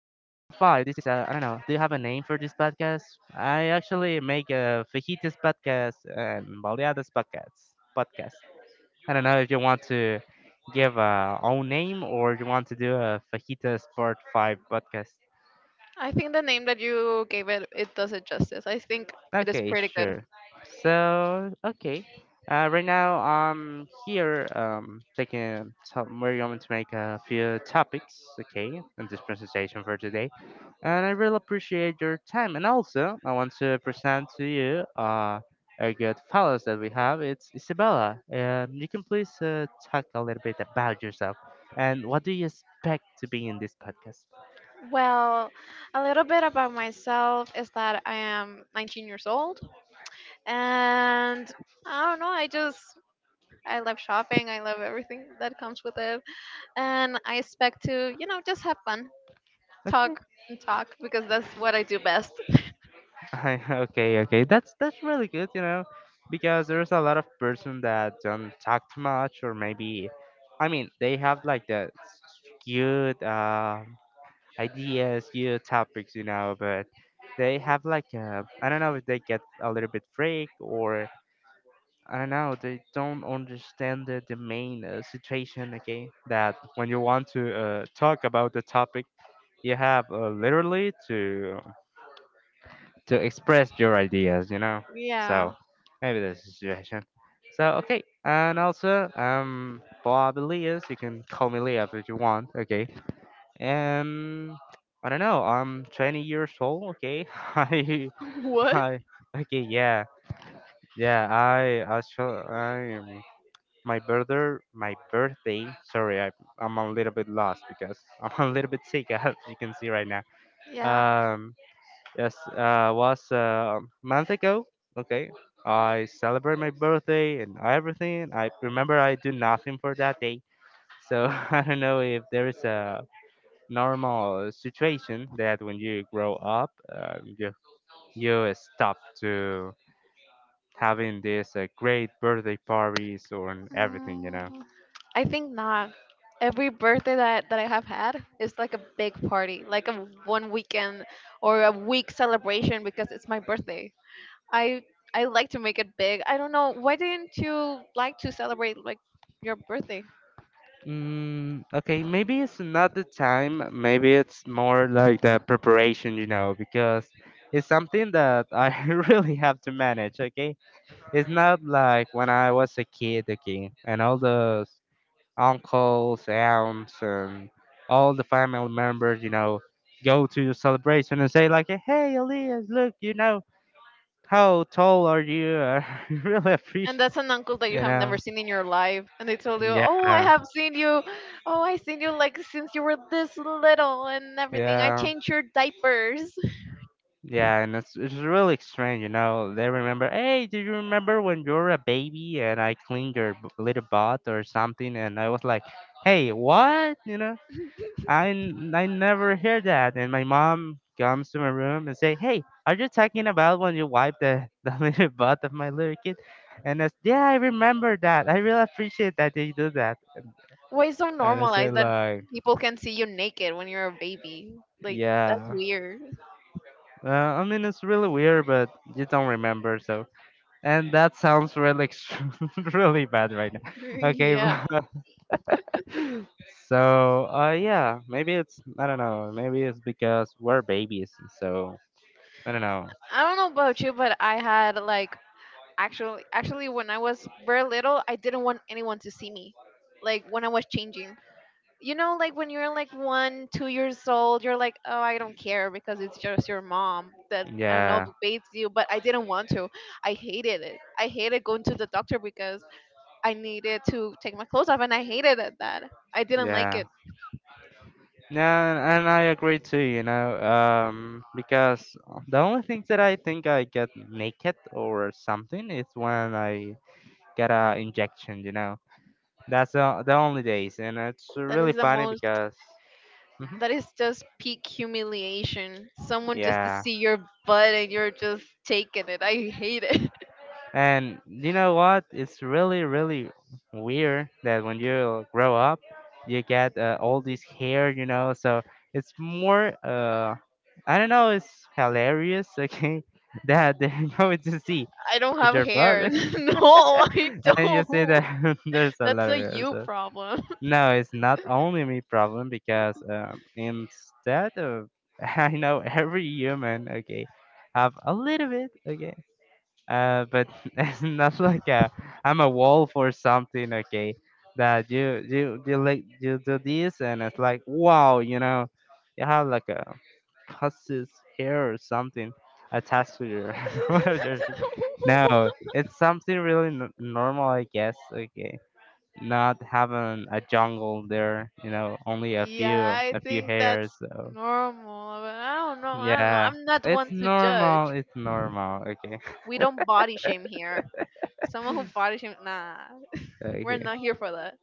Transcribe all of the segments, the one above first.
This is, I don't know, do you have a name for this podcast? I actually make a fajitas podcast and baleadas podcast. I don't know if you want to give a own name or you want to do a fajitas part 5 podcast. I think the name that you gave it does it justice. I think it is Okay, pretty good. sure. So, okay. Right now I'm here taking a top, we're going to make a few topics, okay, in this presentation for today. And I really appreciate your time. And also, I want to present to you a good fellow that we have. It's Isabella. You can please talk a little bit about yourself and what do you expect to be in this podcast? Well, a little bit about myself is that I am 19 years old, and I don't know, I just I love shopping, I love everything that comes with it, and I expect to, just have fun, Okay. talk and talk because that's what I do best. Okay. That's really good, you know, because there's a lot of person that don't talk too much, or maybe, I mean, they have like the skewed ideas, skewed topics, you know, but they have like I don't know if they get a little bit freak or I don't know, they don't understand the main situation. Okay, that when you want to talk about the topic, you have literally to express your ideas, you know. Yeah. So maybe that's the situation. So okay, and also Bob Elias, you can call me Leah if you want. Okay, um, I don't know. I'm 20 years old. Okay, What? I, okay, yeah, yeah. I actually, I am. My birthday. Sorry, I'm a little bit lost because I'm a little bit sick, as you can see right now. Yeah. Um, Yes, was a month ago. Okay, I celebrate my birthday and everything. I remember I do nothing for that day, so I don't know if there is a normal situation that when you grow up, you stop to having these great birthday parties or everything, you know. Mm, I think not. Every birthday that I have had is like a big party, like a one weekend or a week celebration because it's my birthday. I I like to make it big. I don't know why didn't you like to celebrate like your birthday? Mm, okay, maybe it's not the time. Maybe it's more like the preparation, you know, because it's something that I really have to manage. Okay, it's not like when I was a kid. Okay, and all the uncles, aunts, and all the family members, you know, go to the celebration and say like, "Hey, Elias, look, you know, how tall are you? I really And appreciate, that's an uncle that you you have know." never seen in your life, and they told you, "Oh, I Yeah. have seen you. Oh, I seen you like since you were this little and everything. I Yeah. changed your diapers." Yeah, and it's really strange, you know. They remember, hey, do you remember when you were a baby and I cleaned your little butt or something? And I was like, hey, what? You know, I never hear that. And my mom comes to my room and say, hey, are you talking about when you wiped the the little butt of my little kid? And I said, yeah, I remember that. I really appreciate that they do that. Why it's so And I said normalized that like, people can see you naked when you're a baby? Like that's yeah. weird. I mean, it's really weird, but you don't remember, so. And that sounds really, really bad right now. Okay, Yeah. but so yeah, maybe it's I don't know. Maybe it's because we're babies, so I don't know. I don't know about you, but I had like actually when I was very little, I didn't want anyone to see me. Like when I was changing. You know, like when you're like one, 2 years old, you're like, oh, I don't care because it's just your mom that I don't know Yeah, bathes you. But I didn't want to. I hated it. I hated going to the doctor because I needed to take my clothes off, and I hated it, that. I didn't like yeah. it. Yeah, and I agree too, you know, because the only thing that I think I get naked or something is when I get a injection, you know. That's the only days, and it's That really is the funny most. because, Mhm. That is just peak humiliation. Someone just to yeah. see your butt and you're just taking it. I hate it. And you know what? It's really, really weird that when you grow up, you get all this hair, you know. So it's more, I don't know, it's hilarious, okay, that they're going to see I don't with have your butt, hair. okay, No, I and you see don't. that there's a That's lot of a hair. you So problem. no, it's not only me problem because instead of I know every human, okay, have a little bit, okay but it's not like a, I'm a wolf or something. Okay, that you like you do this and it's like wow, you know, you have like a pussy's hair or something attached to your one of your. No, it's something really normal, I guess. Okay, not having a jungle there, you know, only a Yeah, few I a few think that's hairs. So normal. But I don't know. I don't know. yeah, I'm not one it's to judge. normal. It's normal. Okay, We don't body shame here. Someone who body shame, nah. We're okay. not here for that.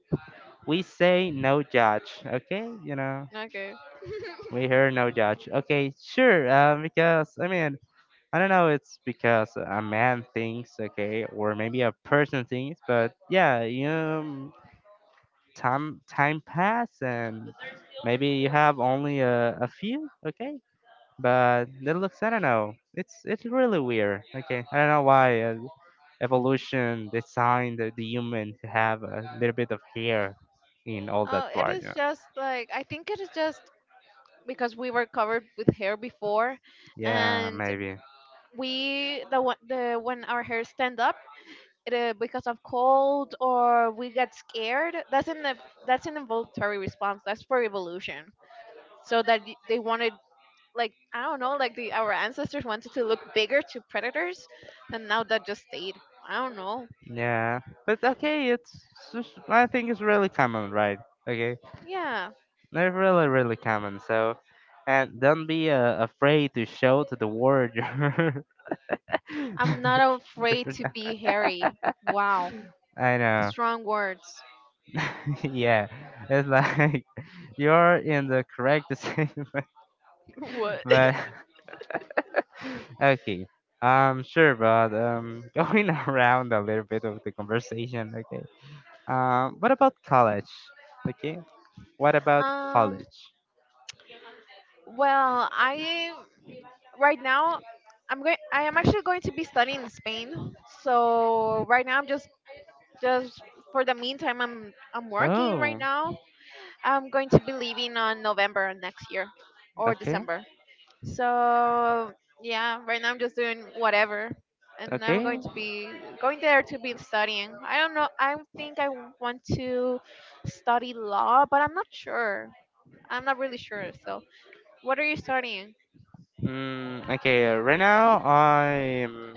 We say no judge, okay, you know, Okay. we hear no judge, okay, sure. Because I mean, I don't know, it's because a man thinks okay or maybe a person thinks but yeah, you know, time pass, and maybe you have only a few, okay, but that looks, I don't know, it's really weird, okay. I don't know why evolution designed the human to have a little bit of hair in all Oh, that it part, is you know. just like I think it is just because we were covered with hair before, Yeah, and maybe. we the, one- the when our hair stand up it, because of cold or we get scared, that's that's an involuntary response, that's for evolution, so that they wanted, like I don't know, like the our ancestors wanted to look bigger to predators, and now that just stayed. I don't know. Yeah, but okay, it's just, I think it's really common, right? Okay, Yeah, they're really common. So, and don't be afraid to show to the world. Your- I'm not afraid to be hairy. Wow, I know. strong words. yeah, it's like you're in the correct decision, What? but okay. Sure, but going around a little bit of the conversation, okay. What about college? Okay, what about um college? well, I right now I am actually going to be studying in Spain, so right now I'm just for the meantime I'm working right Oh, now. I'm going to be leaving on November next year or okay, December. So yeah, right now I'm just doing whatever, and I'm okay. going to be going there to be studying. I don't know, I think I want to study law, but I'm not sure. I'm not really sure. So what are you studying? Mm, okay, right now I'm.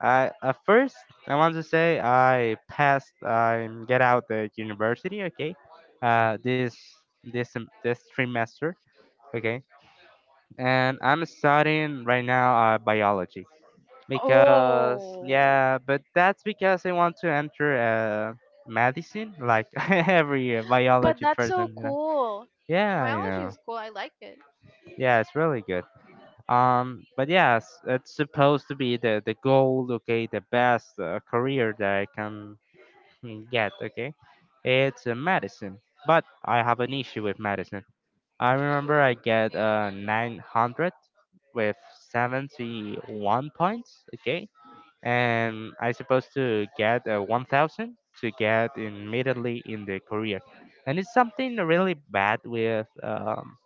I at first I want to say I passed. I get out the university. Okay, uh, this this trimester. Okay. And I'm studying right now biology because Oh, yeah, but that's because I want to enter medicine like every but biology that's so person, you know. cool. Yeah, you Biology know. is cool. I like it. Yeah, it's really good. But yes, it's supposed to be the goal. Okay, the best career that I can get. Okay, it's medicine, but I have an issue with medicine. I remember I get 900 with 71 points, okay? And I supposed to get 1000 to get immediately in the career. And it's something really bad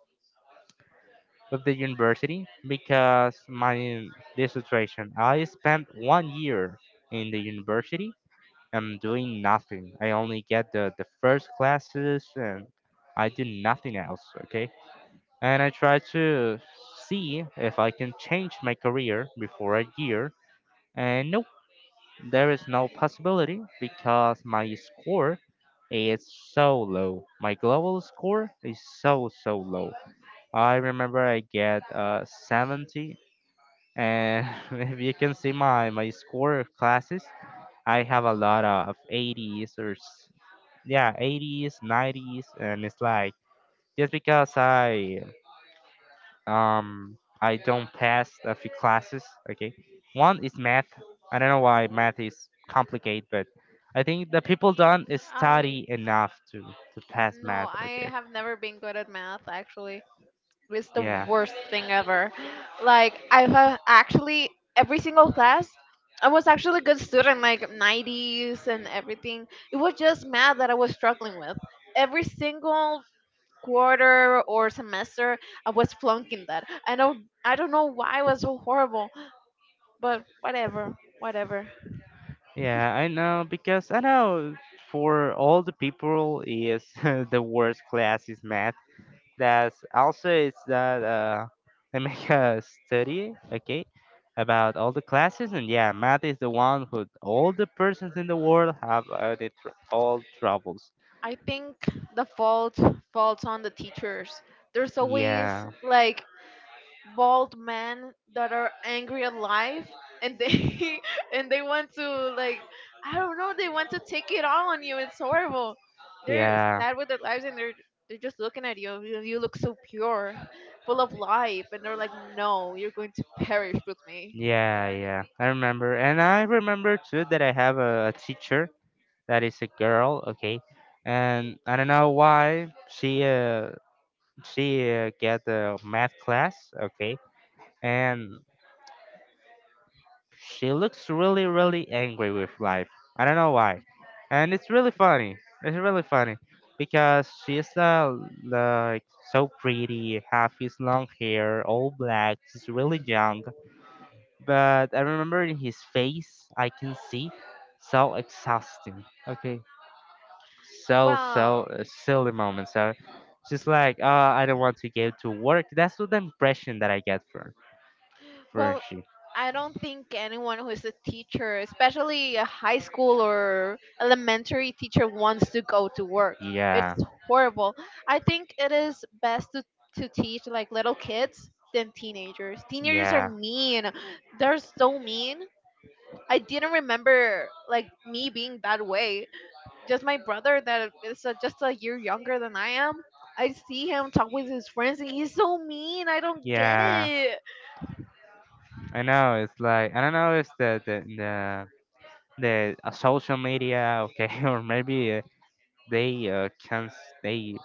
with the university because my this situation, I spent 1 year in the university and doing nothing. I only get the first classes and I do nothing else, okay? And I try to see if I can change my career before a year. And nope, there is no possibility because my score is so low. My global score is so low. I remember I get 70, and if you can see my score classes, I have a lot of 80s or yeah 80s, 90s, and it's like just because I don't pass a few classes. Okay, one is math. I don't know why math is complicated, but I think the people don't I study enough to pass No, math. I Okay, have never been good at math actually. It's the yeah, worst thing ever. Like I've actually every single class I was actually a good student, like 90s and everything. It was just math that I was struggling with. Every single quarter or semester, I was flunking that. I don't know why I was so horrible, but whatever, whatever. yeah, I know because I know for all the people is the worst class is math. That's also is that I make a study, okay, about all the classes, and yeah, math is the one who all the persons in the world have all troubles. I think the fault falls on the teachers. There's always Yeah, like bald men that are angry at life, and they and they want to like I don't know, they want to take it all on you. It's horrible. They're yeah, sad with their lives, and they're just looking at you. You look so pure, full of life, and they're like, "No, you're going to perish with me." yeah. I remember, and I remember too that I have a teacher that is a girl, okay, and I don't know why she get the math class, okay, and she looks really, really angry with life. I don't know why. And it's really funny. It's really funny because she's like so pretty, half his long hair, all black. She's really young, but I remember in his face, I can see so exhausting. Okay, so so Wow. Silly moments. So she's like, I don't want to go to work. That's what the impression that I get from Well, she. I don't think anyone who is a teacher, especially a high school or elementary teacher, wants to go to work. It's Yeah. horrible. I think it is best to teach like little kids than teenagers. Teenagers are Yeah. mean. They're so mean. I didn't remember like me being that way. Just my brother that is just a year younger than I am. I see him talk with his friends and he's so mean. I don't get Yeah, it. I know. It's like I don't know. It's the social media, okay, or maybe they can not they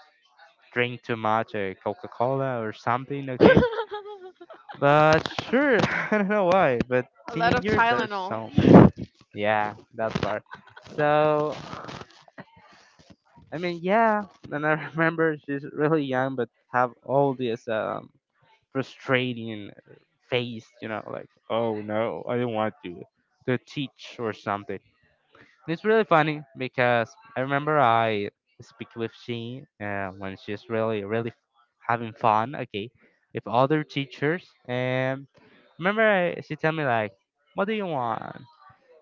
drink too much Coca Cola or something, okay. But sure, I don't know why. But A lot of teenagers are Tylenol. so yeah, that part. So I mean, yeah, and I remember she's really young, but have all this frustrating face, you know, like, oh no, I don't want to, teach or something. It's really funny because I remember I speak with she when she's really, really having fun, okay, with other teachers. And she tell me like, what do you want?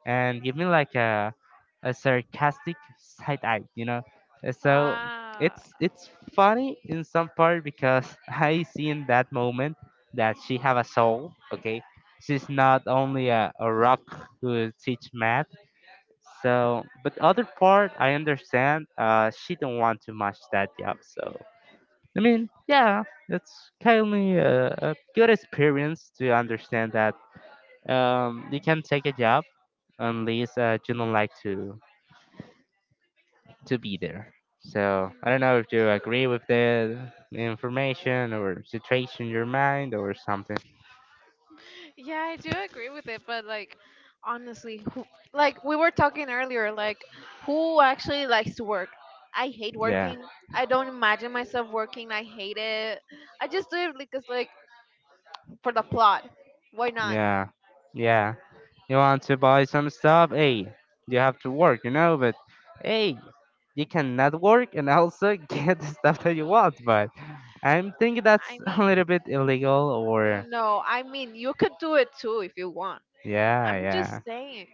And give me like a sarcastic side eye, you know. So Ah. it's funny in some part because I see in that moment that she have a soul. Okay, she's not only a rock who teach math. So, but other part I understand. She don't want to match that job. So I mean, yeah, it's kind of a good experience to understand that you can take a job unless you don't like to be there. So I don't Mm. know if you agree with the information or situation in your mind or something. Yeah, I do agree with it, but like honestly, who, like we were talking earlier, like who actually likes to work? I hate Yeah, working. I don't imagine myself working. I hate it. I just do it because like for the plot. Why not? yeah, yeah. You want to buy some stuff? Hey, you have to work, you know. But hey, you cannot work and also get the stuff that you want. But I'm thinking that's I a mean, little bit illegal. Or. no, I mean you could do it too if you want. Yeah, I'm yeah, just saying.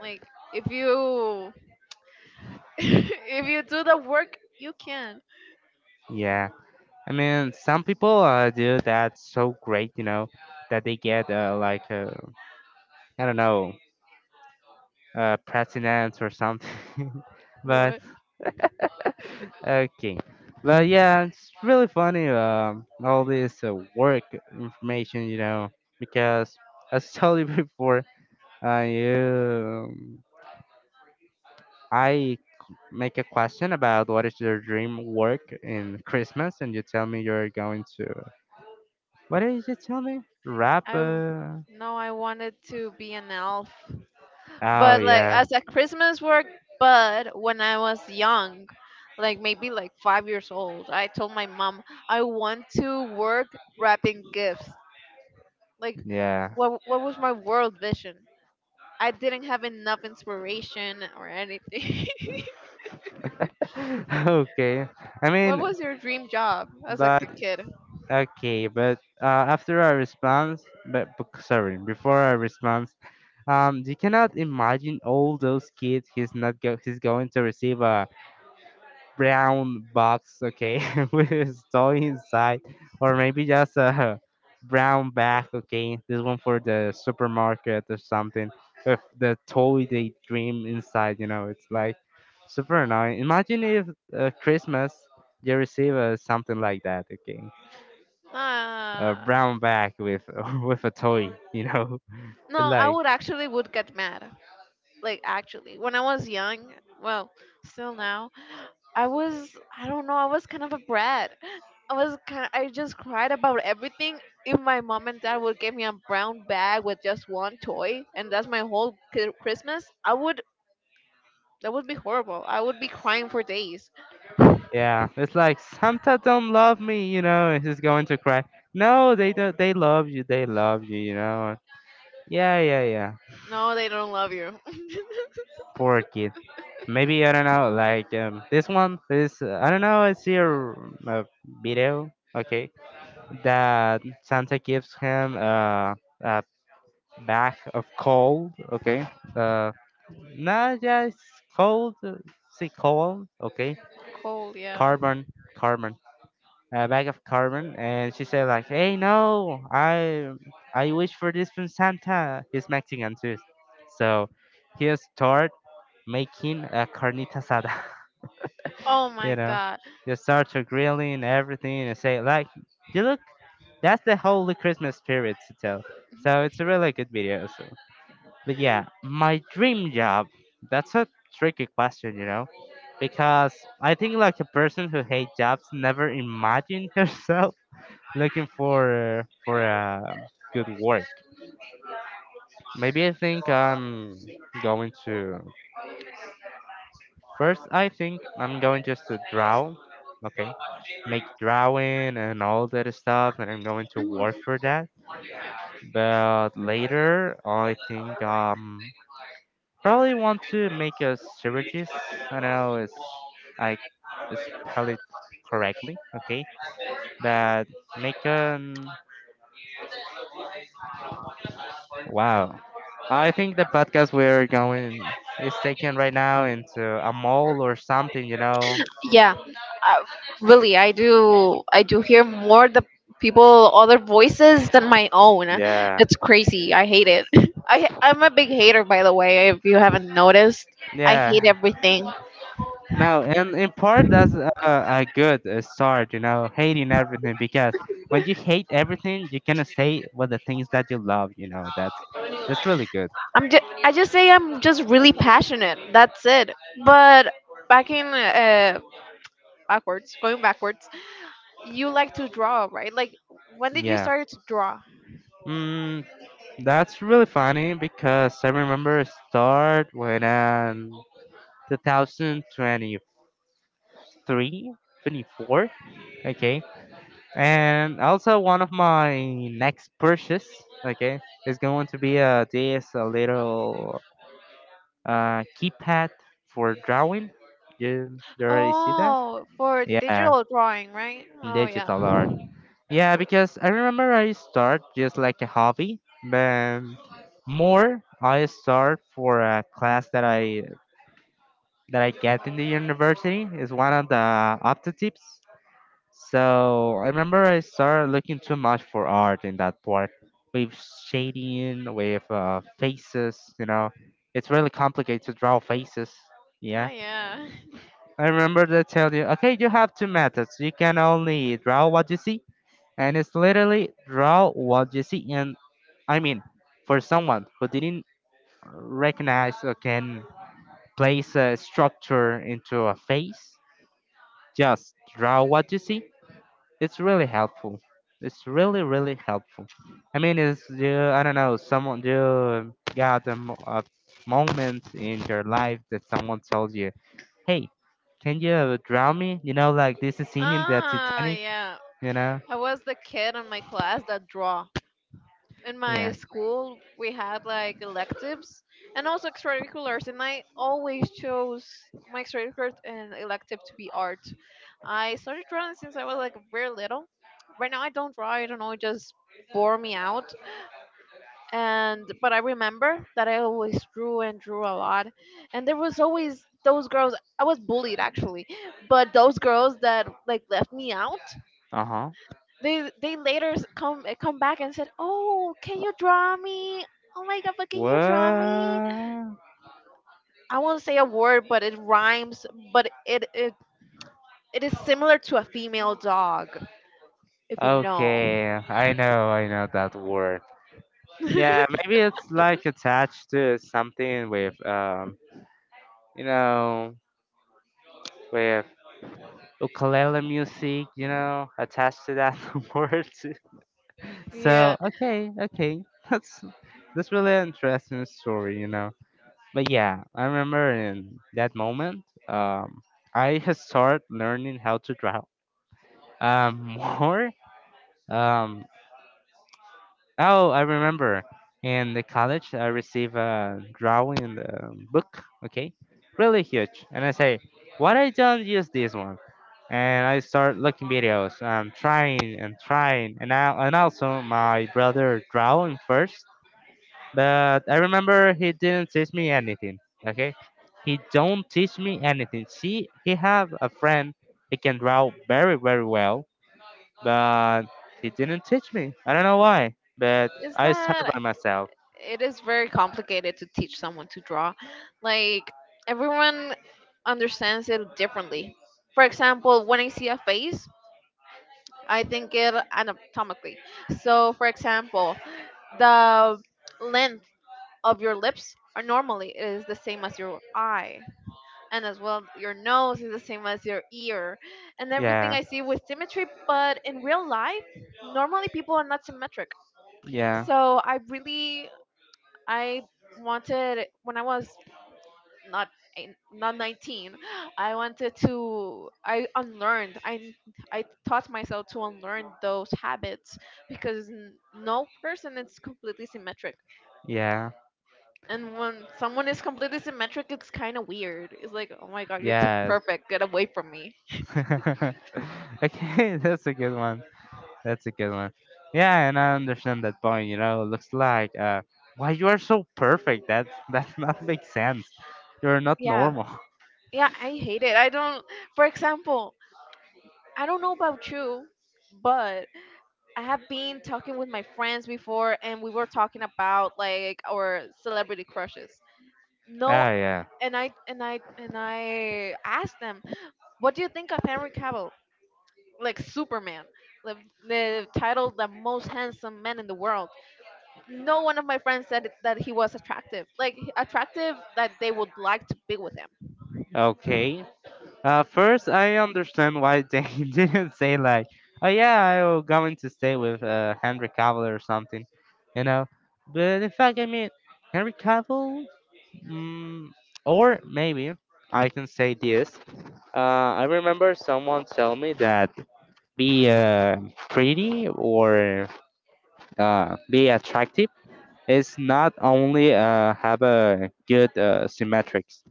Like if you if you do the work, you can. yeah. I mean, some people do that so great, you know, that they get like I don't know, president or something. But What? okay, but yeah, it's really funny. All this work information, you know, because as I told you before, uh, you, um, I make a question about what is your dream work in Christmas, and you tell me you're going to. What did you tell me? Rap. I w- no, I wanted to be an elf, Oh but like yeah, as a Christmas work. But when I was young, like maybe like 5 years old, I told my mom I want to work wrapping gifts. Like, yeah. What was my world vision? I didn't have enough inspiration or anything. Okay. I What mean, was your dream job as like but a kid? okay, but after I response, sorry, before I response, you cannot imagine all those kids he's not go he's going to receive a brown box, okay, with a toy inside, or maybe just a brown bag, okay. This one for the supermarket or something. With the toy they dream inside, you know, it's like super annoying. Imagine if Christmas you receive something like that, okay, a Uh, brown bag with with a toy, you know. It's no, I like, would actually would get mad. Like actually, when I was young, well, still now, I was I don't know, I was kind of a brat. I was kind I just cried about everything. If my mom and dad would give me a brown bag with just one toy and that's my whole Christmas, I would that would be horrible. I would be crying for days. yeah, it's like Santa don't love me, you know, and he's going to cry. No, they do, not they love you. They love you, you know. Yeah, yeah, yeah. No, they don't love you. Poor kid. Maybe I don't know. Like this one is I don't know. I see a video. Okay, that Santa gives him a bag of coal. Okay, uh, not just cold. See coal. Okay, Cold, yeah. carbon, carbon. A bag of carbon, and she said like, "Hey, no, I wish for this from Santa." He's Mexican too, so he start making a carnita asada. Oh You my know, god. they start to grilling everything and say like, "You look, that's the holy Christmas spirit to tell." So it's a really good video. So, but yeah, my dream job. That's a tricky question, you know, because I think like a person who hates jobs never imagined herself looking for a good work. Maybe I think I'm going to first. I think I'm going just to draw. Okay, make drawing and all that stuff, and I'm going to work for that. But later, I think probably want to make a syringes. I don't know. It's I spell it correctly. Okay, but make an. Wow. I think the podcast we're going is taken right now into a mall or something, you know? Yeah, really I do hear more the people other voices than my own. Yeah. That's crazy, I hate it. I'm a big hater, by the way, if you haven't noticed. I hate Yeah. everything. No, and in part, that's a good start, you know, hating everything, because when you hate everything, you can say what the things that you love, you know, that's really good. I just say I'm just really passionate, that's it. But back in uh backwards, going backwards, you like to draw, right? Like when did you Yeah. start to draw? Mm, that's really funny because I remember it start when 2023, twenty four. Okay? And also one of my next purchase, okay, is going to be a little keypad for drawing. You already see that? Oh, for Yeah, digital drawing, right? Oh yeah. digital art. Yeah, because I remember I start just like a hobby, but more I start for a class that I get in the university is one of the optatives. So I remember I started looking too much for art in that part with shading, with faces. You know, it's really complicated to draw faces. Oh Yeah, yeah. I remember they tell you, okay, you have two methods. You can only draw what you see, and it's literally draw what you see. And I mean, for someone who didn't recognize or can place a structure into a face, just draw what you see. It's really helpful. It's really really helpful. I mean, it's you. I don't know. Someone you got a moment in your life that someone told you, "Hey, can you drown me?" You know, like this is scene in the Ah, Titanic. yeah. You know. I was the kid in my class that draw. In my Yeah. school, we had like electives and also extracurriculars, and I always chose my extracurricular and elective to be art. I started drawing since I was like very little. Right now, I don't draw. I don't know. It just bore me out. And but I remember that I always drew and drew a lot, and there was always those girls. I was bullied actually, but those girls that like left me out Uh huh. They later come back and said, "Oh, can you draw me? Oh my god, but can you draw me?" Well, I won't say a word, but it rhymes. But it it, it is similar to a female dog, if you know. okay. I know that word. Yeah, maybe it's like attached to something you know, with ukulele music, you know, attached to that word. So Yeah, okay, okay, that's that's really an interesting story, you know. But yeah, I remember in that moment, I had started learning how to draw um, more. Um, Oh, I remember. In the college, I received a drawing in the book, okay? Really huge. And I say, why I don't use this one? And I start looking videos. I'm trying and trying. And also, my brother drawing first. But I remember he didn't teach me anything, okay? He don't teach me anything. See, he have a friend. He can draw very, very well, but he didn't teach me. I don't know why, but is I started that by myself. it is very complicated to teach someone to draw. Like everyone understands it differently. For example, when I see a face, I think it anatomically. So, for example, the length of your lips are normally is the same as your eye, and as well your nose is the same as your ear, and everything Yeah. I see with symmetry. But in real life normally people are not symmetric, Yeah. so I really I wanted when I was not not 19, I wanted to I taught myself to unlearn those habits because no person is completely symmetric. Yeah. And when someone is completely symmetric, it's kind of weird. It's like, oh my god, you're too Yes. perfect. Get away from me. Okay, that's a good one. That's a good one. Yeah, and I understand that point. You know, it looks like why you are so perfect. That that not make sense. You're not Yeah. normal. Yeah, I hate it. I don't, For example, I don't know about you, but I have been talking with my friends before and we were talking about like our celebrity crushes. No, Ah, yeah. And I asked them, what do you think of Henry Cavill? Like Superman, the, the title, the most handsome man in the world. No one of my friends that he was attractive. Like attractive that they would like to be with him. Okay. First, I understand why they didn't say like, oh yeah, I'm going to stay with Henry Cavill or something, you know. But in fact, I mean, Henry Cavill, mm, or maybe I can say this. I remember someone tell me that be pretty or be attractive, it's not only have a good symmetrics,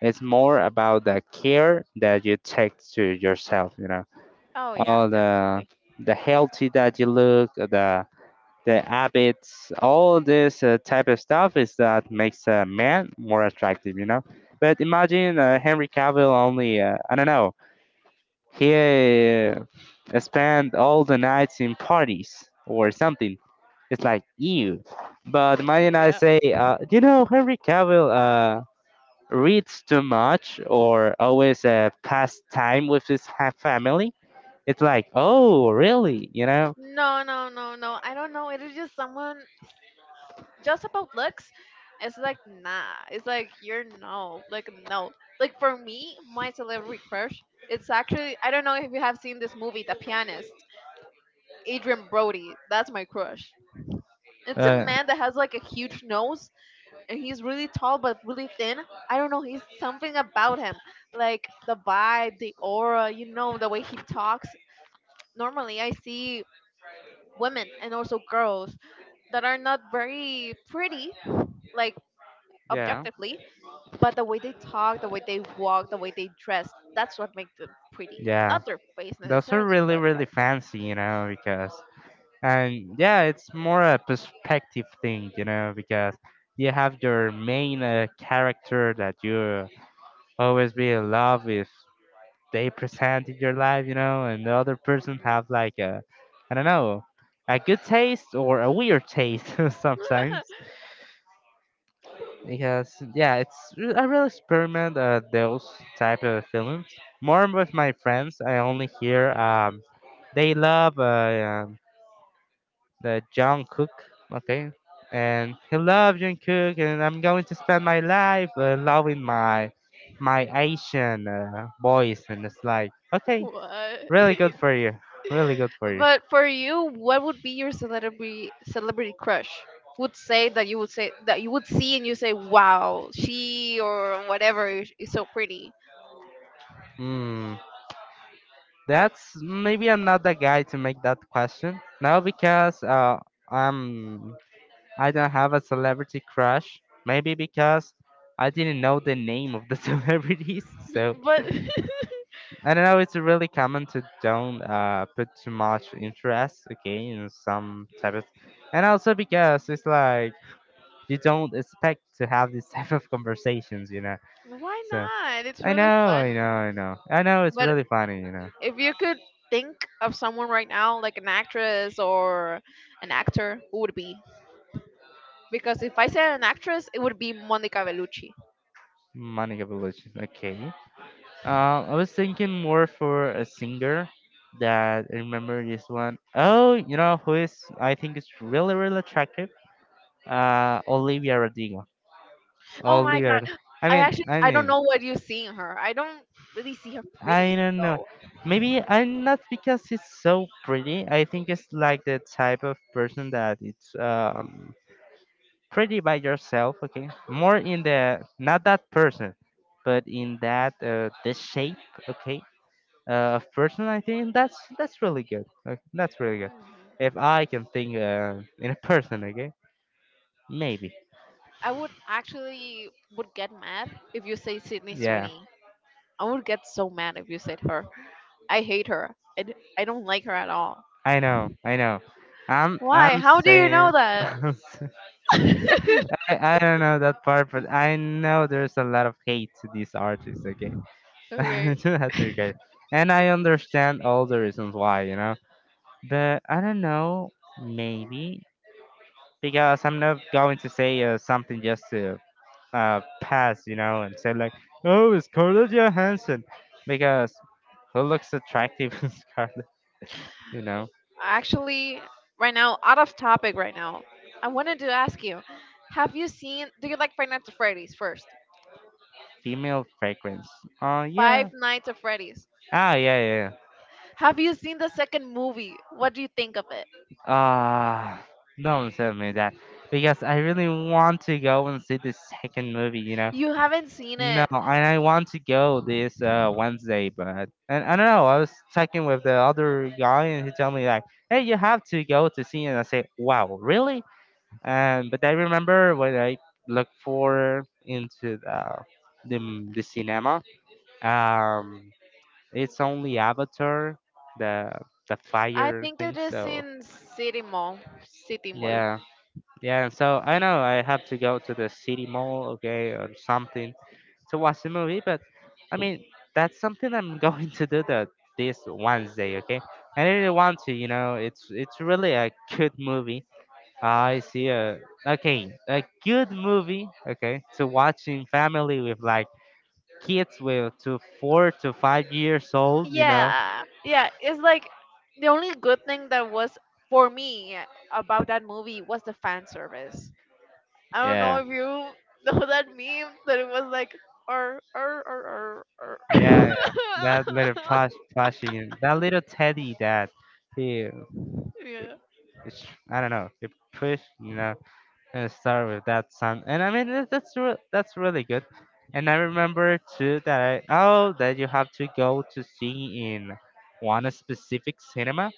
it's more about the care that you take to yourself, you know, Oh yeah, all the definitely. the healthy that you look, the habits, all this type of stuff is that makes a man more attractive, you know, but imagine Henry Cavill only I don't know, he spent all the nights in parties or something. It's like ew. But Maddie and I Yeah. say, you know, Henry Cavill reads too much or always pass time with his family. It's like, oh, really? You know. No, no, no, no. I don't know. It is just someone just about looks. It's like nah. It's like you're no. Like no. Like for me, my celebrity crush. It's actually I don't know if you have seen this movie, The Pianist. Adrian Brody. That's my crush. It's a Uh, man that has like a huge nose, and he's really tall but really thin. I don't know, he's something about him. Like the vibe, the aura, the way he talks. Normally I see women and also girls that are not very pretty, like yeah. objectively, but the way they talk, the way they walk, the way they dress, that's what makes them pretty. Yeah. Not their face Those are necessarily, really, but really that's fancy, you know, because, and yeah, it's more a perspective thing, you know, because you have your main character that you always be in love with. They present in your life, you know, and the other person have like a, I don't know, a good taste or a weird taste sometimes. Because yeah, it's I really experiment those type of films. More with my friends, I only hear they love um, the John Cook, okay? And he loved John Cook, and I'm going to spend my life loving my Asian boys, and it's like, okay, what? really good for you, really good for you. But for you, what would be your celebrity crush? Would say that you would say that You would see and you say, "Wow, she or whatever is so pretty." Hmm, that's maybe I'm not the guy to make that question. No, because um, I don't have a celebrity crush. Maybe because I didn't know the name of the celebrities, so But I don't know. It's really common to don't put too much interest, okay, in some type of, and also because it's like you don't expect to have this type of conversations, you know. why So not? It's I really know, I know, fun. I know, I know. It's But really funny, you know. if you could think of someone right now, like an actress or an actor, who would it be? Because if I said an actress, it would be Monica Bellucci. Monica Bellucci, okay. I was thinking more for a singer that I remember this one. Oh, you know who is? I think it's really, really attractive. Olivia Rodrigo. Oh my Olivia. god. I I mean, actually I I don't mean. know what you see in her. I don't really see her I pretty don't know. though. Maybe I'm not because it's so pretty. I think it's like the type of person that it's pretty by yourself. Okay, more in the not that person, but in that the shape. Okay, of person. I think that's really good. That's really good. Mhm. If I can think in a person, okay, maybe. I would actually would get mad if you say Sydney Yeah, Sweeney. I would get so mad if you said her. I hate her. I don't like her at all. I know, I know. I'm Why? I'm How do you know saying. that? I don't know that part, but I know there's a lot of hate to these artists, okay? Okay. To that regard. And I understand all the reasons why, you know? But I don't know, maybe. Because I'm not going to say something just to pass, you know, and say, like, oh, it's Scarlett Johansson. Because who looks attractive is Scarlett, you know? Actually, right now, out of topic right now, I wanted to ask you, have you seen, do you like Five Nights at Freddy's first? Female fragrance. Oh, yeah. Five Nights at Freddy's. Ah, yeah, yeah, yeah. Have you seen the second movie? What do you think of it? Ah, don't tell me that. Because I really want to go and see the second movie, you know. You haven't seen No, it. and I want to go this Wednesday, but and I don't know. I was talking with the other guy, and he told me like, "Hey, you have to go to see it." And I say, "Wow, really?" And but I remember when I looked for into the, the cinema, um, it's only Avatar, the the I fire think it thing. is So in City Mall. City Mall. yeah. Yeah, so I know I have to go to the city mall, okay, or something to watch the movie, but I mean, that's something I'm going to do that this Wednesday, okay? I really want to, it's really a good movie. I see a okay, a good movie, okay, to watch in family with like kids with to 4 to 5 years old, you Yeah, know. yeah. It's like the only good thing that was for me about that movie was the fan service. I don't know Yeah, if you know that meme that it was like or or. yeah, yeah. That little plushie, that little teddy that he Yeah. it's, I don't know. You push, you know, and start with that sound, and I mean that's really good. And I remember too that I oh that you have to go to see in one specific cinema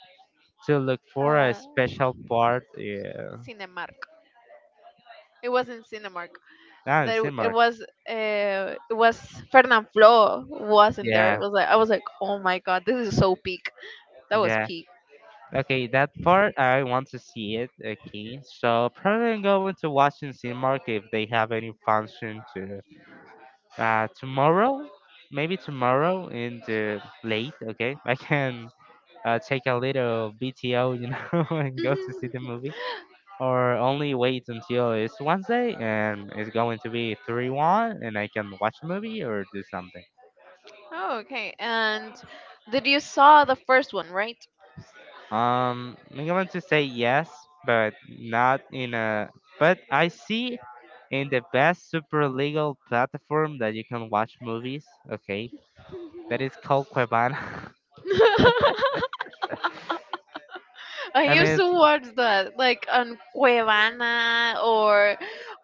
to look for a Uh, special part. Yeah, Cinemark. It wasn't Cinemark. ah, That cinema. It was Fernand Flo wasn't there. It Yeah, was like I was like, oh my god, this is so peak. That was yeah. peak. Okay, that part I want to see it. Okay, so probably I'm going to watch in cinema if they have any function to, tomorrow, maybe tomorrow in the late, okay, I can take a little BTO, and go to see Mhm. the movie, or only wait until it's Wednesday and it's going to be 3-1 and I can watch a movie or do something. Oh, okay. And did you saw the first one, right? I'm going to say yes, but not in a, but I see in the best super legal platform that you can watch movies, okay, that is called Cuevana. I I used mean, to it's, watch that, like on Cuevana, or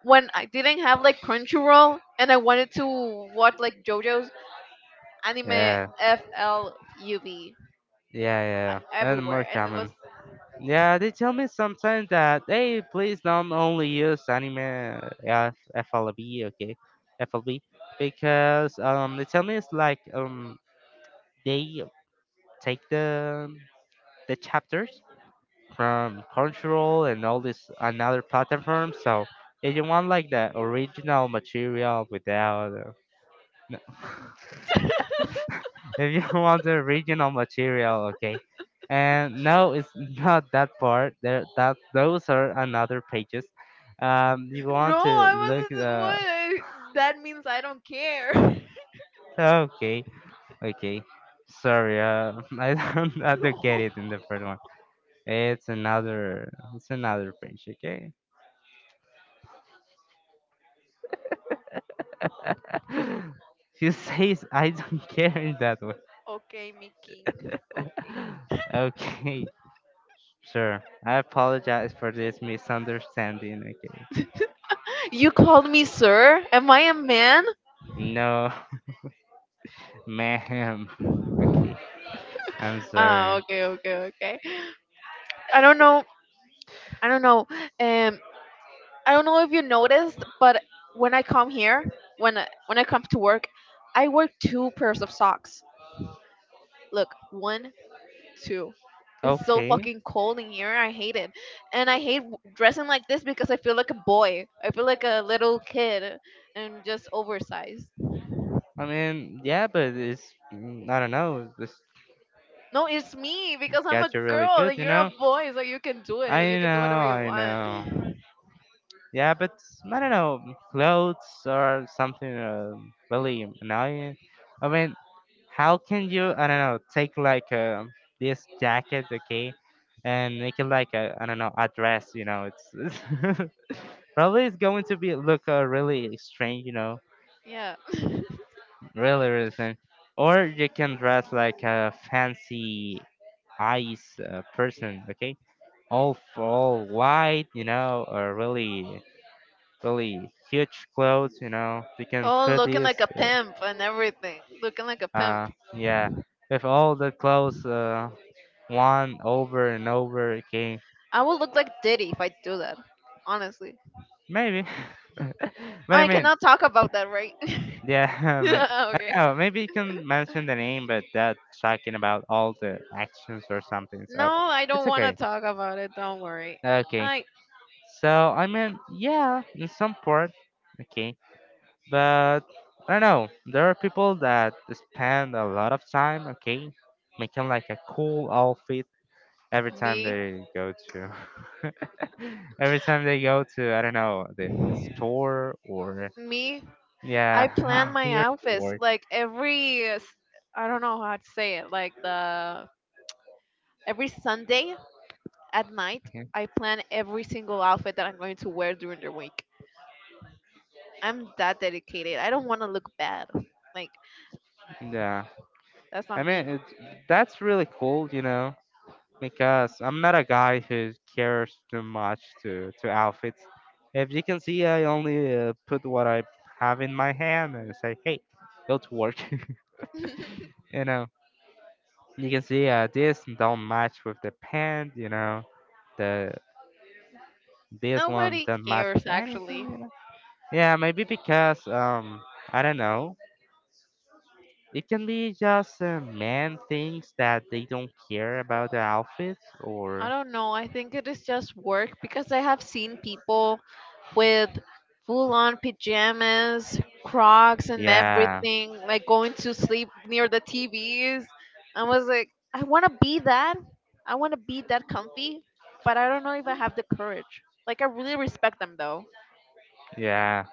when I didn't have like Crunchyroll and I wanted to watch like JoJo's anime yeah. FLUV Yeah, yeah, yeah. And more everywhere, and it common. was Yeah, they tell me sometimes that hey, please don't only use anime, FLB, okay, FLB, because they tell me it's like, they take the chapters from Crunchyroll and all this another platform. So if you want like the original material without if you want the original material, okay. And no, it's not that part. There, that those are another pages. You no, want to look I wasn't. What? the I- That means I don't care. okay, okay. Sorry, I don't get No. it in the first one. It's another page, okay. You say I don't care in that way. Okay, me king. Okay. Okay, sure. I apologize for this misunderstanding. Okay. You called me sir? Am I a man? No. Ma'am. Okay. I'm Ah, sorry. okay, okay, okay. I don't know. I don't know. Um, I don't know if you noticed, but when I come here, when I come to work, I wear two pairs of socks. Look, one, two. It's so Okay. fucking cold in here. I hate it, and I hate w- dressing like this because I feel like a boy. I feel like a little kid and just oversized. I mean, yeah, but it's, I don't know. This No, it's me because I'm a cats are really girl good, and you you're a know. boy, so you can do I it. You know, can do whatever you I want. know. Yeah, but I don't know. Clothes or something, really annoying. I mean, how can you? I don't know. Take like, this jacket, okay, and make it like a, I don't know, a dress. You know, it's probably it's going to be look, really strange. You know, Yeah. really, really thin. Or you can dress like a fancy ice, person, okay? All white, you know, or really really huge clothes, you know. You can Oh, put looking this, like a pimp and everything. Looking like a uh, pimp. uh, yeah, with all the clothes, one over and over, okay? I would look like Diddy if I do that. Honestly, Maybe, but I I mean, cannot talk about that, right? yeah, I Okay. don't know, maybe you can mention the name, but that's talking about all the actions or something, No, so I don't it's want to okay. talk about it. Don't worry. Okay. I, So I mean, yeah, in some part, okay, but I don't know. There are people that spend a lot of time, okay, making like a cool outfit every time me, they go to, every time they go to, I don't know, the store or me. I plan yeah, my here to outfits work. like every. I don't know how to say it. Like the every Sunday at night, Okay. I plan every single outfit that I'm going to wear during the week. I'm that dedicated. I don't want to look bad. Like Yeah, that's I not me. mean it's that's really cool, you know. Because I'm not a guy who cares too much to outfits. If you can see, I only put what I have in my hand and say, "Hey, go to work." You know, you can see, this don't match with the pant. You know, the this one Nobody don't match cares with anything. actually. You know? Yeah, maybe because, I don't know. It can be just, men things that they don't care about the outfits I or don't know. I think it is just work because I have seen people with full on pajamas, Crocs, and yeah, everything, like going to sleep near the TVs. I was like, I want to be that. I want to be that comfy, but I don't know if I have the courage. Like, I really respect them though. yeah.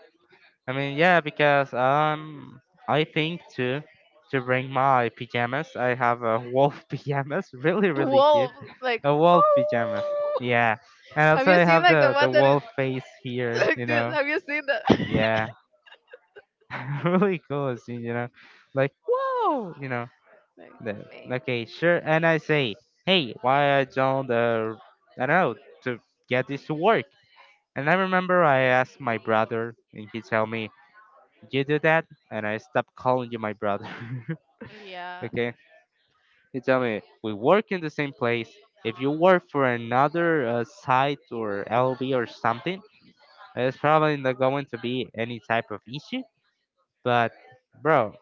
I mean, yeah, because, I think to bring my pajamas, I have a wolf pajamas, really, really cute, Wolf, like, a wolf pajamas. oh. Yeah, and Have also you I seen have like the one the that is wolf face here, you like this? know. Have you seen that? Yeah, really cool, it's, you know, like whoa, you know. Like, The, maybe. okay, sure. And I say, hey, why I don't, I don't know, to get this to work. And I remember I asked my brother, and he tell me, you do that and I stop calling you my brother. Yeah. Okay? You tell me, we work in the same place. If you work for another, site or LB or something, it's probably not going to be any type of issue. But, bro,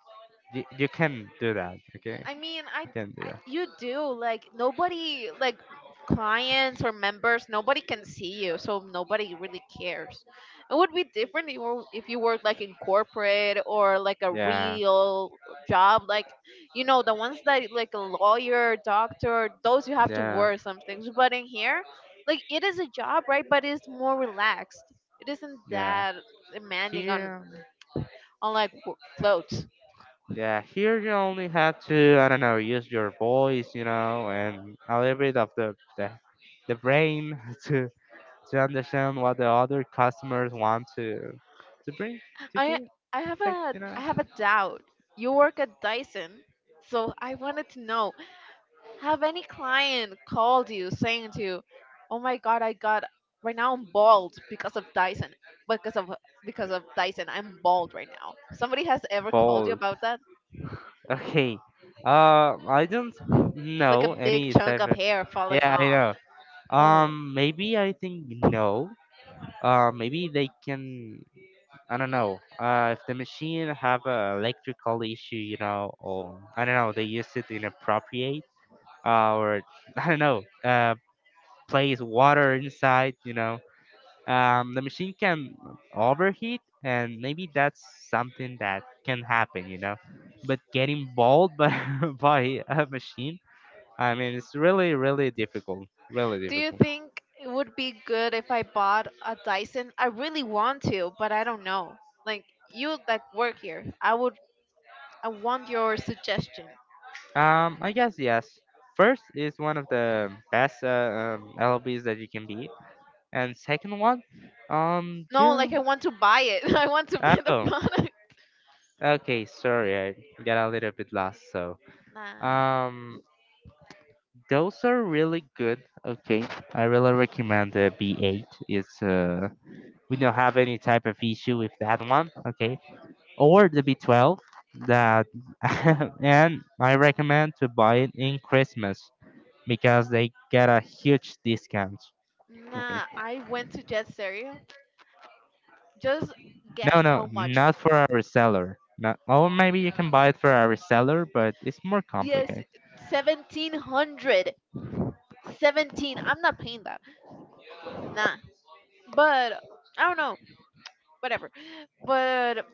you can do that, okay? I mean, You can do I that. you do like nobody like clients or members. Nobody can see you, so nobody really cares. It would be different if you were- if you worked like in corporate or like a Yeah, real job, like you know the ones that like a lawyer, doctor. Those you have to yeah, wear some things, but in here, like it is a job, right? But it's more relaxed. It isn't yeah. that demanding on Here, like w- clothes. yeah, here you only have to, I don't know, use your voice, you know, and a little bit of the brain to understand what the other customers want to bring to I give I have take a you I know have a doubt. You work at Dyson, so I wanted to know, have any client called you saying to you, "Oh my god, I got right now I'm bald because of Dyson. Because of because of Dyson, I'm bald right now." Somebody has ever called you bold about that? okay I don't Like a know big any chunk type of of hair falling yeah I off. know. Oh. Maybe I think no, maybe they can, I don't know, if the machine have a electrical issue, you know, or I don't know they use it inappropriate, or I don't know, place water inside, you know. The machine can overheat and maybe that's something that can happen, you know, but getting bald by, by a machine, I mean it's really really difficult, really Do you difficult. think it would be good if I bought a Dyson? I really want to, but I don't know. Like you like work here. I want your suggestion. I guess yes, first is one of the best, lbs that you can be, and second one, No, like june I want to buy it. I want to buy the oh product. okay sorry I got a little bit lost so Nah. um those are really good. Okay, I really recommend the B8. It's, we don't have any type of issue with that one. Okay, or the B12 that, and I recommend to buy it in Christmas because they get a huge discount. Okay. Nah, I went to Jet Stereo. Just No, guess no, how much. not for a reseller. Not, or maybe you can buy it for a reseller, but it's more Yes, complicated. 1700. 17. I'm not paying that. Nah. But I don't know. Whatever. But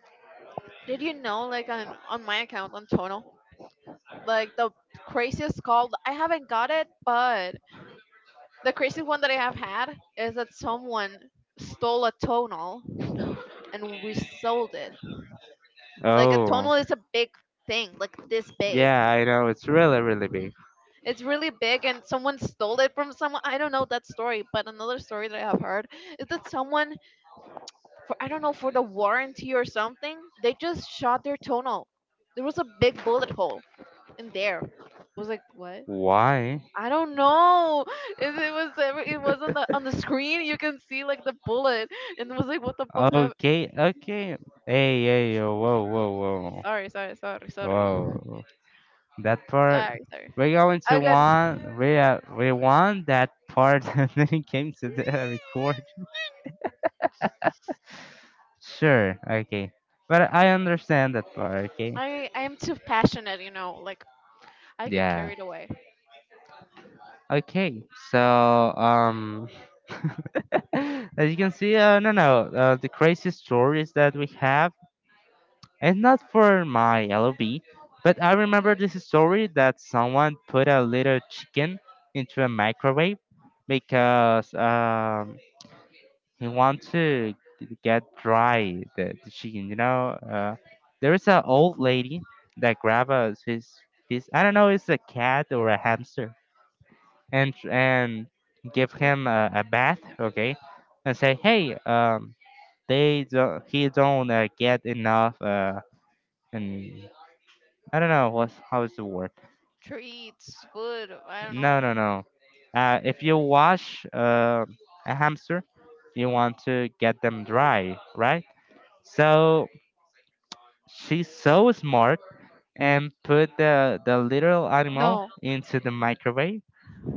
did you know like on my account on Tono, like the craziest call I haven't got it, but the craziest one that I have had is that someone stole a tonal and we sold it. Like a Oh, tonal is a big thing, like this big. yeah, I know. It's really, really big. It's really big, and someone stole it from someone. I don't know that story, but another story that I have heard is that someone, for I don't know, for the warranty or something, they just shot their tonal. There was a big bullet hole in there. I was like, what? Why? I don't know. It was every- it was on the screen. You can see like the bullet, and it was like, what the fuck? Have Okay, okay. Hey, hey, yo, whoa, whoa, whoa, sorry, sorry, sorry, sorry, whoa. That part, sorry, sorry. I got. We want that part when it came to the record. Sure, okay. But I understand that part, okay? I am too passionate, you know. Like I get Yeah. carried away Okay, so, as you can see, no, no, the crazy stories that we have, it's not for my LOB, but I remember this story that someone put a little chicken into a microwave because, he wanted to get dry the chicken. You know, there is an old lady that grabs his I don't know, it's a cat or a hamster, and give with him a bath, okay, and say, hey, they don't he don't, get enough and I don't know what's how is the word. treats, food. I don't No, know. no, no. If you wash, a hamster, you want to get them dry, right? So she's so smart and put the little animal No, into the microwave,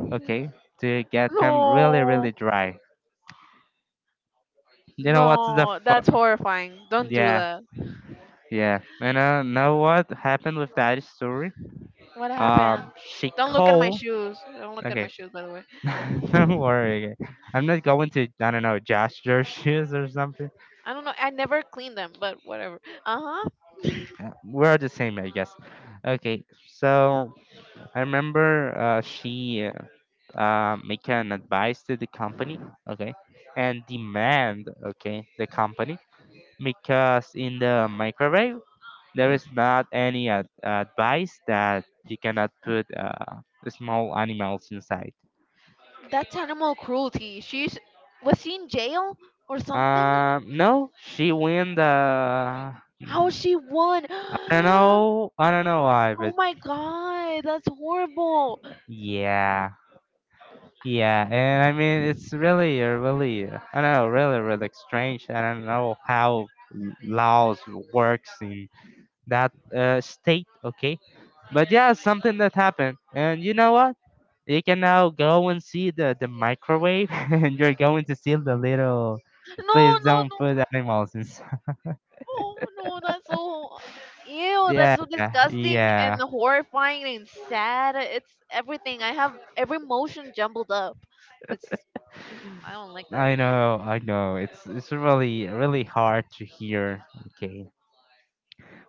okay, to get him really, really no, dry. You know what's the no. That's fun? horrifying. Don't do Yeah, that. yeah. And, know what happened with that story? What happened? She Don't look at my called. shoes. Don't look at my Okay, shoes, by the don't way. worry, okay. I'm not going to, I don't know, judge your shoes or something. I don't know. I never clean them, but whatever. Uh huh. We're the same, I guess. Okay, so I remember, she make an advice to the company, okay, and demand, okay, the company, because in the microwave there is not any advice that you cannot put, small animals inside. That's animal cruelty. She's was she in jail or something? No, she win the How is she won? I don't know why, Oh but my god, that's horrible. yeah, yeah, and I mean, it's really, really, I don't know, really, really strange. I don't know how Laos works in that, state, okay? But yeah, something that happened, and you know what? You can now go and see the microwave, and you're going to see the little. Please No, no, don't no. put animals inside. Oh no, that's so ew, that's Yeah, so disgusting and yeah. horrifying and sad. It's everything. I have every emotion jumbled up. It's I don't like that. I know, I know. It's really really hard to hear. Okay,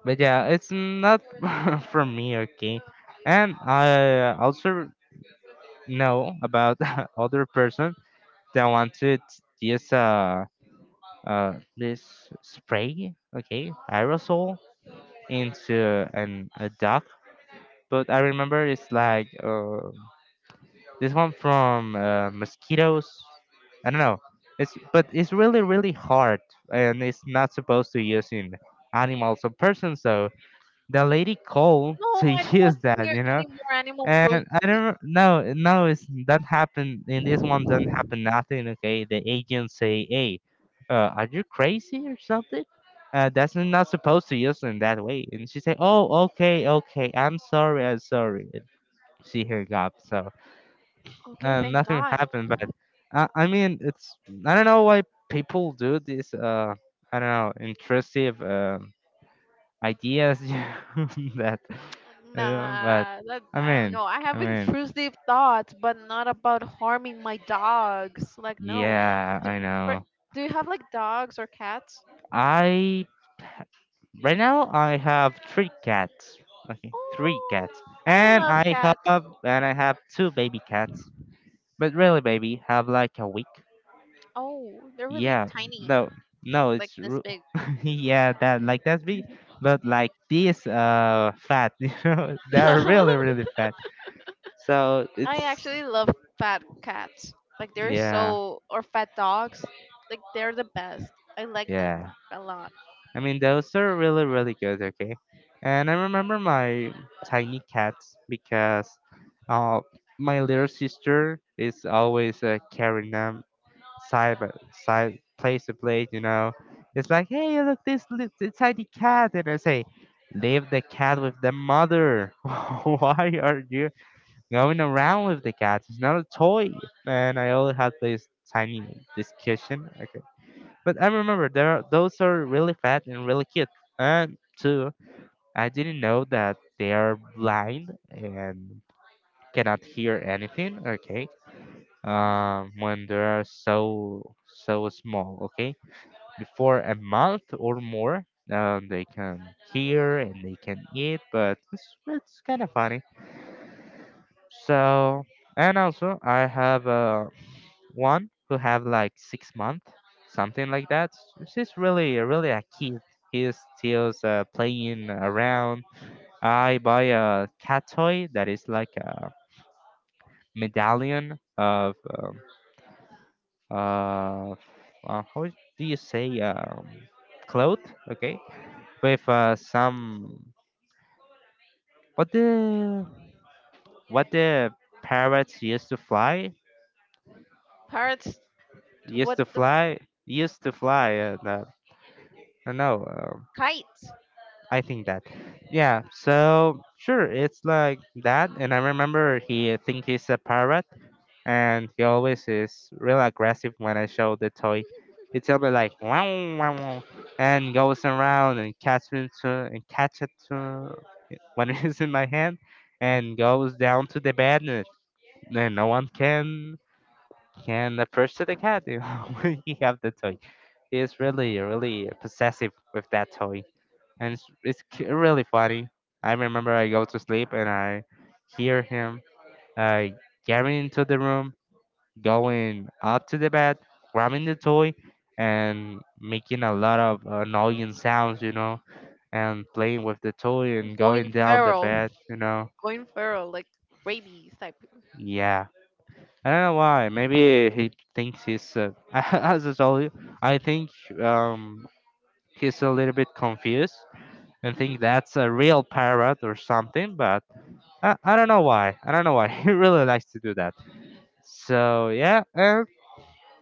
but yeah, it's not for me. Okay, and I also know about other person that wanted this this spray. Okay, aerosol into an a duck. But I remember it's like, this one from, mosquitoes. I don't know. It's but it's really really hard, and it's not supposed to use in animals or persons. So the lady called No, to I don't use want to that, hear you know. any more animal And I cruelty. don't know. No, it's that happened in this one. Doesn't happen nothing. Okay, the agents say, "Hey, are you crazy or something? That's not supposed to use in that way." And she said, "Oh, okay, okay. I'm sorry. I'm sorry." She hung up. So Okay, and thank nothing God. happened. But I mean, it's I don't know why people do these I don't know intrusive ideas that I don't but Nah, that I I don't mean know. I I have mean intrusive thoughts, but not about harming my dogs. Like no. yeah, Do, I or, know. do you have like dogs or cats? I right now I have three cats. Okay, three cats. Oh, I and love I cats. And I have two baby cats, but really baby, have like a week. Oh, they're really Yeah, tiny. no, no, Like it's this ru- big. yeah, that like that's big, but like these fat, you know, they're I really really fat. So it's actually love fat cats. Like they're yeah, so or fat dogs. Like they're the best. I like them yeah. a lot. I mean those are really really good. Okay, and I remember my tiny cats because uh my little sister is always carrying them side by side, place to place, you know. It's like, hey, look, this it's tiny cat, and I say, leave the cat with the mother. Why are you going around with the cat? It's not a toy. And I only had this tiny discussion. Okay, but I remember there are, those are really fat and really cute. And two, I didn't know that they are blind and cannot hear anything. Okay, Hmm. When they are so so small. Okay, before a month or more. They can hear and they can eat, but it's kind of funny. So, and also I have one who have like 6 months, something like that. She's really, really a kid. He's still playing around. I buy a cat toy that is like a medallion of uh, how do you say cloth? Okay, with some. What the what the parrots used to fly? Parrots, Used what to the fly? Used to fly? No, I don't know. Kites? I think that. Yeah. So sure, it's like that. And I remember he think he's a parrot, and he always is real aggressive when I show the toy. He tell me like wow wow wow, and goes around and catch me to and catch it to when it's in my hand, and goes down to the bed, and no one can approach to the cat when he have the toy. He is really, really possessive with that toy, and it's really funny. I remember I go to sleep and I hear him uh, getting into the room, going up to the bed, grabbing the toy, and making a lot of annoying sounds, you know, and playing with the toy and Going going down the feral, bed, you know. going feral, like rabies type. Yeah, I don't know why. Maybe he thinks he's. As I told you, I think um, he's a little bit confused and think that's a real parrot or something. But I don't know why. I don't know why he really likes to do that. So yeah, and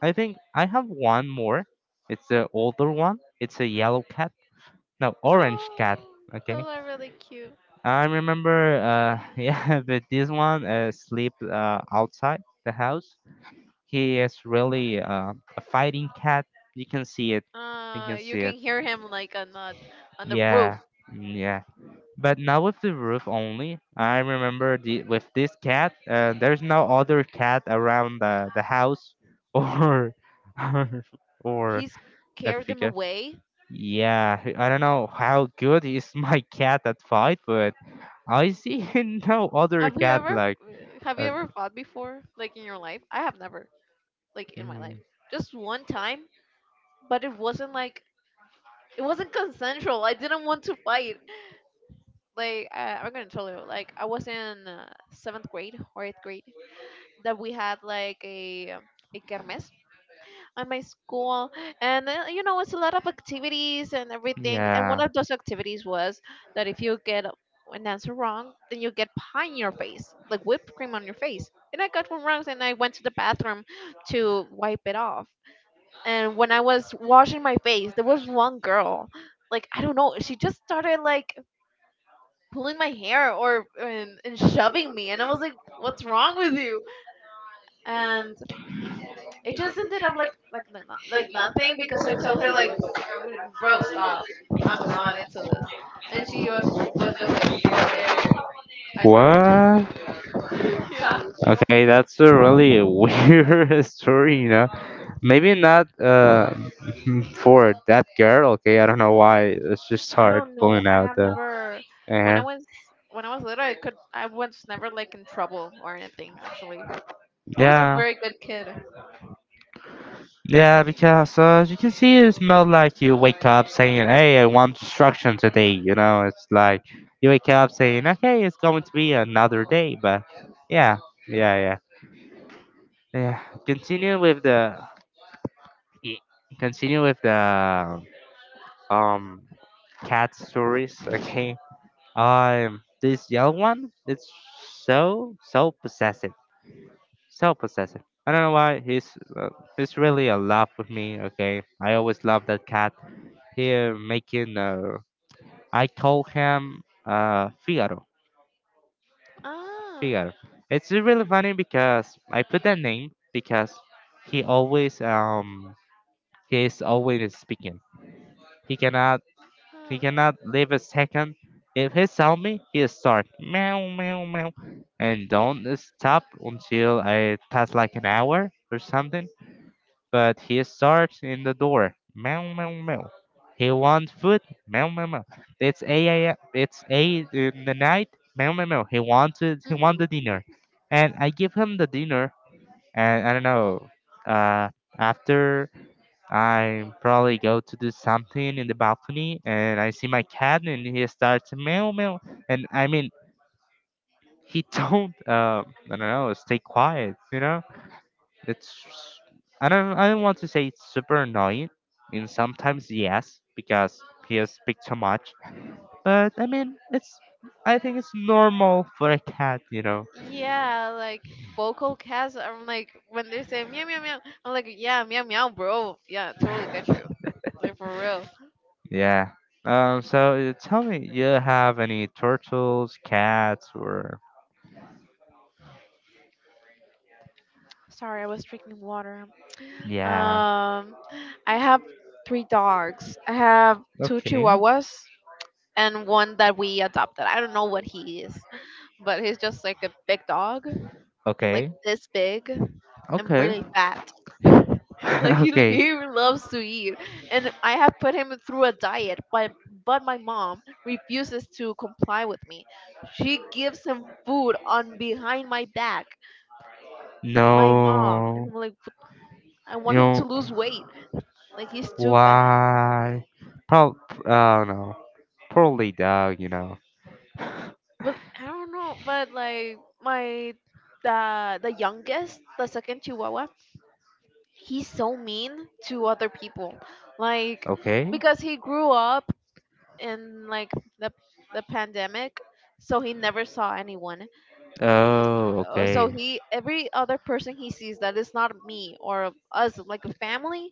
I think I have one more. It's the older one. It's a yellow cat. No, orange cat. Oh, Okay. those are really cute. I remember. Yeah, but this one sleep outside the house. He is really a fighting cat. You can see it. You can You see can it. hear him like on the roof. Yeah, mm, yeah. But not with the roof only. I remember the with this cat. There's no other cat around the house, or or, or He a scared them figure. away. Yeah, I don't know how good is my cat at fight, but I see no other cat like. Have you a ever fi- fought before, like in your life? I have never. Like in my life. Mm. Just one time, but it wasn't like it wasn't consensual. I didn't want to fight. Like I'm gonna tell you, like I was in seventh grade or eighth grade that we had like a kermes at my school, and you know it's a lot of activities and everything. And one Yeah. of those activities was that if you get a- an answer wrong, then you get pie in your face, like whipped cream on your face. And I got one wrong, and I went to the bathroom to wipe it off. And when I was washing my face, there was one girl, like I don't know, she just started like pulling my hair or and shoving me, and I was like, "What's wrong with you?" And it just ended up like no- no- like nothing because I told her like, "W- Bro, stop, I'm not into this," and she was just like, oh, "Okay, I stop." What? Yeah, Okay, that's a really weird story, you know. yeah. Maybe not for that girl. Okay, I don't know why. It's just I hard don't know. pulling I out have the. never when I uh was when I was little, I was never like in trouble or anything actually. I was a Yeah. very good kid. Yeah, because as you can see it's not like you wake up saying, "Hey, I want destruction today." You know, it's like you wake up saying, "Okay, it's going to be another day." But yeah, yeah, yeah. Continue with the continue with the um cat stories. Okay, this yellow one, it's so possessive, so possessive. I don't know why he's really a love with me. Okay, I always love that cat here making I call him Figaro. Ah. Figaro. It's really funny because I put that name because he always he is always speaking. He cannot he Huh. cannot live a second. If he saw me, he'll start meow meow meow and don't stop until I pass like an hour or something but he starts in the door. Meow meow meow. He wants food. Meow meow meow. It's eight a.m. It's eight in the night. Meow meow meow. He wants the Mhm. dinner, and I give him the dinner. And I don't know. Uh, After I probably go to do something in the balcony, and I see my cat, and he starts meow meow. And I mean, he don't. I don't know. Stay quiet. You know it's I don't want to say it's super annoying. I mean sometimes yes, because he speak too much. But I mean it's I think it's normal for a cat, you know. Yeah, like vocal cast. I'm like when they say meow meow meow, I'm like yeah meow meow bro. Yeah, totally get you. Like for real. Yeah. So tell me you have any turtles, cats or Sorry, I was drinking water. yeah. Um, I have three dogs. I have two Okay. Chihuahuas and one that we adopted. I don't know what he is, but he's just like a big dog. And like Okay. this big and Okay. really fat. Like he li- Okay. he loves to eat, and I have put him through a diet, but my mom refuses to comply with me. She gives him food on behind my back. My mom and No. I'm like, "What- I You want him to know lose weight. Like he's too fat. why? Probably. Oh no. Poorly dog, you know. But I don't know. But like my the youngest, the second Chihuahua, he's so mean to other people. Like Okay. because he grew up in like the the pandemic, so he never saw anyone. Oh, So okay. he every other person he sees that is not me or us like a family,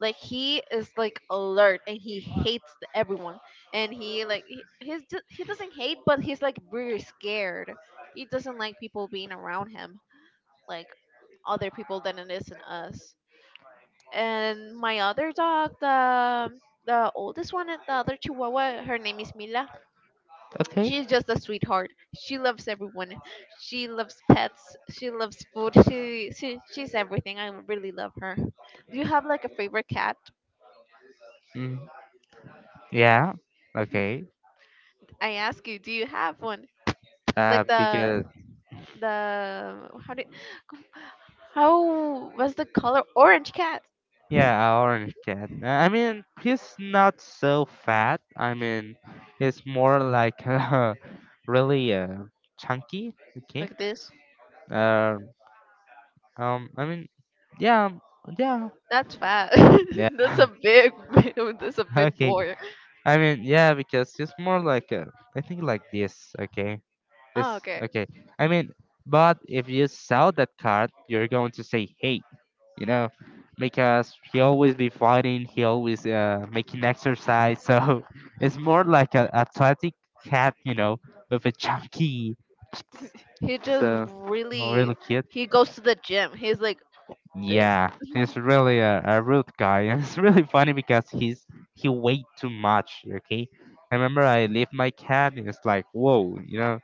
like he is like alert and he hates everyone and he like he's just, he doesn't hate but he's like very scared. He doesn't like people being around him like other people than it is in us. And my other dog, the oldest one, the other Chihuahua, her name is Mila. Okay. She's just a sweetheart. She loves everyone. She loves pets. She loves food. She's everything. I really love her. Do you have like a favorite cat? Mm, yeah. Okay. I ask you, do you have one? Like Because the how do how was the color orange cat? yeah, a orange cat. I mean, he's not so fat. I mean, he's more like really chunky. Okay. Like this? Uh, I mean, yeah, yeah, That's fat. That's a yeah. big that's a big Okay. boy. I mean, yeah, because he's more like I think like this. Okay. Oh, It's okay. okay. I mean, but if you sell that card, you're going to say, hey, you know, because he always be fighting, he always making exercise. So it's more like a athletic cat, you know, with a chunky. He just So oh, really really cute. he goes to the gym. He's like this Yeah, he's really a rude guy. And it's really funny because he weighed too much. Okay, I remember I leave my cat and it's like whoa, you know.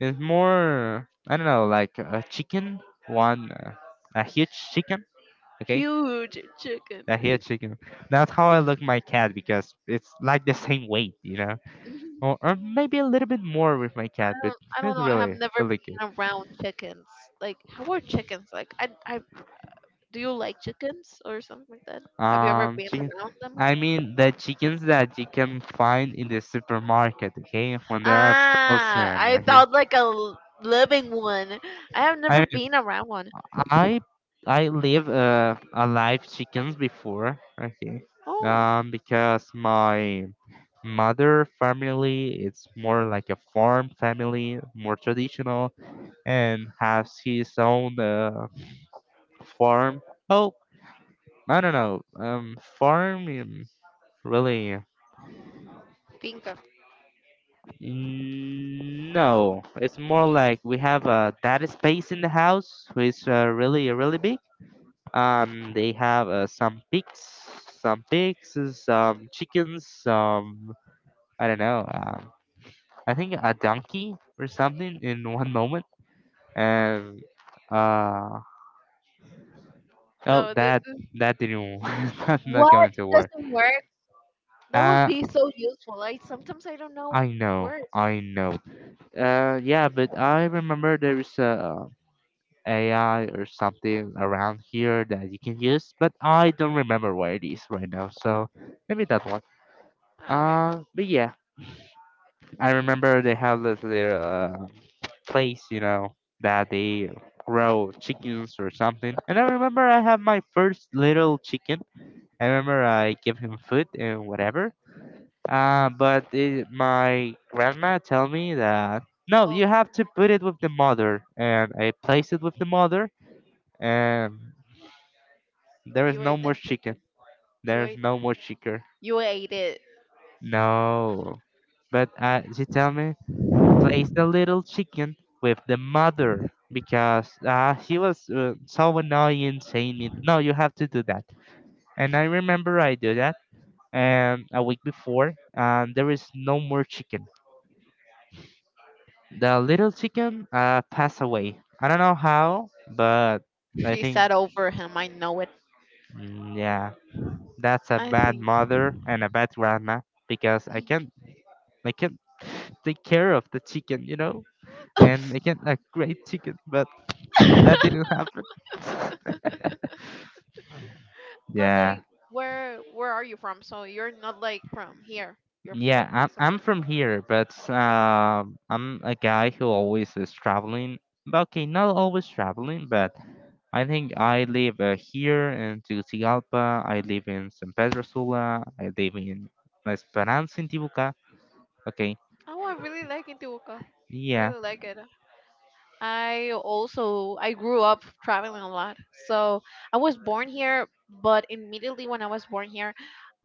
It's more I don't know, like a chicken, one a huge chicken, okay, huge chicken. a huge chicken. That's how I look my cat because it's like the same weight, you know, or maybe a little bit more with my cat, but don't, I don't it's know. I have really never really good. been around chickens. Like, how are chickens? Like, do you like chickens or something like that? Have you ever been Chicken. around them? I mean the chickens that you can find in the supermarket, okay, when they are Ah, frozen, I okay. thought like a living one. I have never I mean been around one. I I live a live chickens before. I think Oh, because my mother family it's more like a farm family, more traditional, and has his own farm. Oh, I don't know. Farm really? finca. Mm, no, it's more like we have a data space in the house, which is really really big. They have some pigs, some pigs, some chickens, some I don't know. I think a donkey or something in one moment, and uh, oh, No, this that is, that didn't that's not What? going to It work. doesn't work? That would Uh, be so useful. I sometimes I don't know I know, where. I know. Yeah, but I remember there is a AI or something around here that you can use, but I don't remember where it is right now. So maybe that one. Ah, okay. But yeah, I remember they have this little place, you know, that they grow chickens or something. And I remember I had my first little chicken. I remember I gave him food and whatever. But it, my grandma tell me that no, you Oh, have to put it with the mother, and I placed it with the mother, and there is you no ate the more chicken. chicken. You There is ate. no more chicken. You ate it. No, but she tell me place the little chicken with the mother because he was so annoying saying me, no, you have to do that. And I remember I do that and a week before, and there is no more chicken. The little chicken passed away. I don't know how, but I She think, sat over him. I know it. mm, yeah, that's a I bad think. mother and a bad grandma because I can't take care of the chicken, you know, and I can't a great chicken, but that didn't happen. But Yeah, like, where are you from? So you're not like from here. You're from yeah. like I'm somewhere. from here, but I'm a guy who always is traveling. But okay, not always traveling, but I think I live here in Tegucigalpa. I live in San Pedro Sula. I live in La Esperanza in Tibuca. Okay, Oh, I really like Intibucá. I yeah. really like it. I also I grew up traveling a lot. So I was born here, but immediately when I was born here,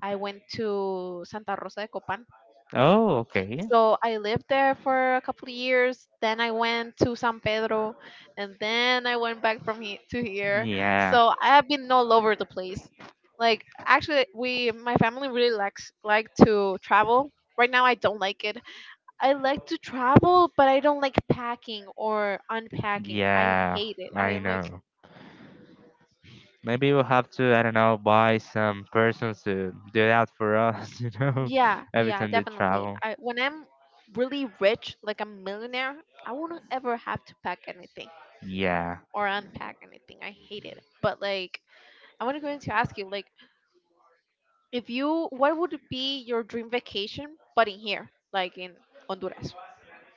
I went to Santa Rosa de Copan. Oh, okay. So I lived there for a couple of years. Then I went to San Pedro, and then I went back to here. Yeah. So I have been all over the place. Like actually, we my family really likes like to travel. Right now, I don't like it. I like to travel, but I don't like packing or unpacking. I Yeah, hate it. I I am like, know. Maybe we'll have to, I don't know, buy some persons to do that for us, you know, yeah, every yeah, time they definitely. travel. I when I'm really rich, like a millionaire, I won't ever have to pack anything Yeah, or unpack anything. I hate it. But like, I want to going to ask you, like, if you, what would be your dream vacation, but in here, like in Honduras?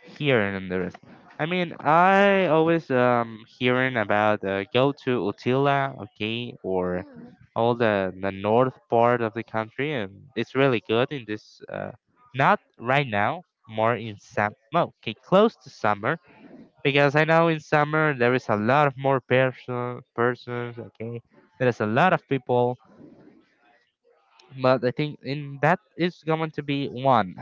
hearing and the rest. I mean, I always hearing about go to Utila, okay, or Mm. all the north part of the country, and it's really good in this. Not right now, more in summer. Okay, close to summer, because I know in summer there is a lot of more persons. Okay, there is a lot of people, but I think in that is going to be one.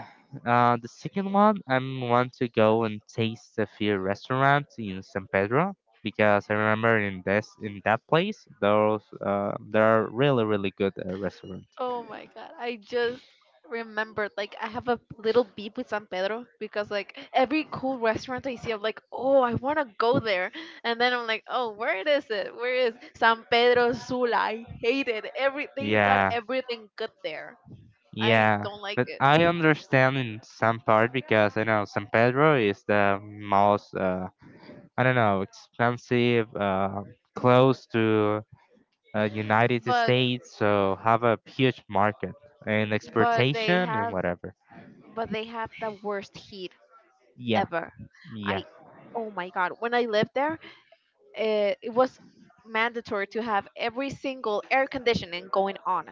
The second one, I want to go and taste a few restaurants in San Pedro because I remember in this in that place those there are really really good restaurants. Oh my god, I just remembered like I have a little beef with San Pedro because like every cool restaurant I see I'm like, "Oh, I want to go there." And then I'm like, "Oh, where is it? Where is San Pedro Sula?" I hate it. Every they got Yeah. everything good there. I Yeah, don't like but it. I understand in some part because I know San Pedro is the most I don't know expensive close to United But States, so have a huge market and but they exportation and have whatever. but they have the worst heat Yeah, ever. I, yeah. oh my god, when I lived there, it was mandatory to have every single air conditioning going on,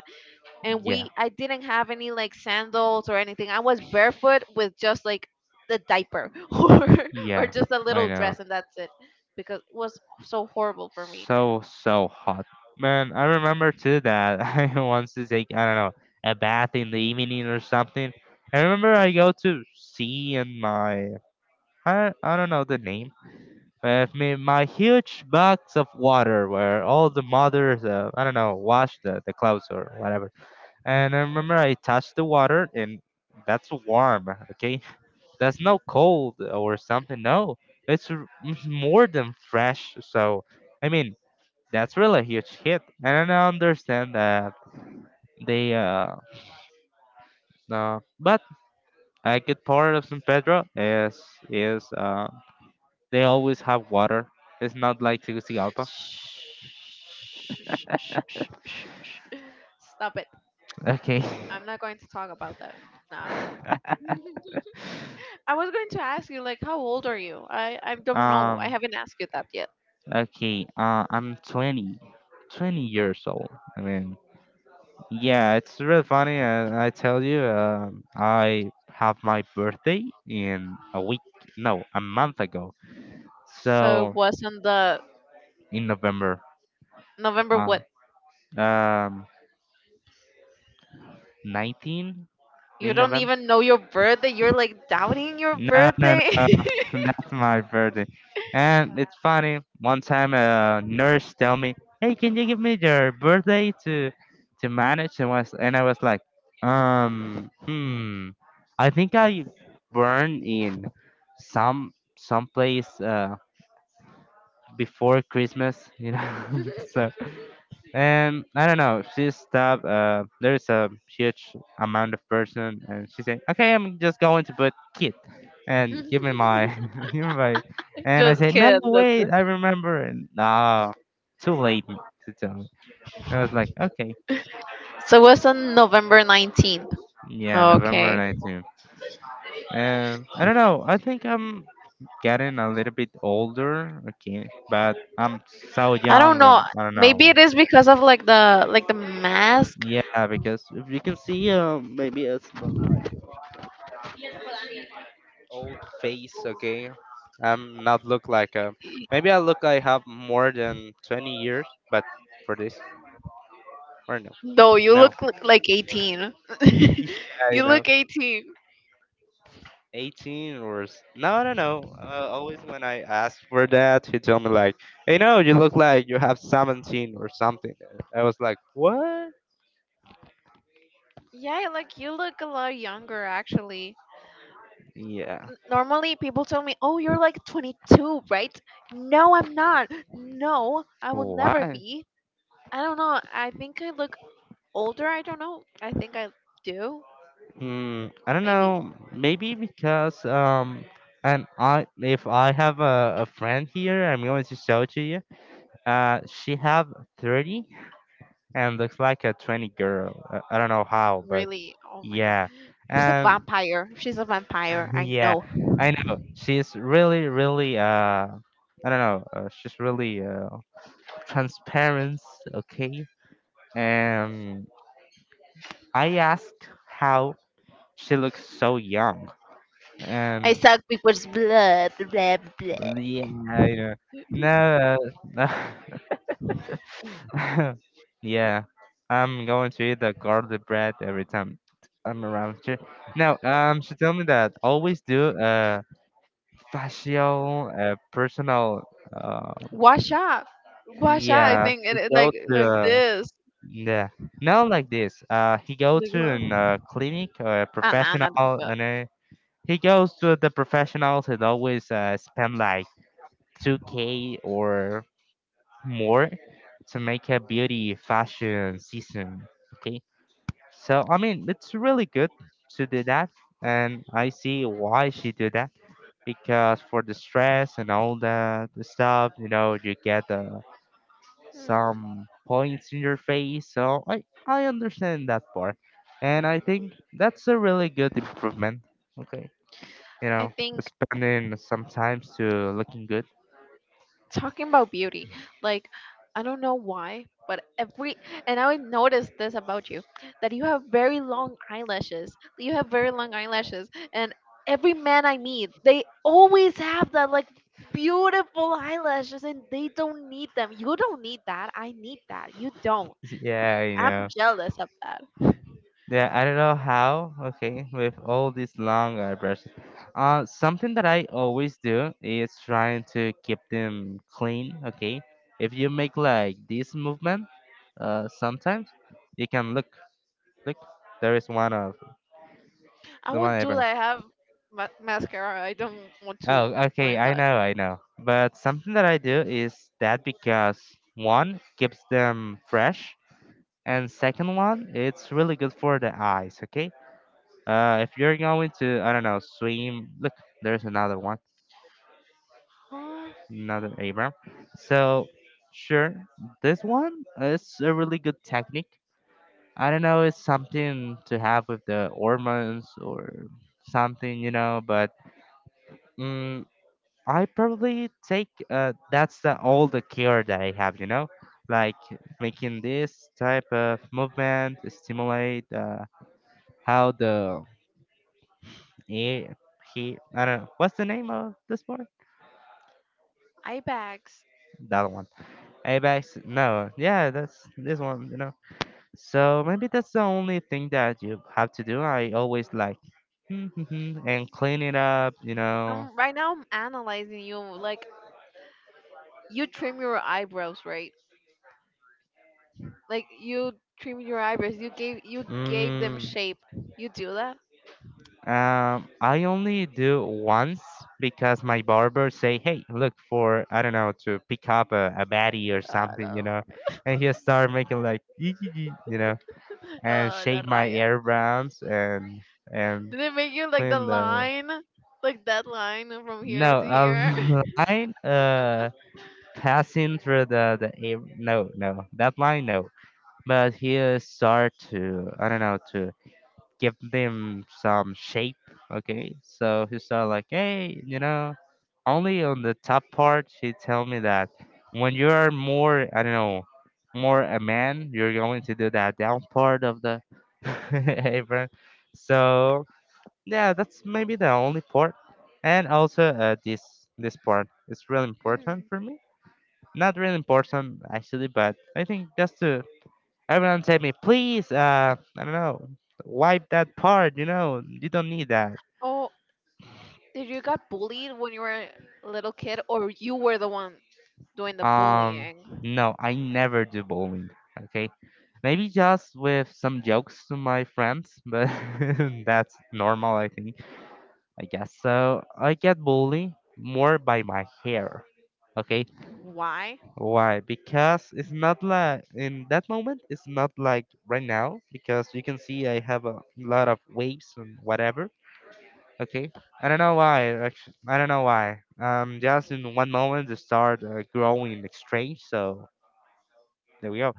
and Yeah. I didn't have any like sandals or anything. I was barefoot with just like the diaper or or Yeah. just a little I know. dress, and that's it, because it was so horrible for me. So so hot. Man, I remember too that I once to take I don't know a bath in the evening or something. I remember I go to sea and my I don't know the name, with me my huge box of water where all the mothers I don't know wash the clothes or whatever. And I remember I touched the water, and that's warm. Okay, that's no cold or something. No, it's more than fresh. So I mean, that's really a huge hit, and I understand that they, but a good part of San Pedro is, they always have water. It's not like Tegucigalpa. Shh, shh, shh, shh, shh, shh. Stop it! Okay. I'm not going to talk about that. Nah. I was going to ask you, like, how old are you? I don't know. I Um, haven't asked you that yet. okay, I'm 20, 20 years old. I mean, yeah, it's really funny. I tell you, I have my birthday in a week, no, a month ago. So it So was on the in November, November uh, what? um, 19 You in don't November. even know your birthday. You're like doubting your No, no, birthday. no. That's my birthday. And it's funny. One time, a nurse tell me, "Hey, can you give me your birthday to manage?" And was and I was like, Hmm. I think I burn in some someplace before Christmas, you know." So and I don't know. She stopped. There is a huge amount of person, and she said, "Okay, I'm just going to put kid, and give me my, give me my." And I Just said, "No, kidding. That's wait, it. I remember." And no, too late to tell me. And I was like, "Okay, So it was on November 19th. yeah, November Okay. 19th." And I don't know. I think I'm getting a little bit older. Okay, but I'm so I don't young. know. I don't Maybe know. it is because of like the mask. Yeah, because if you can see, maybe it's not like old face, okay? I'm not look like a. Maybe I look like I have more than 20 years, but for this, or no? No, you No. look like 18. Yeah, you You know. look 18. 18 or no, no, no. Always when I asked for that, he told me, like, hey, no, you look like you have 17 or something. I was like, what? Yeah, like you look a lot younger actually. Yeah. Normally people tell me, "Oh, you're like 22, right?" No, I'm not. No, I will never Why? be. I don't know. I think I look older. I don't know. I think I do. Hmm, I don't Maybe. know. Maybe because and I, if I have a friend here, I'm going to show to you. She have 30 and looks like a 20 girl. I don't know how, but Really. Oh my god. yeah. She's a Um, vampire. She's a vampire. I yeah, know. I know. She's really, really, I don't know. She's really transparent, okay? Um, I asked how she looks so young. I Um, suck people's blood. yeah, I know. No, no. Yeah, I'm going to eat the garlic bread every time I'm around here. Now, she told me that always do facial, personal, uh, Wash up. Wash up. I yeah, think it, he it go to, like this. yeah, not like this. He go Like to well, an clinic or a I'm professional, not. Gonna- and he goes to the professionals and always spend like 2K or more to make a beauty fashion season. Okay, so I mean, it's really good to do that, and I see why she do that, because for the stress and all that stuff, you know, you get Hmm. some points in your face. So I understand that part, and I think that's a really good improvement. Okay, you I know, think. spending some time to looking good. Talking about beauty, like I don't know why, but every and I noticed this about you that you have very long eyelashes. You have very long eyelashes, and every man I meet, they always have that like beautiful eyelashes, and they don't need them. You don't need that. I need that. You don't. Yeah, you I'm know. jealous of that. Yeah, I don't know how. Okay, with all these long eyebrows. Something that I always do is trying to keep them clean. Okay, if you make like this movement, sometimes you can look, look. There is one of I the one won't do eyebrow. that. I have mascara. I don't want to Oh, okay, ruin I that. know, I know. But something that I do is that because one keeps them fresh, and second one, it's really good for the eyes. Okay, if you're going to, I don't know, swim. Look, there's another one, Huh? another Abram. So, sure, this one is a really good technique. I don't know, it's something to have with the hormones or something, you know. But mm, I probably take that's the all the care that I have, you know, like making this type of movement stimulate how the air. He, I don't know. What's the name of this sport? Eye bags. That one. Apex, no, yeah, that's this one, you know. So maybe that's the only thing that you have to do. I always like and clean it up, you know. I'm right now. I'm analyzing you. Like you trim your eyebrows, right? Like you trim your eyebrows. You gave them Mm, shape. You do that? I only do once because my barber say, "Hey, look for I don't know to pick up a baddie or Ah, something," you la, know, and he start making like you know, and la shave my raya. hair browns and Did they make you like the clean the. line, like that line from here No, to a here? line passing through the air. No, no, that line no. But he'll start to I don't know to give them some shape. Okay, so he start like, hey, you know, only on the top part. He tell me that when you are more I don't know more a man, you're going to do that down part of the apron. So yeah, that's maybe the only part, and also this this part is really important Mm. for me, not really important actually, but I think just to everyone tell me please I don't know wipe that part, you know, you don't need that. Oh, did you got bullied when you were a little kid, or you were the one doing the um bullying? no, I never do bowling. Okay, maybe just with some jokes to my friends, but that's normal, I think. I guess so. I get bullied more by my hair. Okay. Why? Why? Because it's not like in that moment, it's not like right now, because you can see I have a lot of waves and whatever. Okay, I don't know why. Actually, I don't know why. Just in one moment, they start growing strange. So there we go.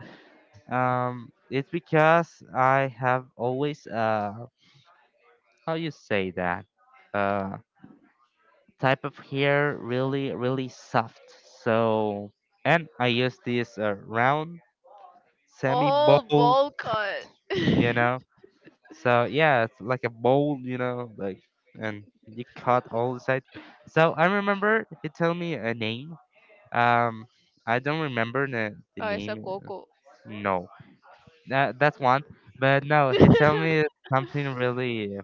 It's because I have always how you say that, uh, type of hair really really soft. So and I use this round semi Oh, bowl, bowl cut. you know. So yeah, it's like a bowl, you know, like, and you cut all the sides. So I remember he told me a name. Um, I don't remember the Oh, it's a name. coco. No, that that's one. But no, he told me something really.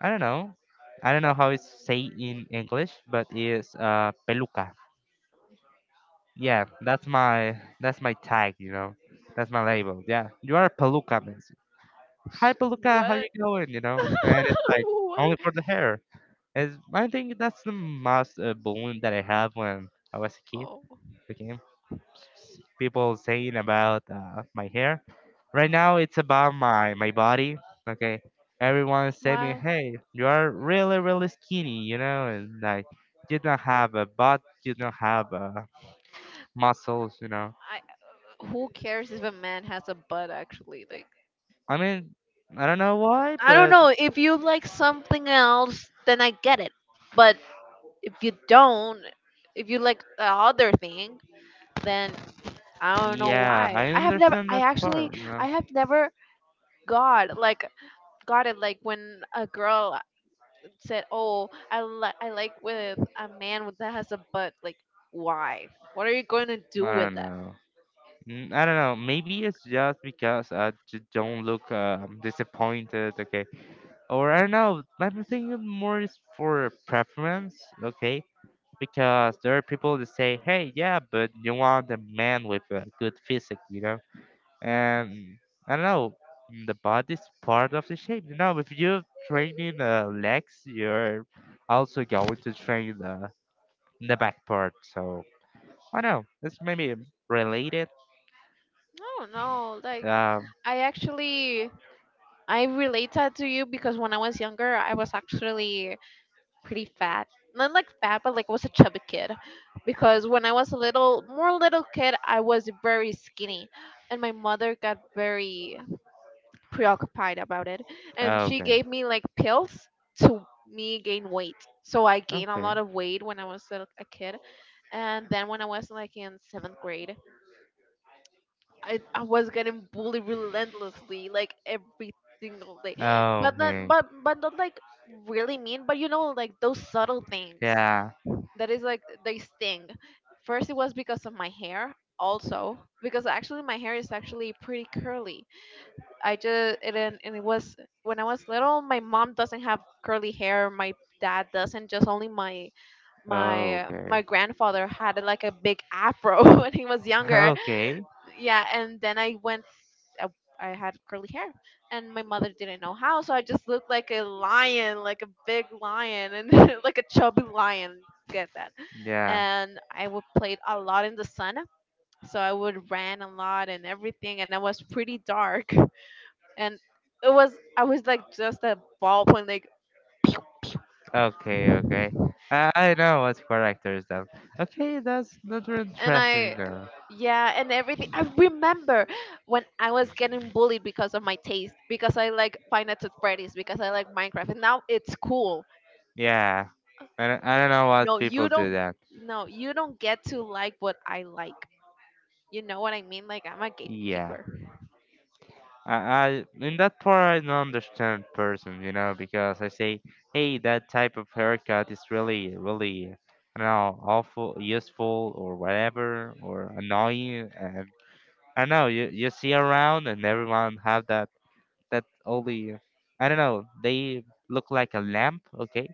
I don't know. I don't know how it's say in English, but it's peluca. Yeah, that's my tag. You know, that's my label. Yeah, you are a peluca, man. Hi Beluca, how you What? going? You know, and it's like What? only for the hair. Is I think that's the most balloon that I have when I was a kid. Oh, Okay, people saying about my hair. Right now, it's about my body. Okay, everyone is saying, me, why? hey, you are really really skinny. You know, and like you don't have a butt, you don't have muscles. You know, I who cares if a man has a butt actually? Like I mean. I don't know why, I don't but know. If you like something else, then I get it. But if you don't, if you like the other thing, then I don't know yeah, why. I I have never understand I that actually part. You know, I have never got like got it like when a girl said, "Oh, I like with a man with that has a butt." Like why? What are you going to do I with don't that? know. I don't know. Maybe it's just because I don't look disappointed, okay? Or I don't know. I'm thinking more is for preference, okay? Because there are people that say, "Hey, yeah, but you want a man with a good physique, you know?" And I don't know. The body's part of the shape, you know. If you're training the legs, you're also going to train the back part. So I don't know. It's maybe related. I don't know. Like Um. I actually I relate that to you because when I was younger, I was actually pretty fat. Not like fat, but like I was a chubby kid. Because when I was a little, more little kid, I was very skinny. And my mother got very preoccupied about it. And she Okay. gave me like pills to me gain weight. So I gained a Okay. lot of weight when I was a kid. And then when I was like in seventh grade, I was getting bullied relentlessly, like every single day. Oh, But not okay. but but not like really mean, but you know, like those subtle things Yeah. that is like they sting. First it was because of my hair also because actually my hair is actually pretty curly. I just it and it was when I was little my mom doesn't have curly hair, my dad doesn't just only my Oh, my okay. my grandfather had like a big afro when he was younger Okay. yeah and then I, I had curly hair and my mother didn't know how so I just looked like a lion like a big lion and like a chubby lion get that Yeah. and I would played a lot in the sun so I would ran a lot and everything and I was pretty dark and it was I was like just a ballpoint like Okay, okay. I know what characters that. Okay, that's really and interesting though. yeah, and everything. I remember when I was getting bullied because of my taste, because I like Five Nights at Freddy's, because I like Minecraft, and now it's cool. Yeah. I don't know what No, people you do don't. that. No, you don't get to like what I like. You know what I mean? Like I'm a Yeah. gatekeeper. I in that part I don't understand person, you know, because I say, hey, that type of haircut is really, really, I don't know, awful, useful, or whatever, or annoying. And I know you see around, and everyone have that only, I don't know, they look like a lamp, okay,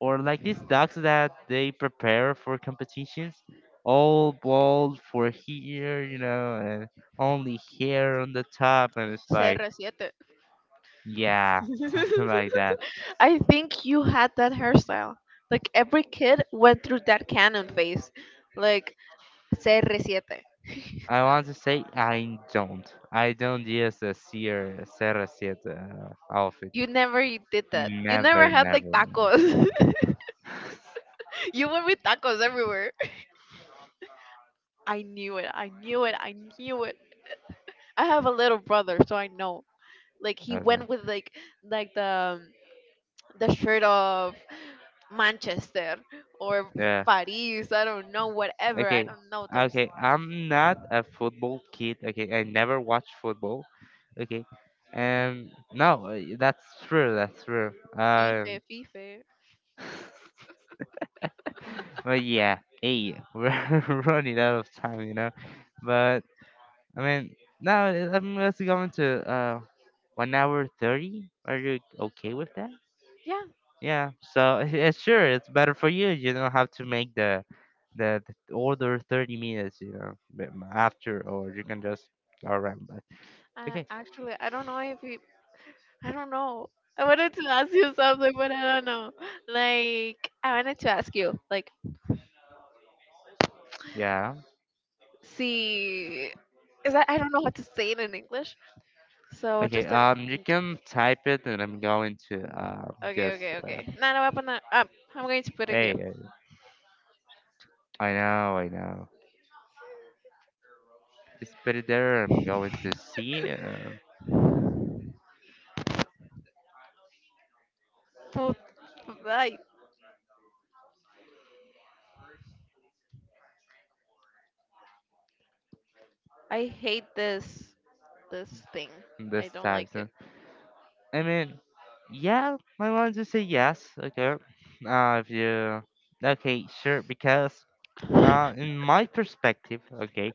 or like these dogs that they prepare for competitions, all bald for here, you know, and only hair on the top, and it's like CR7. yeah, something like that. I think you had that hairstyle. Like every kid went through that canon phase. Like CR7. I want to say I don't. I don't use a Sierra Serra Siete outfit. You never did that. You never Never, had like never, never. tacos. You went with tacos everywhere. I knew it. I knew it. I knew it. I have a little brother, so I know. Like he Okay. went with like the shirt of Manchester or Yeah. Paris. I don't know. Whatever. I Okay. don't know those Okay. I'm not a football kid. Okay. I never watch football. Okay. No, that's true. That's true. FIFA, FIFA. But yeah. Hey, we're running out of time. You know. But I mean, now I'm just going to 1 hour 30. Are you okay with that? Yeah. Yeah. So yeah, sure, it's better for you. You don't have to make the, the order 30 minutes. You know, after, or you can just go around. But I okay. actually I don't know if he. I don't know. I wanted to ask you something, but I don't know. Like I wanted to ask you like Yeah. see. Is that I don't know how to say it in English. So Okay. just let me You think. can type it, and I'm going to Okay, just okay, uh, okay. No, no, up, no, up. I'm going to put it here. hey. I know. I know. Just put it there. I'm going to see Put, I, I hate this thing. I this don't like type. I mean, yeah, I want to say yes. Okay. If you, okay, sure, because it. In my perspective, okay,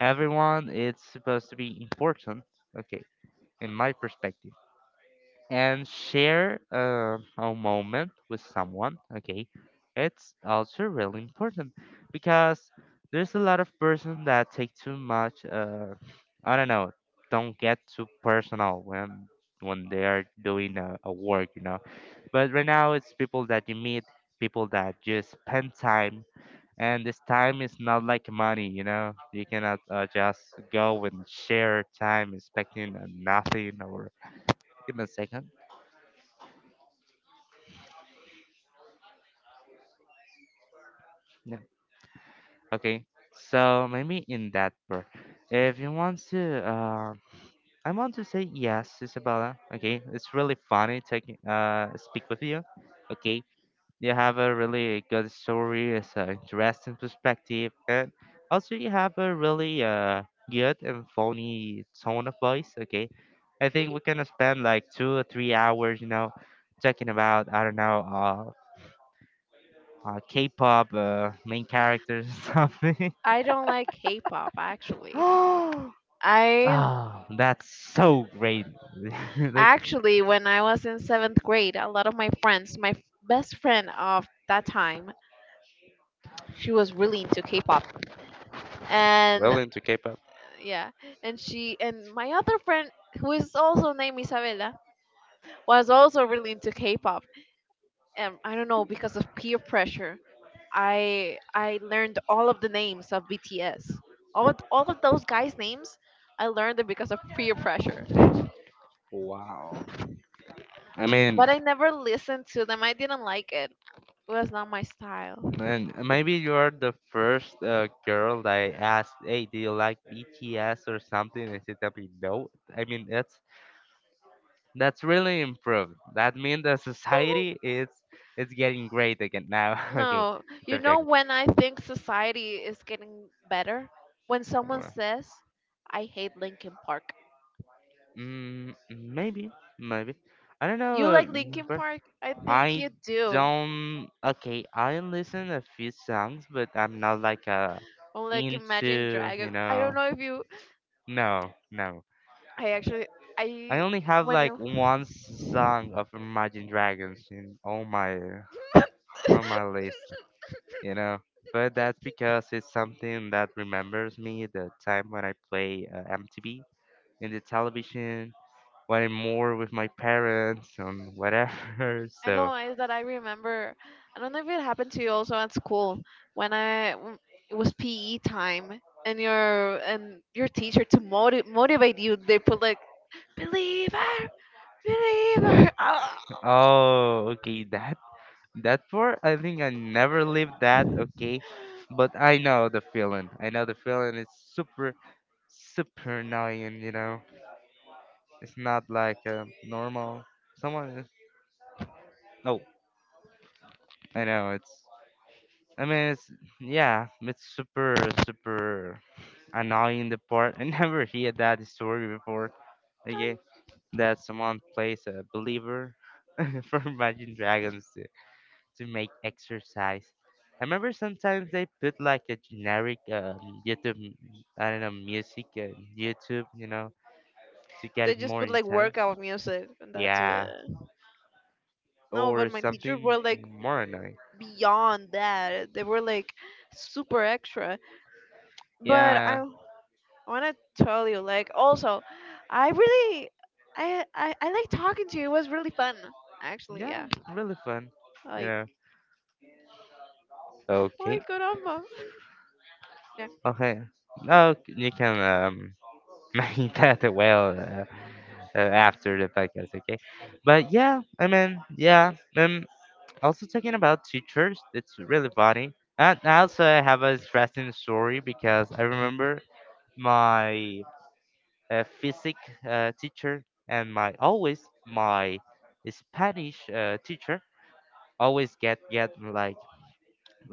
everyone is supposed to be important. Okay, in my perspective and share a moment with someone, okay, it's also really important because there's a lot of person that take too much, I don't know don't get too personal when they are doing a work. But right now it's people that you meet, people that just spend time, and this time is not like money. You cannot just go and share time expecting nothing, or give me a second. Yeah. Okay, so maybe in that part, if you want to, I want to say yes, Isabella. Okay, it's really funny taking speak with you. Okay, you have a really good story, it's an interesting perspective, and also you have a really good and funny tone of voice. Okay, I think we can spend like 2 or 3 hours, you know, talking about I don't know, K-pop main characters or something. I don't like K-pop actually. I Oh, that's so great. Like, actually when I was in seventh grade, a lot of my friends, best friend of that time, she was really into K-pop. well, And into K-pop. yeah, and she and my other friend who is also named Isabella was also really into K-pop. I don't know because of peer pressure. I learned all of the names of BTS. All of those guys' names, I learned it because of peer pressure. Wow. I mean, But I never listened to them. I didn't like it. It was not my style. man, maybe you're the first girl that I asked, "Hey, do you like BTS or something?" And she told me no. I mean, that's really improved. That means the society is it's getting great again now. Okay, No, you stop know joking. when I think society is getting better, when someone Well, says, "I hate Linkin Park." mm, maybe, maybe. I don't know, You like Linkin but Park? I think I you do. don't. Okay, I listen a few songs, but I'm not like a Or like Imagine into. You Dragons. I don't know, know if you. no, no. I actually, I I only have when I like one song of Imagine Dragons in all my on my list. You know, but that's because it's something that remembers me the time when I play MTV in the television. When I'm more with my parents and whatever, I so. know is that I remember. I don't know if it happened to you also at school when I w- it was PE time and your teacher to motivate you, they put like believer believer. Oh. Oh, okay. That part, I think I never lived that, okay? But I know the feeling. I know the feeling is super, super annoying, you know? It's not like a normal. Someone is. Oh, I know, it's. I mean, it's. Yeah, it's super, super annoying the part. I never hear that story before, Ay. okay? That someone plays a believer for Imagine Dragons to make exercise. I remember sometimes they put like a generic YouTube, m- I don't know, music, YouTube, you know, to get They it just more put like intense. workout music and that's it. Yeah, No, but or my teachers something were like more annoying. beyond that. They were like super extra. But Yeah, I want to tell you, like, also, I really, I like talking to you. It was really fun, actually. Yeah. yeah, really fun, you Like, know. my Okay, caramba. Yeah. okay, no, you can make that, well, uh, after the podcast, okay? But yeah, I mean, yeah, also talking about teachers, it's really funny. And also I have a interesting story because I remember my physics teacher and my always my Spanish teacher always get like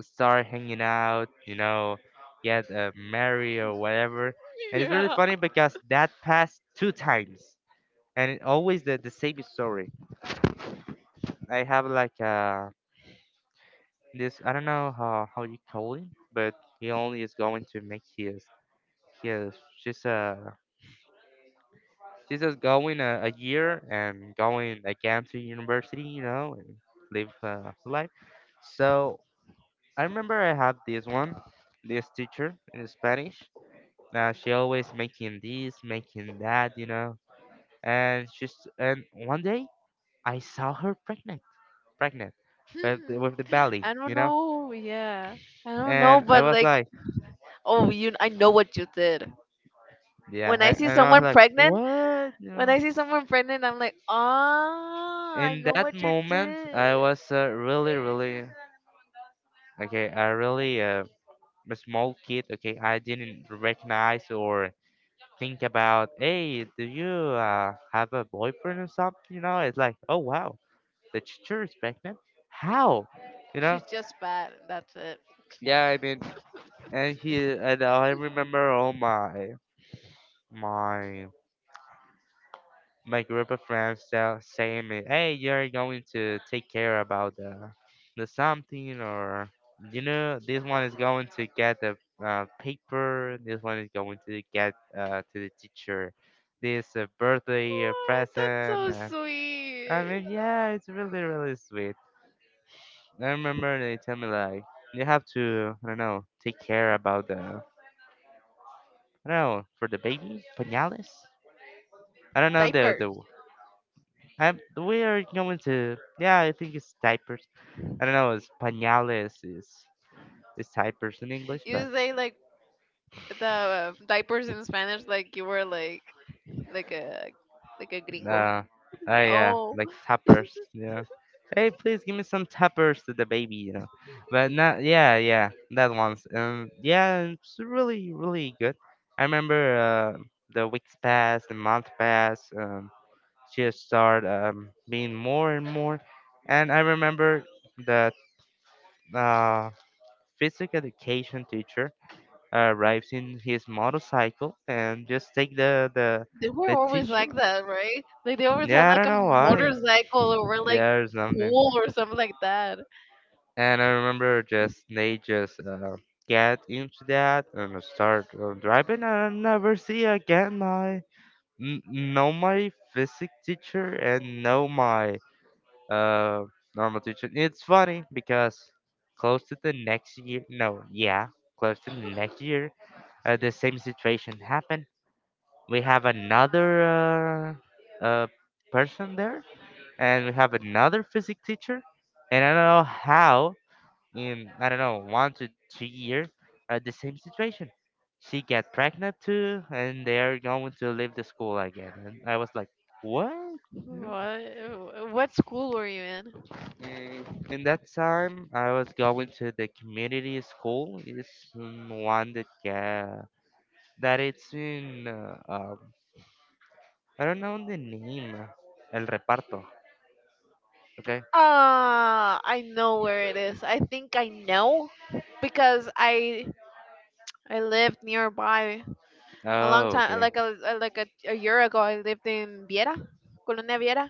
start hanging out, you know, get married or whatever. And it's really Yeah. funny because that passed two times, and it always the same story. I have like a this I don't know how you call it, but he only is going to make his she's just going a year and going again to university, you know, and live life. So I remember I had this one, this teacher in Spanish. She always making this, making that, you know. And she's and one day I saw her pregnant, pregnant, but Hmm. with the belly, I don't you know. know. Yeah. I don't know, And I but was like, like. oh, you, I know what you did. Yeah, When I see and I was someone like, pregnant, what? You when know? I see someone pregnant, I'm like, ah, I In know that what you moment, I did. was really, really, okay, I really a small kid. Okay, I didn't recognize or think about, hey, do you have a boyfriend or something? You know, it's like, oh wow, the teacher is pregnant. How? You know? She's just bad. That's it. Yeah, I mean, and I remember all my my my group of friends tell saying me, "Hey, you're going to take care about the something, or you know, this one is going to get the paper. This one is going to get to the teacher. This birthday What? That's present." so I sweet. mean, yeah, it's really really sweet. I remember they tell me like, "You have to, I don't know, take care about the, I don't know, for the baby pañales." I don't know the Diaper. I'm we are going to yeah, I think it's diapers. I don't know, it's pañales is diapers in English, but You say like the diapers in Spanish, like you were like a like a gringo. uh oh yeah, Oh, like tappers, you know. Hey, please give me some tappers to the baby, you know. But not yeah, yeah, that one's yeah, it's really really good. I remember the weeks passed, the month passed, she has started being more and more, and I remember that uh physics education teacher arrives in his motorcycle and just take they were the always teacher. like that, right? Like they always had Yeah, I like don't a know why. motorcycle or were like Yeah, or something. cool or something like that. And I remember just they just get into that and start driving, and I never see again my n- no my physics teacher and no my uh normal teacher. It's funny because close to the next year, no, yeah, close to the next year, the same situation happened. We have another uh, person there, and we have another physics teacher. And I don't know how, in I don't know 1 to 2 years, the same situation. She got pregnant too, and they are going to leave the school again. And I was like, what? You know? What what school were you in? And in that time, I was going to the community school. It's one that that it's in I don't know the name. El reparto. Okay. I know where it is. I think I know because I lived nearby a long Oh, time, okay. Like a, a year ago. I lived in Viera, Colonia Viera,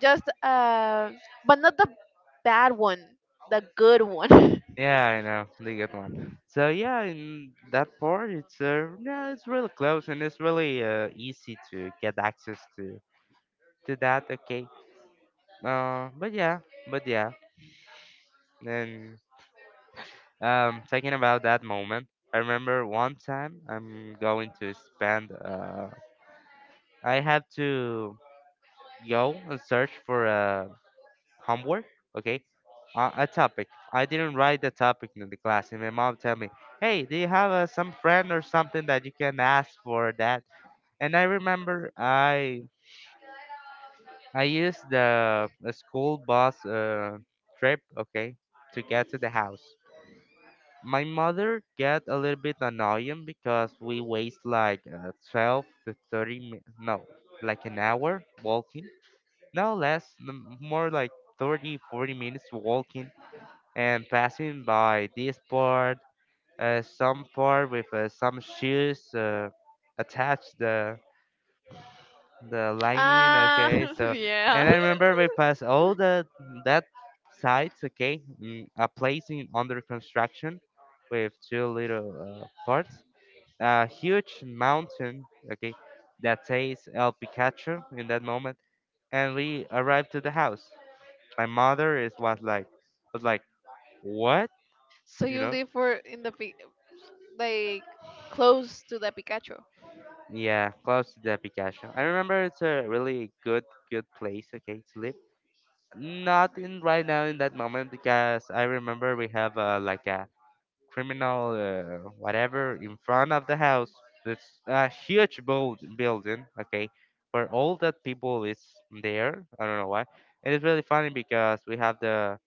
just but not the bad one, the good one. Yeah, I know the good one. So yeah, in that part, it's yeah, it's really close and it's really easy to get access to that. Okay. Uh, but yeah, but yeah. And thinking about that moment, I remember one time I'm going to spend. I have to go and search for homework. Okay, a topic. I didn't write the topic in the class, and my mom tell me, "Hey, do you have some friend or something that you can ask for that?" And I remember I used the school bus trip, okay, to get to the house. My mother get a little bit annoying because we waste like 12 to thirty mi- no, like an hour walking, no less, more like 30, 40 minutes walking and passing by this part, some part with some shoes attached the lining, Ah, okay. So and yeah. I remember we passed all the that sites, okay, mm, a place in under construction with two little parts, a huge mountain, okay, that says el picacho in that moment. And we arrived to the house, my mother is was like, was like, what, So you you know. live for in like close to the Pikachu. Yeah, close to the Picasso. I remember it's a really good, good place, okay, to live. Not in right now in that moment because I remember we have like a criminal whatever in front of the house. It's a huge building, okay, where all that people is there. I don't know why. And it's really funny because we have the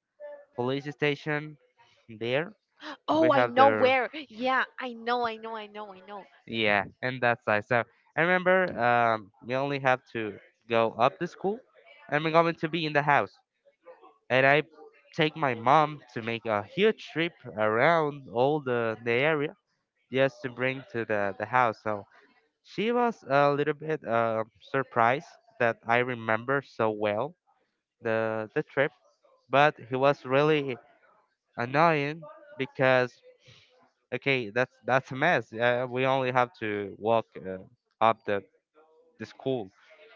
police station there. We Oh, I have know the where. Yeah, I know, I know, I know, I know. yeah, and that's nice. So I remember, we only have to go up the school, and we're going to be in the house. And I take my mom to make a huge trip around all the area just to bring to the house. So she was a little bit surprised that I remember so well the trip, but it was really annoying because okay, that's a mess. We only have to walk up the school,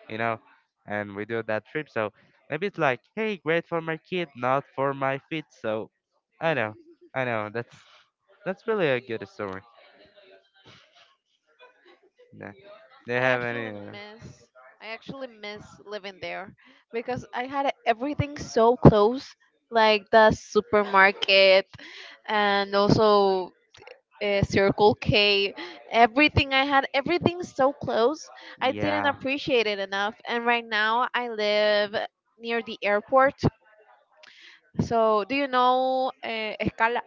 you know, and we do that trip. So maybe it's like, hey, great for my kid, not for my feet. So I know, Mhm. I know. That's really a good story. Yeah. They I have actually any? Miss I actually miss living there because I had everything so close, like the supermarket and also Circle K. Everything I had, everything so close. I didn't Yeah, appreciate it enough. And right now I live near the airport. So, do you know Escala?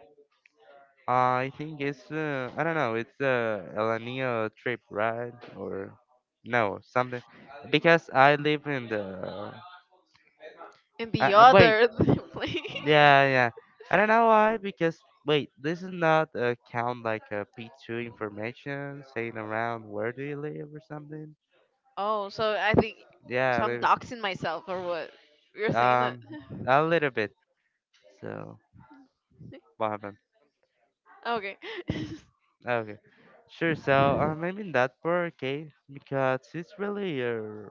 I think it's I don't know. It's El Niño trip, right? Or no, something. Because I live in the. In the Wait, other place. yeah, yeah. I don't know why, because wait, this is not a count like a P2 information saying around where do you live or something. Oh, so I think, so Yeah, I'm maybe. doxing myself or what? You're saying that? Um, a little bit. So what happened? Okay. Okay, sure. So maybe in that part, okay, because it's really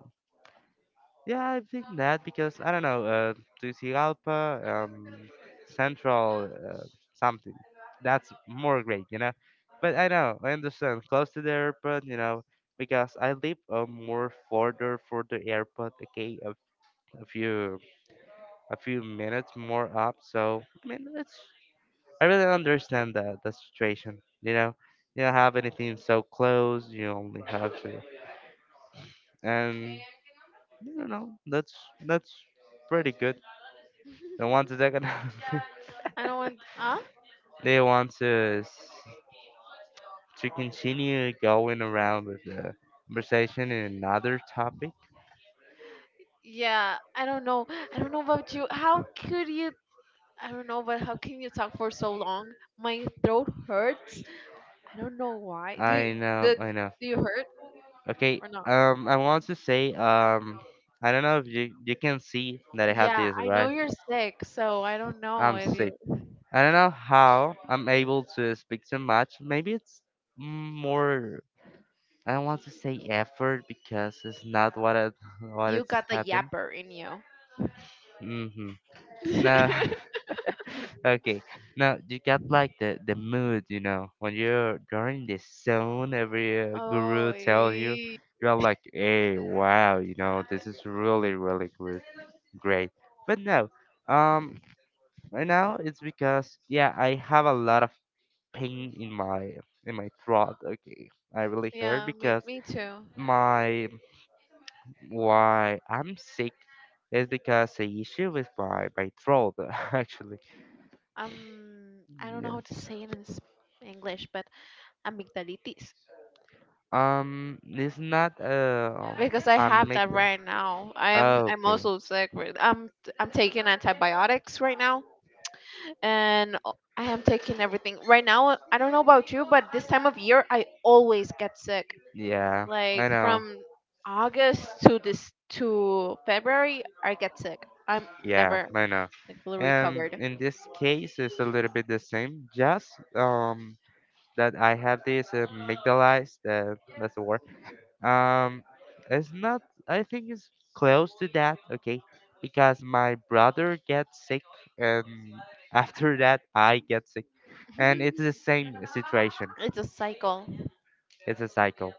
yeah, I think that because I don't know, Tegucigalpa, Central, something. That's more great, you know. But I know, I understand, close to the airport, you know, because I live more further for the airport. Okay, a few minutes more up. So I mean, it's I really understand the situation. You know, you don't have anything so close. You only have to, and you know, that's that's pretty good. They want to take a I don't want. Huh? they want to to continue going around with the conversation in another topic. Yeah, I don't know. I don't know about you. How could you? I don't know, but how can you talk for so long? My throat hurts. I don't know why. I know, I know. Do you hurt? Okay, Or not? I want to say, I don't know if you can see that I have Yeah, this, I know right? you're sick, so I don't know I'm if sick. you I don't know how I'm able to speak so much. Maybe it's more. I don't want to say effort because it's not what you it's got the happened. yapper in you. Mm-hmm. No, Okay. Now you got like the mood, you know, when you're in the zone. Every Oh, guru tells you, ee. you're like, hey, wow, you know, this is really really good, great. But no, um, right now it's because yeah, I have a lot of pain in my throat. Okay, I really hurt Yeah, me because me too. my why I'm sick is because a issue with my throat actually. I don't know Yeah. how to say it in English, but amygdalitis It's not. Because I I have make that the. right now. I am Oh, I'm okay. also sick with. I'm taking antibiotics right now, and I am taking everything right now. I don't know about you, but this time of year I always get sick. Yeah, Like I know. from August to this to February, I get sick. I'm Yeah, never I know. like fully And recovered. in this case, it's a little bit the same. Just that I have this amygdalized. That's the word. Um, it's not. I think it's close to that. Okay, because my brother gets sick, and after that I get sick, and it's the same situation. It's a cycle. It's a cycle.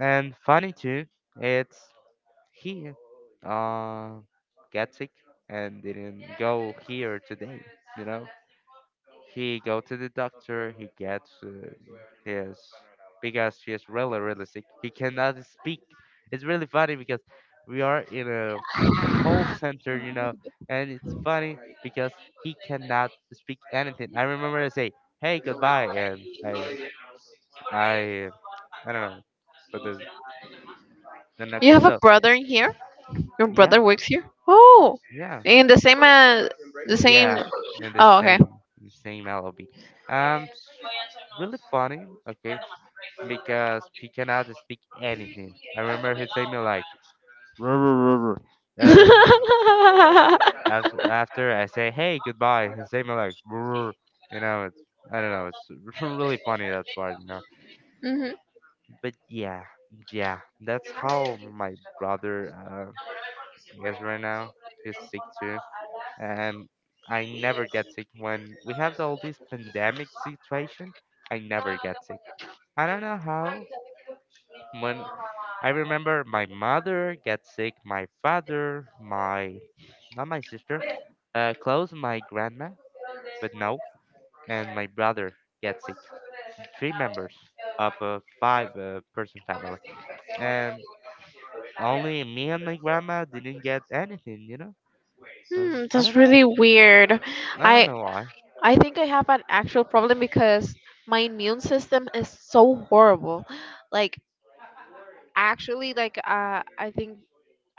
And funny too, it's he uh got sick and didn't go here today, you know? He go to the doctor, he gets his because he is really really sick. He cannot speak. It's really funny because we are in a call center, you know, and it's funny because he cannot speak anything. I remember I say, "Hey, goodbye," and I I don't know, but the You have knuckles. a So brother in here. Your yeah, brother works here. Oh, yeah, in the same the same. yeah, and the Oh, okay. same LLB. It's really funny. Okay, because he cannot speak anything. I remember he saying me like. "Rrr, rrr, rrr, rrr." After I say hey goodbye, he say me like, "Rrr." rrr." you know, it's I don't know, it's really funny that part, you know. Mhm. But yeah, yeah, that's how my brother, I guess right now he's sick too and I never get sick. When we have all this pandemic situation, I never get sick. I don't know how. When I remember my mother get sick, my father, my not my sister, close my grandma, but no, and my brother get sick. Three members of a five-person family, and only me and my grandma didn't get anything. You know, so Hmm, I don't that's really know. weird. I don't I know why. I think I have an actual problem because my immune system is so horrible. Like actually, I think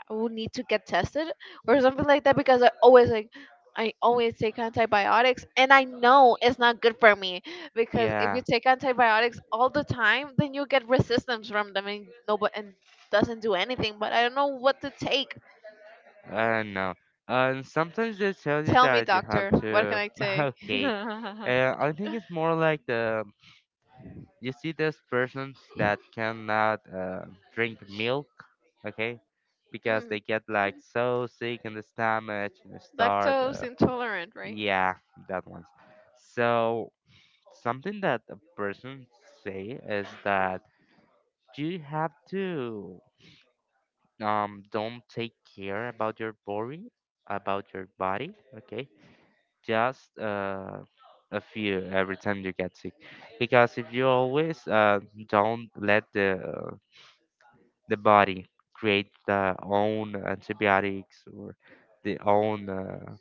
I will need to get tested or something like that because I always take antibiotics, and I know it's not good for me because if you Yeah. take antibiotics all the time then you get resistance from them and no but and doesn't do anything, but I don't know what to take. No. And sometimes they tell you Tell me that you have doctor, what can to. I take? Okay. Mm. I think it's more like the. You see those persons that cannot drink milk, okay? Because they get like so sick in the stomach and they start. Lactose intolerant, right? Yeah, that one. So something that a person say is that you have to don't take care about your body, okay? Just a few every time you get sick, because if you always don't let the body create the own antibiotics or the own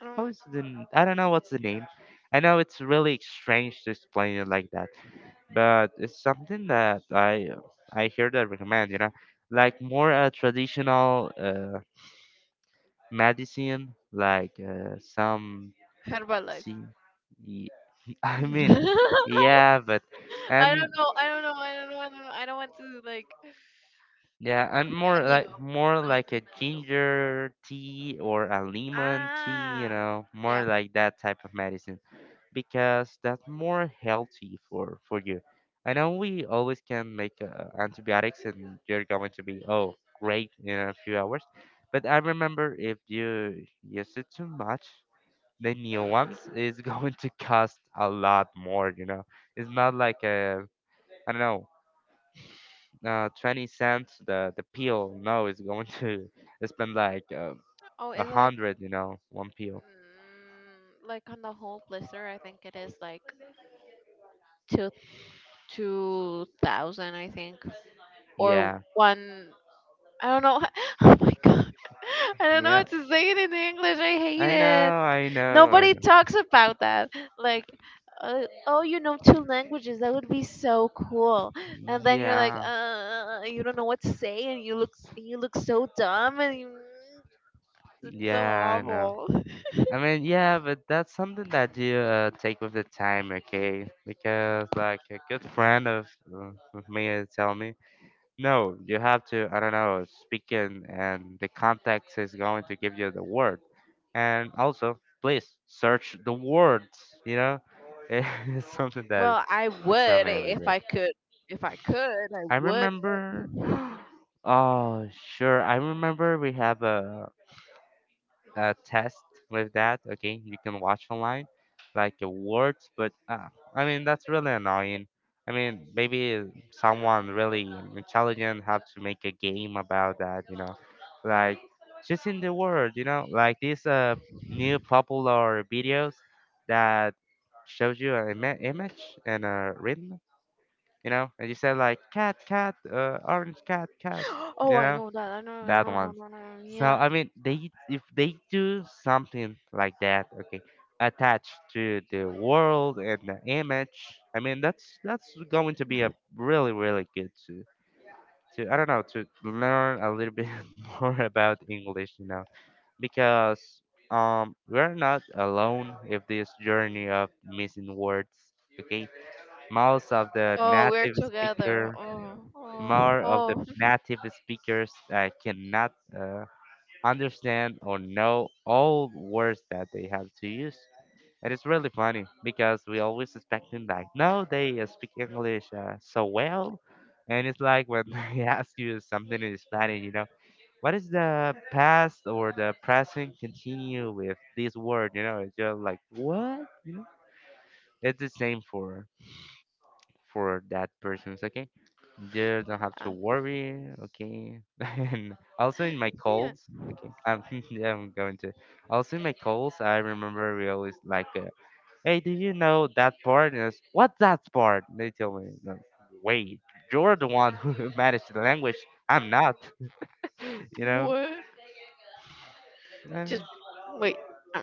I don't how is the n- I don't know what's the name. I know it's really strange to explain it like that but it's something that I hear that recommend, you know, like more a traditional medicine, like some heard about life. see, y- I mean, yeah, but I and don't know. I don't know. I don't know. I don't know. I don't want to like yeah, and offend you. I more don't want like a to offend you. ginger tea or a lemon tea, you Ah, know, more yeah. like that type of medicine. Because that's more healthy for you. I know we always can make antibiotics and you're going to be oh great in a few hours, but I remember if you use it too much, the new ones is going to cost a lot more. You know, it's not like a I don't know 20 cents the pill. No, it's going to spend like Oh, a it's like hundred. You know, one pill. mm, like on the whole blister. I think it is like two two thousand. I think. Or Yeah, one. I don't know. Oh my god. I don't know how yeah. to say it in English. I hate it. I Nobody talks about that. Like, uh, oh, you know two languages. That would be so cool. know. And then you're like, Yeah. You don't know what to say, and you look so dumb, and you, it's so Yeah, I know. awful. I mean, yeah, but that's something that you take with the time, okay? Because like a good friend of me is telling me, no, you have to, I don't know, speaking and the context is going to give you the word. And also, please search the words, you know? It's something that Well, I they tell would me every if day. I could. If I could, I I would. remember, oh, sure, I remember we have a test with that. Okay, you can watch online like awards, but I mean that's really annoying. I mean maybe someone really intelligent have to make a game about that. You know, like just in the world. You know, like these new popular videos that shows you an image and a rhythm. You know, and you say like cat, cat, orange cat, cat. You Oh, I know know that. I know, no, that no, no, ones. no, no. So Yeah. I mean, they if they do something like that, okay, attached to the world and the image. I mean, that's going to be a really really good to I don't know to learn a little bit more about English, you know, because we're not alone if this journey of missing words. Okay, most of the Oh, we're native together. speaker, Oh, oh, more of the oh. native speakers cannot. Understand or know all words that they have to use. And it's really funny because we always expecting like, no, they speak English so well. And it's like when they ask you something in Spanish, you know, what is the past or the present continue with this word? You know, it's just like, what? You know, it's the same for that person's okay you don't have to Uh, worry okay and also in my yeah. calls okay yeah I'm going to also in my calls I remember we always like hey do you know that part and it's, what's that part they tell me "No, wait you're the one who managed the language I'm not you know What? Uh, Just wait. Uh,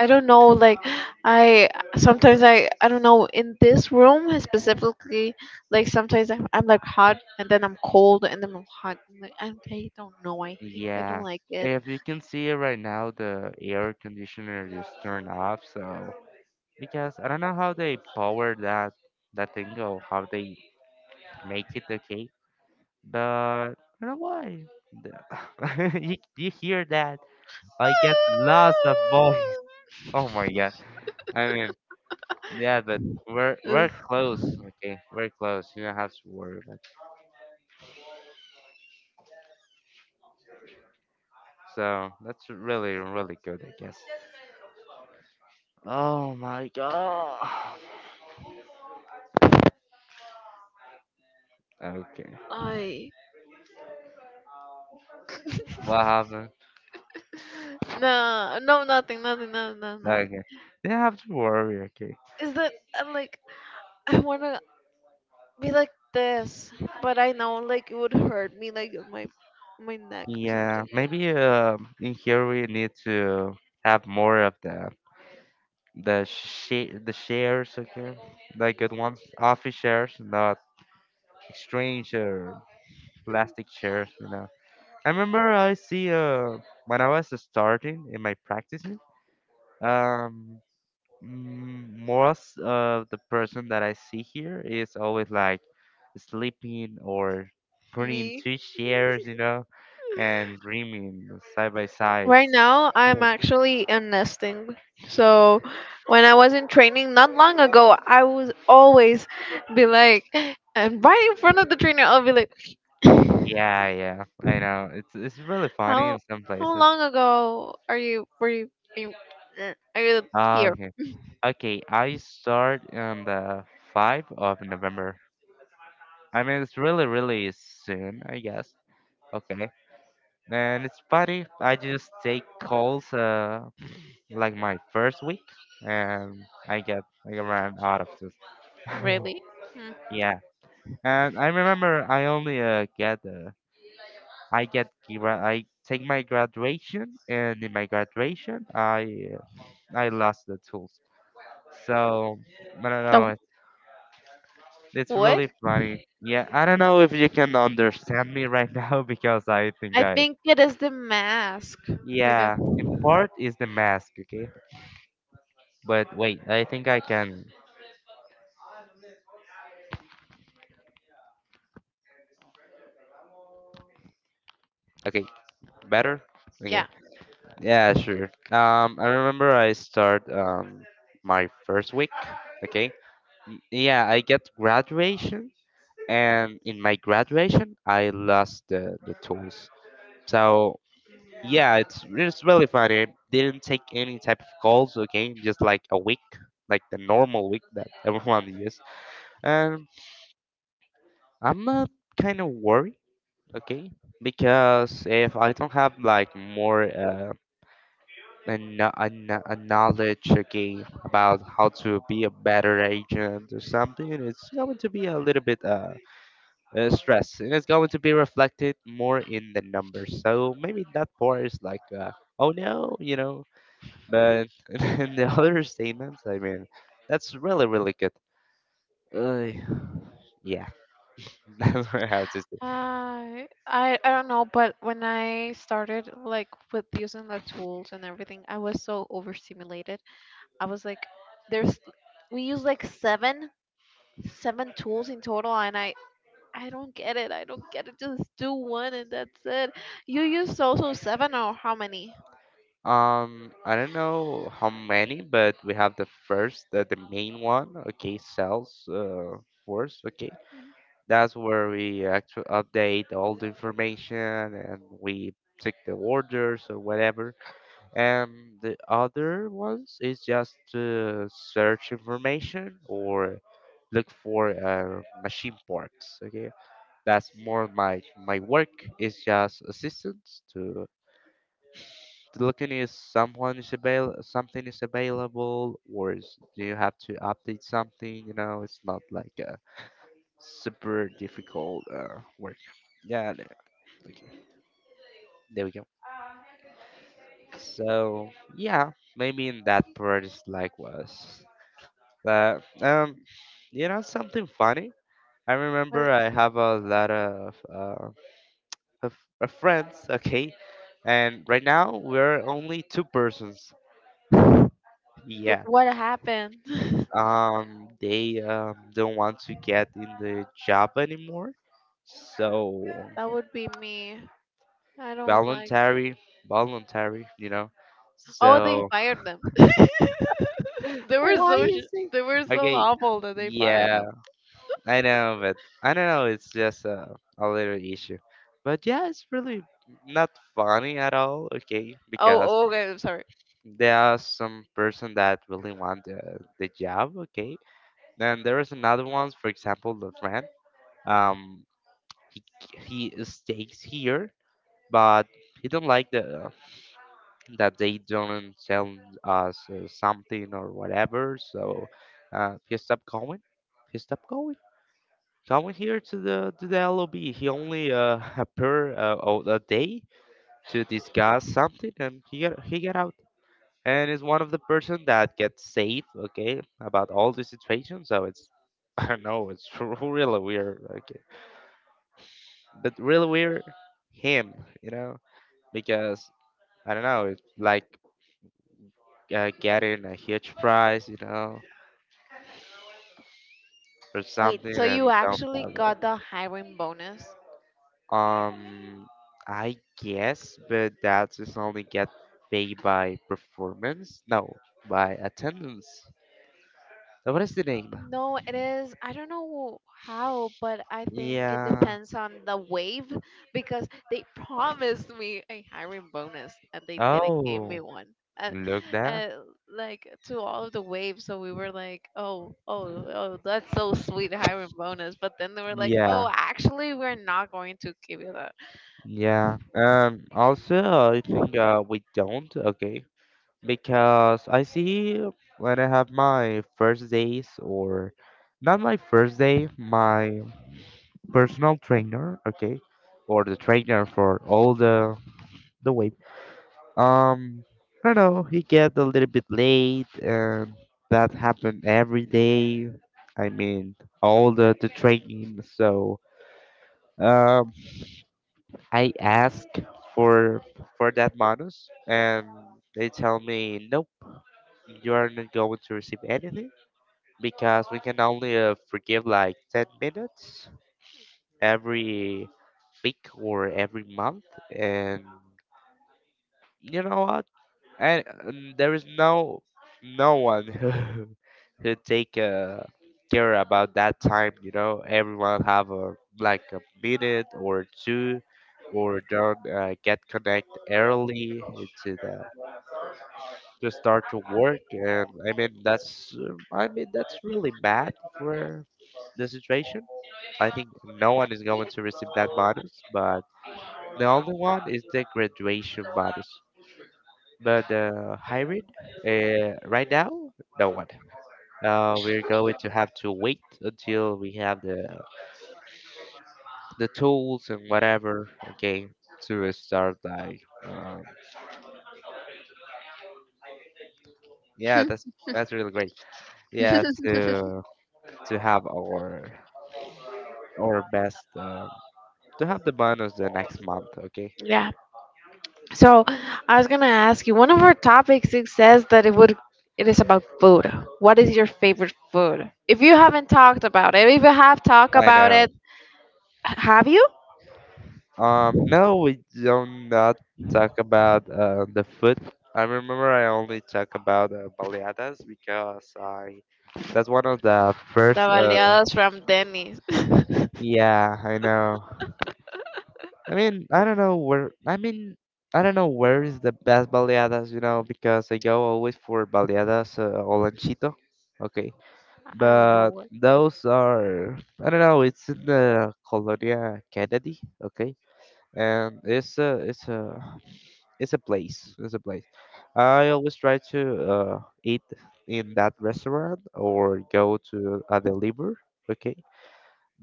I don't know. Like, I sometimes I don't know. In this room specifically, like sometimes I'm like hot and then I'm cold and then I'm hot. I don't know. I hate. I don't yeah like it. if you can see it right now the air conditioner is turned off so because I don't know how they power that thing or how they make it okay, but I don't know why. You hear that? I get lots of voice. Oh my god! I mean, yeah, but we're Ugh. we're close. Okay, we're close. You don't have to worry about. It. So that's really really good, I guess. Oh my god. Okay. I What happened? No, no, nothing, nothing, no, no, no. Okay. You don't have to worry. Okay? Is that I'm like I wanna be like this, but I know like it would hurt me like on my neck or Yeah, something. maybe in here we need to have more of the sh the shares, okay? Like good ones, office shares, not exchange or plastic shares, you know. I remember I see when I was starting in my practicing, um, most of the person that I see here is always like sleeping or putting Me two shares, you know, and dreaming side by side. right now I'm actually enlisting. So when I was in training not long ago, I was always be like, and right in front of the trainer, I'll be like, Yeah, yeah, I know. It's really funny how in some how places. long ago are you, eh, are you Ah, here, Okay, okay. I start on the 5th of November. I mean, it's really, really soon, I guess. Okay, and it's funny. I just take calls, like my first week, and I get like around out of this. really? Yeah, and I remember I only get I get I take my graduation, and in my graduation, I lost the tools. So I don't know. Hmm. It's What? really funny. Yeah, I don't know if you can understand me right now because I think I I think it is the mask, because yeah. In part is the mask, okay. But wait, I think I can. Okay, better. yeah. Okay. Yeah, sure. I remember I start my first week. Okay. Yeah, I get graduation, and in my graduation, I lost the tools. So yeah, it's really funny. I didn't take any type of calls, okay? Just like a week, like the normal week that everyone uses. And I'm not kind of worried, okay? Because if I don't have like more a knowledge, okay, about how to be a better agent or something, it's going to be a little bit stress, and it's going to be reflected more in the numbers. So maybe that part is like, oh no, you know. But in the other statements, I mean, that's really, really good. Uh, yeah, that's what I have to say. I don't know, but when I started like with using the tools and everything, I was so overstimulated. I was like, there's we use like seven tools in total, and I don't get it. I don't get it. Just do one and that's it. You use also seven or how many? I don't know how many, but we have the first, the main one, okay, sales force, okay. That's where we actually update all the information and we take the orders or whatever and the other ones is just to search information or look for machine parts okay that's more my my work is just assistance to looking if someone is avail something is available or is, do you have to update something you know it's not like a super difficult work yeah okay there we go so yeah maybe in that part is likewise. But you know something funny? I remember What I have a lot of friends, okay, and right now we're only two persons. Yeah. what happened? They don't want to get in the job anymore, so That would be me. I don't like. voluntary, voluntary, you know. Oh, they So fired them. They were why so you sh- say? they were so Okay? awful that they fired Yeah, them. I know, but I don't know. It's just a little issue. But yeah, it's really not funny at all. Okay, Oh, because oh, okay. I'm sorry. there are some person that really want the job. Okay, then there is another ones. For example, the friend. Um, he he stays here, but he don't like the that they don't tell us something or whatever. So he stopped going. He stopped going. So I went here to the LOB. He only appeared a day to discuss something, and he got out. And is one of the person that gets saved, okay, about all the situation. So it's I don't know, it's really weird, okay, but really weird him, you know, because I don't know, it's like getting a huge prize, you know, or Wait, something, so you and don't actually have got it. the hiring bonus? Um, I guess, but that is only get paid by performance. No, by attendance. What is the name? No, it is. I don't know how, but I think it Yeah. depends on the wave because they promised me a hiring bonus and they didn't give Oh, me one. And, look that. and like to all of the waves, so we were like, oh, oh, oh, that's so sweet hiring bonus. But then they were like, oh, Yeah, actually, we're not going to give you that. yeah. Also, I think we don't, okay? Because I see when I have my first days, or not my first day, my personal trainer, okay? Or the trainer for all the way. Um, I don't know, he get a little bit late, and that happened every day. I mean, all the training. So, um, I ask for for that bonus, and they tell me, nope, you are not going to receive anything because we can only forgive like 10 minutes every week or every month, and you know what? And there is no one who take care about that time. You know, everyone have a like a minute or two, or don't get connect early into the to start to work. And I mean that's I mean that's really bad for the situation. I think no one is going to receive that bonus, but the only one is the graduation bonus. But hybrid, right now, no one. We're going to have to wait until we have the tools and whatever. Okay, to start like, yeah, that's really great. Yeah, to have our best to have the bonus the next month. Okay, Yeah, so I was gonna ask you, one of our topics it says that it is about food. What is your favorite food? If you haven't talked about it, if you have talked I about it, know. have you? No, we don't not talk about the food. I remember I only talk about baleadas because I that's one of the The first. Baleadas from Denny's. I Yeah, I know. I mean, I don't know where. I mean, I don't know where is the best baleadas, you know, because I go always for baleadas o lanchito. Okay, don't know but what. those are I don't know. It's in the Colonia Kennedy. Okay, and it's a it's a it's a place. It's a place. I always try to eat in that restaurant or go to a deliver. Okay,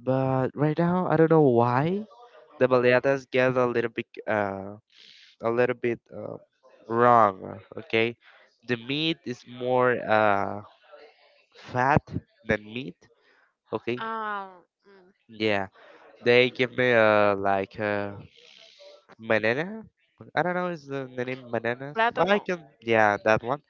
but right now I don't know why the baleadas get a little bit a little bit uh, wrong. Okay, the meat is more fat than meat. Okay, Um, mm, yeah, they give me like. Manana? I don't know, is the name bananas? Well, I Plátano. can, yeah, that one.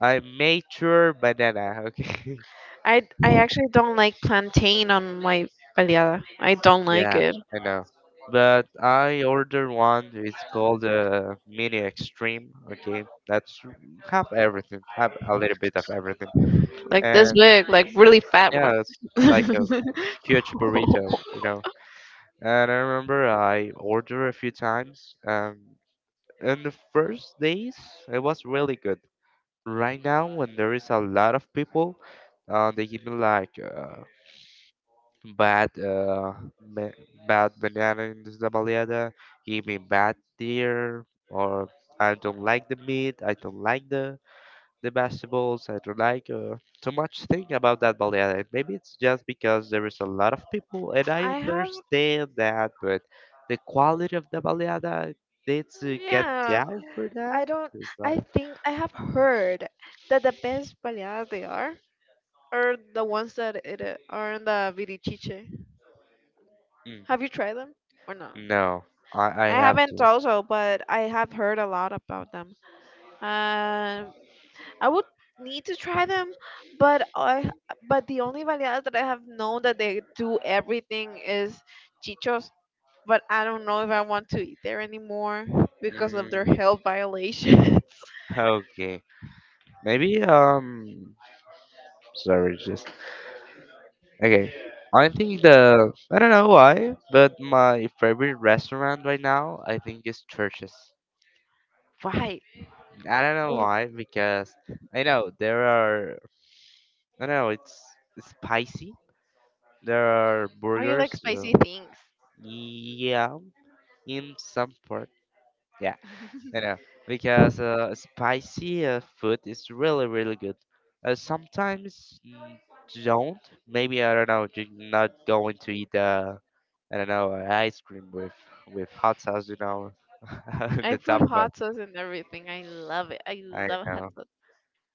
I made sure banana, okay. I actually don't like plantain on my baleada. I don't like Yeah, it. I know. But I ordered one. It's called Mini Extreme. Okay, that's have everything, have a little bit of everything, Like this and big, like really fat one. yeah, it's like a huge burrito, you know. And I remember I ordered a few times. In the first days, it was really good. Right now when there is a lot of people, they give me like bad uh, ba- bad banana in the baleada, give me bad deer, or I don't like the meat, I don't like the vegetables, I don't like too much thing about that baleada. Maybe it's just because there is a lot of people and I I have, understand that, but the quality of the baleada needs to get yeah. down for that. I don't. It's I like think I have heard that the best baleadas they are the ones that it are in the virichiche. mm, Have you tried them or not? no, I I have haven't to. also, but I have heard a lot about them. Um, I would need to try them, but I but the only baleadas that I have known that they do everything is chichos. But I don't know if I want to eat there anymore because of their Mm, health violations. okay, maybe sorry, just okay. I think the I don't know why, but my favorite restaurant right now I think is churches. Why? I don't know Are why, because I know there are I don't know, it's spicy. There are you like burgers. spicy things? Yeah, in some part. Yeah. You know, because spicy food is really, really good. Sometimes mm, don't. Maybe I don't know. You're not going to eat I don't know ice cream with hot sauce. You know, on I the put top. But hot sauce in everything. I love it. I I love hot know, sauce.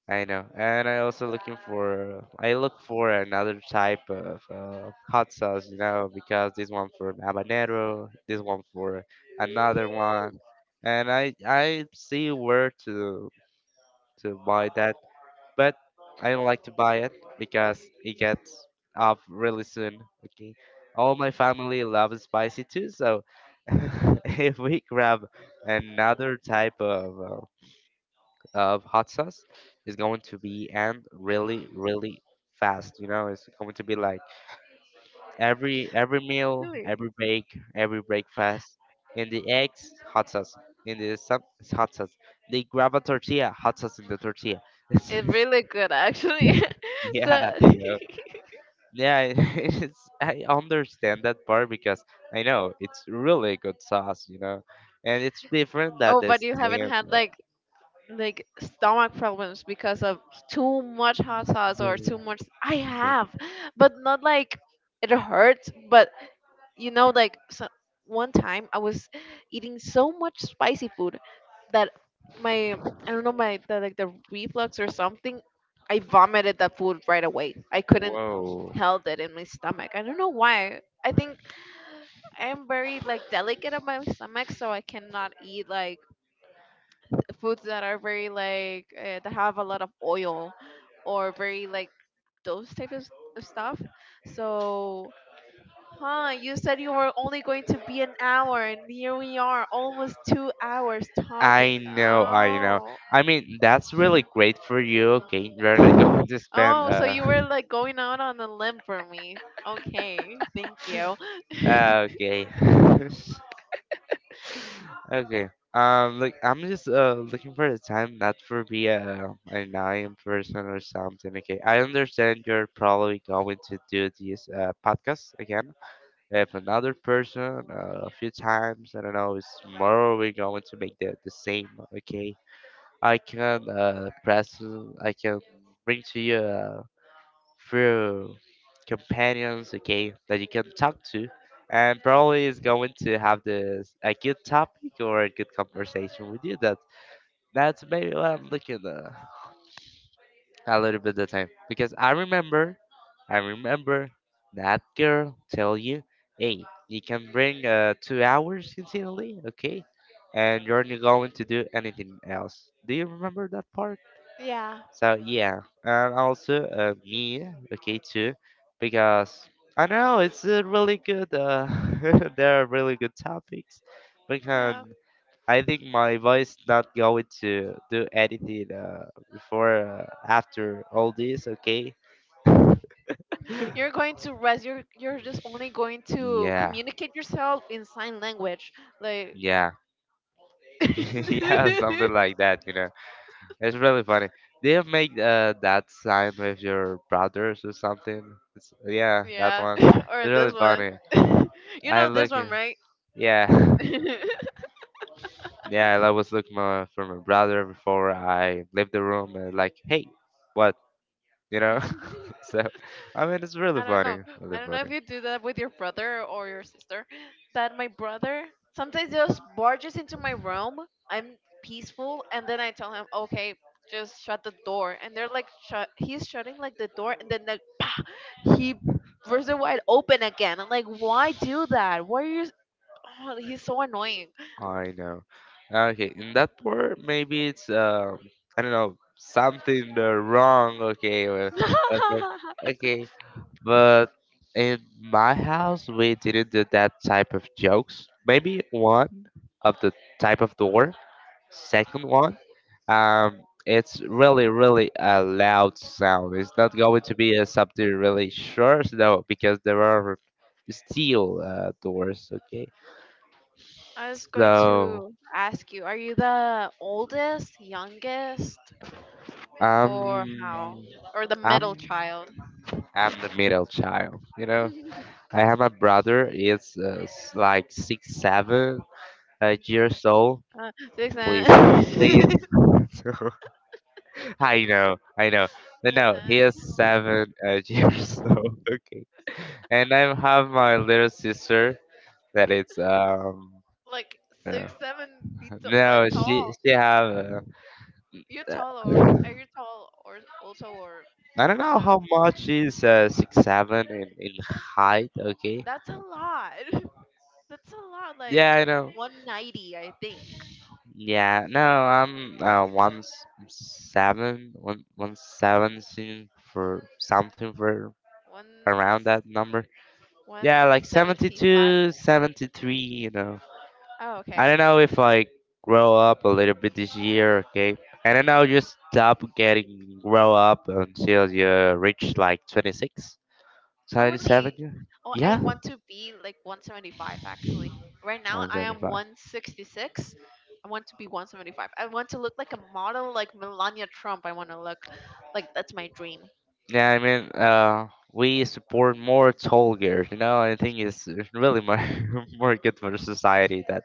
I know. And I also looking for. I look for another type of hot sauce. You know, because this one for habanero, this one for another one. And I see where to buy that, but I don't like to buy it because it gets off really soon. Okay, all my family loves spicy too, so if we grab another type of hot sauce, it's going to be and really really fast. You know, it's going to be like every meal, Really, every break, every breakfast. In the eggs, hot sauce. In the sub, hot sauce. They grab a tortilla, hot sauce in the tortilla. It's it's really good actually. So. Yeah, you know. Yeah, it's I understand that part because I know it's really good sauce, you know. And it's different than Oh, the but you haven't same. had like stomach problems because of too much hot sauce or too much. I Mm. have, but not like it hurts, but you know, like so, one time I was eating so much spicy food that my I don't know, like the reflux or something. I vomited that food right away. I couldn't Whoa. held it in my stomach. I don't know why. I think I'm very like delicate of my stomach, so I cannot eat like foods that are very like that have a lot of oil, or very like those type of of stuff. So huh, you said you were only going to be an hour, and here we are, almost 2 hours talking. I know, I know. Oh. I mean, that's really great for you. Okay, you're not going to spend Oh, so you were like going out on a limb for me. Okay, thank you. okay. Okay. Like I'm just looking for the time, not for be a an annoying person or something. Okay, I understand you're probably going to do this podcast again with another person a few times. I don't know. It's tomorrow we're going to make the same. Okay, I can press. I can bring to you. Few companions, okay, that you can talk to, and probably is going to have this a good topic or a good conversation with you. That that's maybe what I'm looking a little bit of the time because I remember that girl tell you, hey, you can bring 2 hours continually, okay, and you're not going to do anything else. Do you remember that part? Yeah. So yeah, and also me, okay too, because I know it's a really good. There are really good topics, because Yeah. I think my voice not going to do anything before after all this. Okay. You're going to rest. You're just only going to Yeah. communicate yourself in sign language. Like Yeah. Yeah. Something like that. You know, it's really funny. Do you make that sign with your brothers or something? It's, yeah, that yeah. one. Or It's this really one. funny. You I know this look. one, right? Yeah, yeah, I was looking my, for my brother before I left the room and like, hey, what? You know? So, I mean, it's I really don't know. funny, I really don't know if funny. you do that with your brother or your sister. That my brother sometimes just barges into my room. I'm peaceful, and then I tell him, "Okay, just shut the door." And they're like, shut. He's shutting like the door, and then like, "Pah!" he bursts it wide open again. I'm like, "Why do that? Why are you?" Oh, he's so annoying. I know. Okay, in that part, maybe it's I don't know, something wrong. Okay, well, okay, but in my house, we didn't do that type of jokes. Maybe one of the type of door. Second one, it's really, really a loud sound. It's not going to be a something really short, no, because there are steel doors. Okay, I was going so to ask you, are you the oldest, youngest, um, or how? Or the middle I'm child? I'm the middle child. You know, I have a brother. It's like six, seven years old. Six Please, nine. please. Six So, I know, I know. No, no, he nine, is seven years old. Okay, and I have my little sister that it's like uh, six seven feet like no, she tall. she have You're uh, tall or are you tall or also or I don't like know that? how much she's 6 7 in height. Okay, That's a lot. That's a lot. yeah Like I know. 190, I think. Yeah no, I'm one seventeen for something for One around that number. one Yeah, like seventy seventy five. two, 73. You know, Oh, okay. I don't know if I grow up a little bit this year, okay? I don't know, just stop getting grow up until you reach like 26, Oh, 27. really? 27. Oh, I Yeah, yeah? want to be like 175 actually. Right I now was I am 25. 166. I want to be 175. I want to look like a model like Melania Trump. I want to look like that's my dream. Yeah, I mean, we support more tall girls. You know, I think it's really more more good for the society that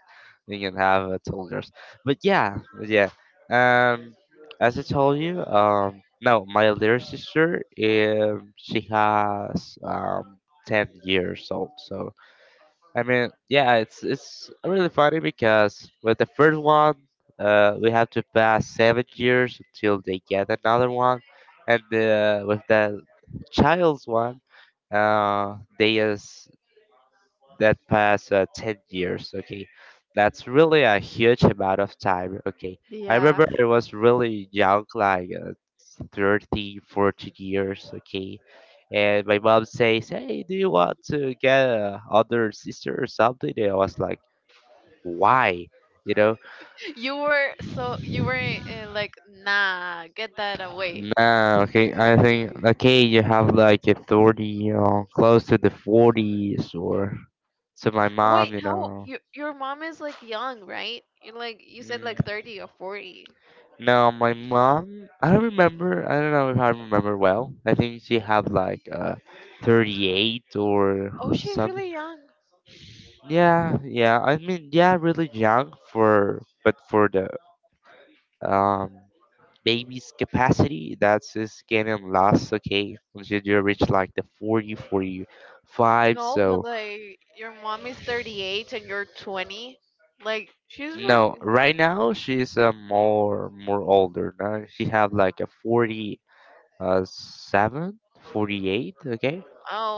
we can have tall girls. But yeah, yeah. Um, as I told you, no, my little sister, she has 10 years old, so I mean, yeah, it's really funny because with the first one, we have to pass 7 years until they get another one, and with the child's one, they is that past 10 years. Okay, that's really a huge amount of time. Okay, I Yeah. remember I was really young, like 30, 40 years. Okay, and my mom says, "Hey, do you want to get a other sister or something?" And I was like, why? You know. You were so you were like nah, get that away. Nah, okay. I think, okay, you have like a 30, you know, close to the 40s, or to my mom, Wait, you how know. your mom is like young, right? You like you said like 30 or 40. No, my mom, I don't remember. I don't know if I remember well. I think she had like 38 or Oh, she's something. really young. Yeah, yeah. I mean, yeah, really young for but for the um baby's capacity, that's just getting lost, okay, until you reach like the 40, 45. No, but So, like your mom is 38 and you're 20. Like she's really no, right now she's more older. Now she have like a 40, 7, 48, okay?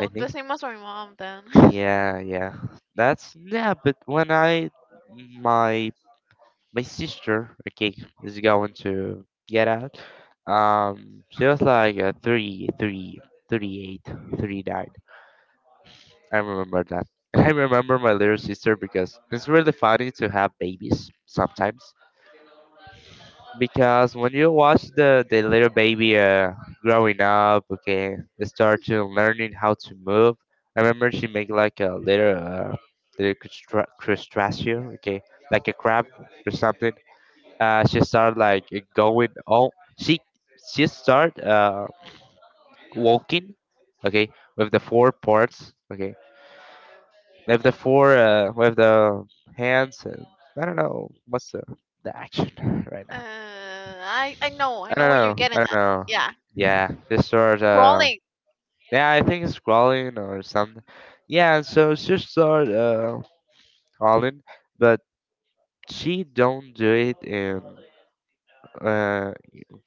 I the think. same as my mom then. Yeah, yeah. That's, yeah, but when I my my sister, okay, is going to get out. She was like three, 38, 39. I remember that. I remember my little sister because it's really funny to have babies sometimes. Because when you watch the little baby growing up, okay, start to learning how to move. I remember she make like a little little crustacean, okay, like a crab or something. She start like going all she start walking, okay, with the four parts, okay. With the hands, and I don't know what's the action. Right uh, now, I know I I don't know where you're know. I getting don't at. know. Yeah, Yeah, this sort, crawling. yeah, I think it's crawling or something. Yeah, so it's just start crawling, but she don't do it in uh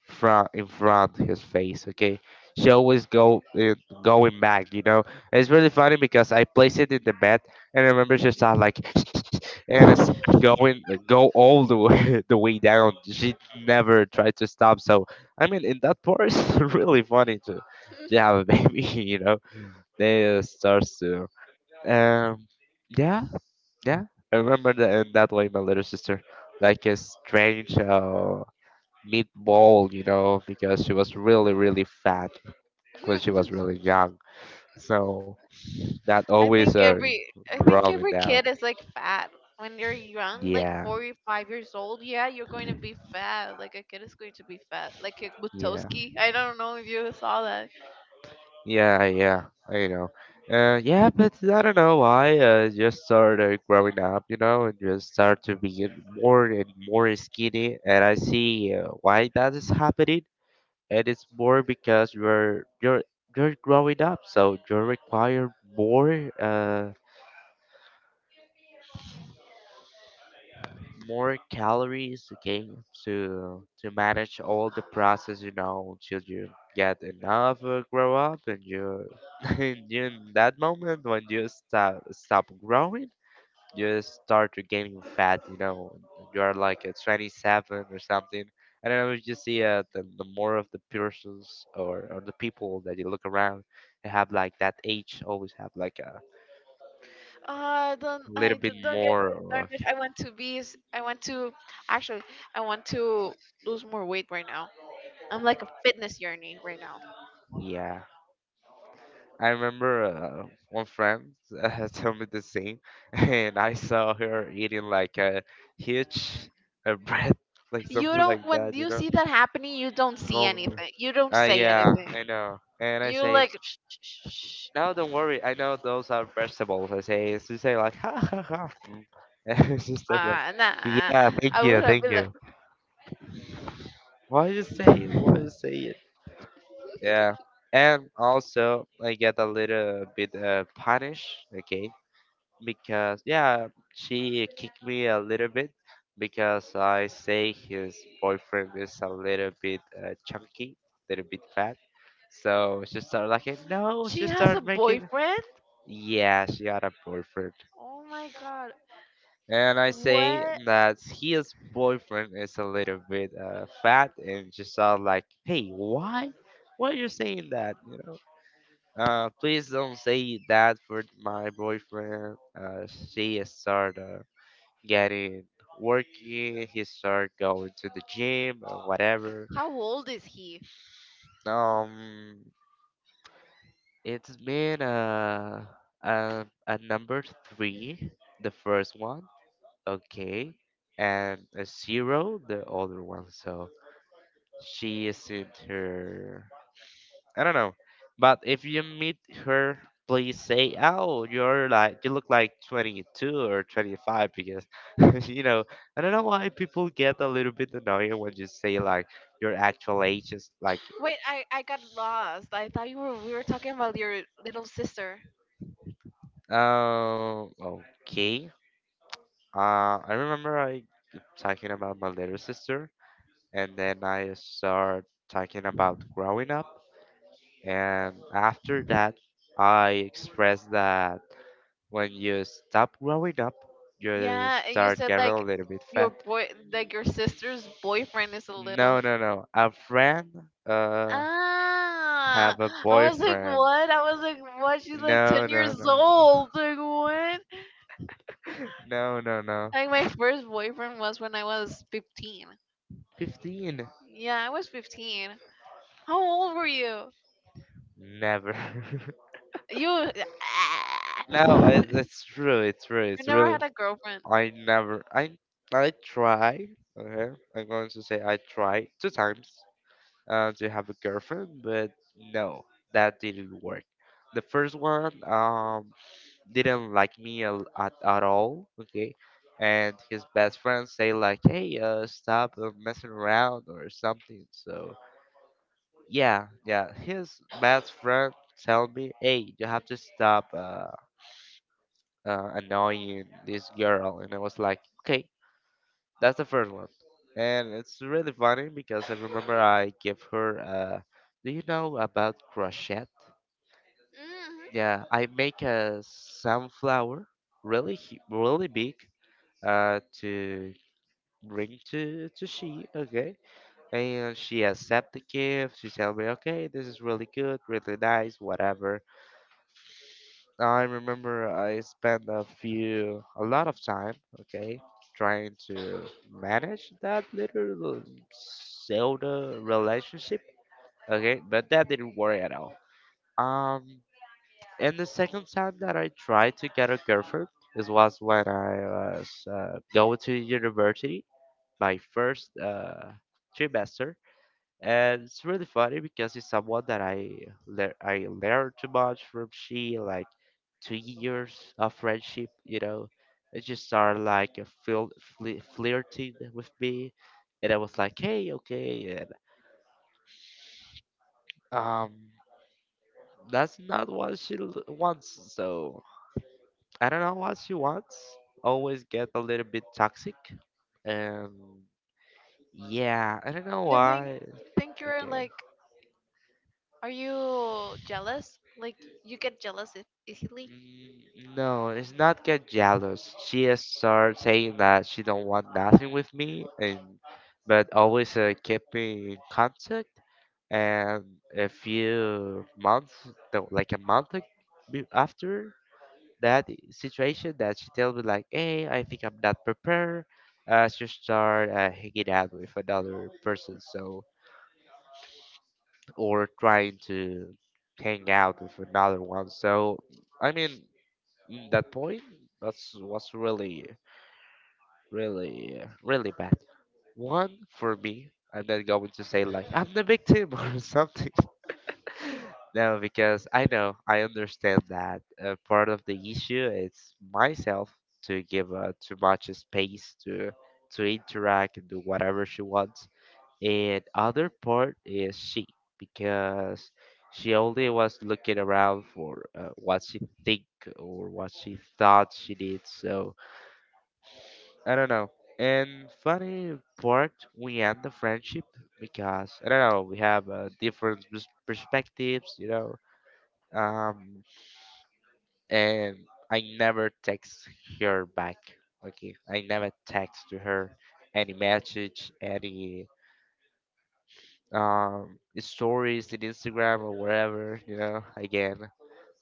front in front his face. Okay, she always go going back. You know, it's really funny because I placed it in the bed, and I remember she started like and it started going go all the way the way down. She never tried to stop. So I mean, in that part, it's really funny to have a baby. You know, they starts to, um yeah, yeah. I remember that in that way, my little sister, like a strange, meatball, you know, because she was really, really fat when she was really young. So that I always think every I think rolling every down. kid is like fat when they're young, like Yeah, 4 or 5 years old. Yeah, you're going to be fat. Like a kid is going to be fat. Like a yeah, Butowski. I don't know if you saw that. yeah, yeah. You know, yeah, but I don't know why. Just started growing up, you know, and just start to be more and more skinny. And I see, why that is happening. And it's more because you're growing up, so you require more. More calories, okay, to manage all the process, you know, until you get enough grow up, and you in that moment when you stop growing, you start to gaining fat, you know, you are like a 27 or something. I don't know if you see the more of the persons, or the people that you look around. They have like that age always have like a little bit Don't get more me of. started. I want to I want to actually. I want to lose more weight right now. I'm like a fitness journey right now. Yeah, I remember one friend told me the same, and I saw her eating like a huge bread, like You something don't. like When that, you you know. see that happening, you don't see Um, anything. You don't say yeah, anything. I know. And I You say, like. Shh, shh, shh, shh. "No, don't worry. I know those are vegetables." I say, she say like, "Ha ha ha. Mm." And she started like, Ah, nah. "Yeah, thank I would you, have thank been like. you." Why you say it? Why you say it? Yeah. And also, I get a little bit punished, okay? Because yeah, she kicked me a little bit because I say his boyfriend is a little bit chunky, a little bit fat. So she started like, no, She she has a started making, boyfriend. yeah, she got a boyfriend. Oh my god. And I say What? that his boyfriend is a little bit fat, and she started like, "Hey, why? Why are you saying that? You know. Please don't say that for my boyfriend." She started, getting working, he started going to the gym or whatever. How old is he? Um, it's been a number three, the first one, okay, and a zero, the other one. So she is in her, I don't know. But if you meet her, please say, "Oh, you're like, you look like 22 or 25," because you know, I don't know why people get a little bit annoying when you say like your actual age is like, Wait, I got lost. I thought you were we were talking about your little sister. um, okay. I remember I talking about my little sister, and then I start talking about growing up, and after that, I expressed that when you stop growing up, you Yeah, and you start said getting a like little bit your fat. boy, like your sister's boyfriend is a little. No, F- no, no. A friend uh Ah, have a boyfriend. I was like, what? She's like No, ten no, years no. old. Like what? No, no, no. Like my first boyfriend was when I was 15. 15. Yeah, I was 15. How old were you? Never. You. Ah. No, you it's true. It's true. It's never really. had a girlfriend. I never. I try. Okay, I'm going to say I tried two times to have a girlfriend, but no, that didn't work. The first one, didn't like me at all. Okay, and his best friend say like, "Hey, stop, messing around or something." So yeah, yeah, his best friend tell me, "Hey, you have to stop annoying this girl." And I was like, okay. That's the first one. And it's really funny because I remember I give her, do you know about crochet? Hmm. Yeah, I make a sunflower, really big, to bring to she. Okay, and she accept the gift. She tell me, okay, this is really good, really nice, whatever. I remember I spent a lot of time. Okay, trying to manage that little Zelda relationship. Okay, but that didn't work at all. Um, and the second time that I tried to get a girlfriend, this was when I was going to university, my first trimester, and it's really funny because it's someone that I lear I learned too much from. She like 2 years of friendship, you know. It just started like a fil fli flirting with me, and I was like, hey, okay, and, um, that's not what she wants. So I don't know what she wants. Always get a little bit toxic, and yeah, I don't know You think why. You're Okay. like? Are you jealous? Like you get easily? Mm, no, it's not get jealous. She has started saying that she don't want nothing with me, and but always keep me in contact. And a few months, no, like a month after that situation, that she tell me like, "Hey, I think I'm not prepared." She start hanging out with another person, so or trying to hang out with another one. So I mean, mm, that point that's was really bad one for me, and then going to say like, "I'm the victim," or something. No, because I know, I understand that part of the issue is myself, to give too much space to interact and do whatever she wants, and other part is she, because she only was looking around for what she think, or what she thought she did. So I don't know. And funny part, we end the friendship because I don't know, we have different perspectives, you know. Um and I never text her back. Okay, I never text to her any message, any stories in Instagram or wherever, you know, again.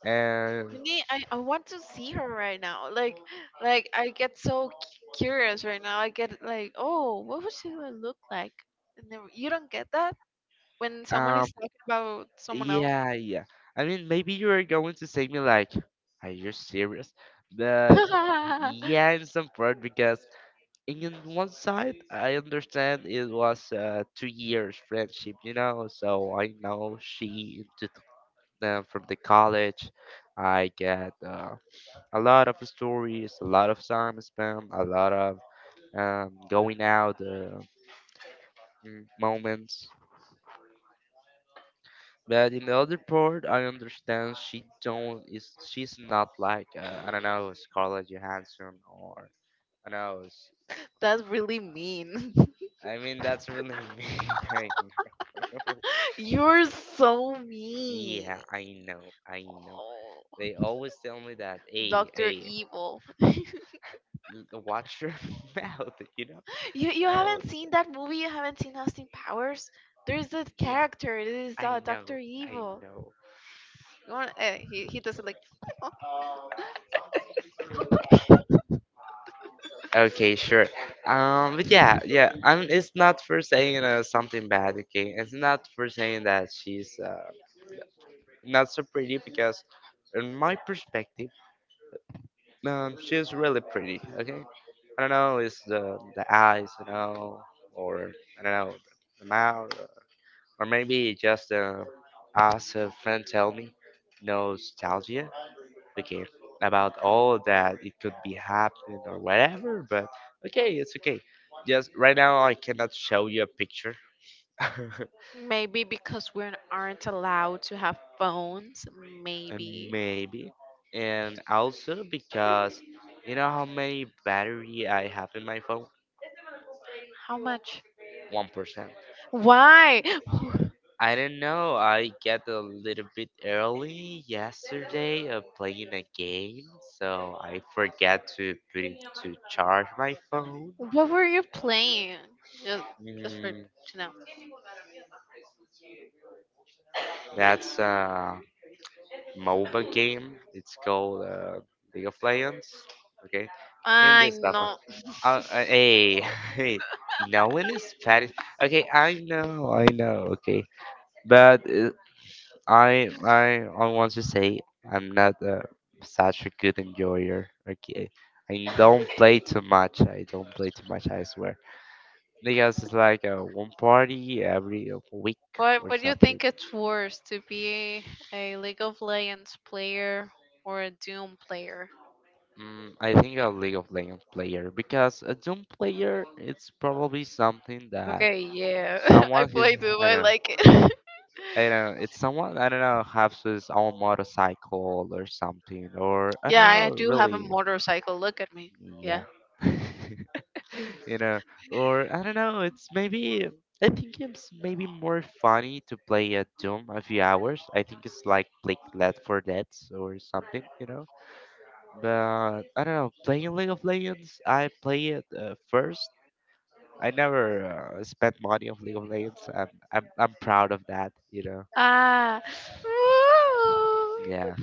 And You need. I want to see her right now. Like I get so curious right now. I get like, oh, what would she would look like? And then you don't get that when someone um is talking about someone else. yeah, yeah. I mean maybe you're going to say me like, "Are you serious?" But yeah, in some part, because in one side I understand it was 2 years friendship, you know, so I know she into from the college. I get a lot of stories, a lot of time spent, a lot of going out, moments. But in the other part, I understand she don't is she's not like, I don't know, Scarlett Johansson or I don't know. That's really mean. I mean that's really mean. I know. You're so mean. Yeah, I know. I know. Oh, They always tell me that. "Hey, Doctor hey, Evil. Watch your mouth. You know." You No. haven't seen that movie? You haven't seen Austin Powers? There's this Yeah, character. This is I know. Doctor I Evil. know. You want, he does it like. Okay, sure. But yeah, yeah. I mean, it's not for saying something bad. Okay, it's not for saying that she's not so pretty because, in my perspective, she's really pretty. Okay, I don't know. It's the eyes, you know, or I don't know, the mouth, or maybe just, as a friend tell me, "No nostalgia. Okay, about all that it could be happening or whatever, but okay, it's okay. Just right now I cannot show you a picture." Maybe because we aren't allowed to have phones. And Maybe. maybe, and also because, you know how many battery I have in my phone? How much? 1%. Why? I don't know, I get a little bit early yesterday of playing a game, so I forget to put it to charge my phone. What were you playing? Just, just for mm, to know. that's MOBA game. It's called League of Legends. Okay, in I this stuff. Uh, know. uh, hey, hey, no one is Spanish. Okay, I know, I know. Okay, but I want to say I'm not such a good enjoyer. Okay, I don't play too much. I swear, because it's like one party every week or What do you something. think it's worse to be a League of Legends player or a Doom player? Mm, I think a League of Legends player because a Doom player it's probably something that Okay, yeah. I someone is, play Doom. I I don't know like it. I don't know, it's someone I don't know, has his own motorcycle or something, or I don't yeah, know I do have a really. motorcycle. Look at me. Yeah. Yeah. you know or I don't know, it's maybe, I think it's maybe more funny to play a Doom a few hours. I think it's like play Left for Dead or something. But I don't know, playing League of Legends, I play it first. I never spent money on League of Legends, and I'm proud of that, you know. Ah. Yeah,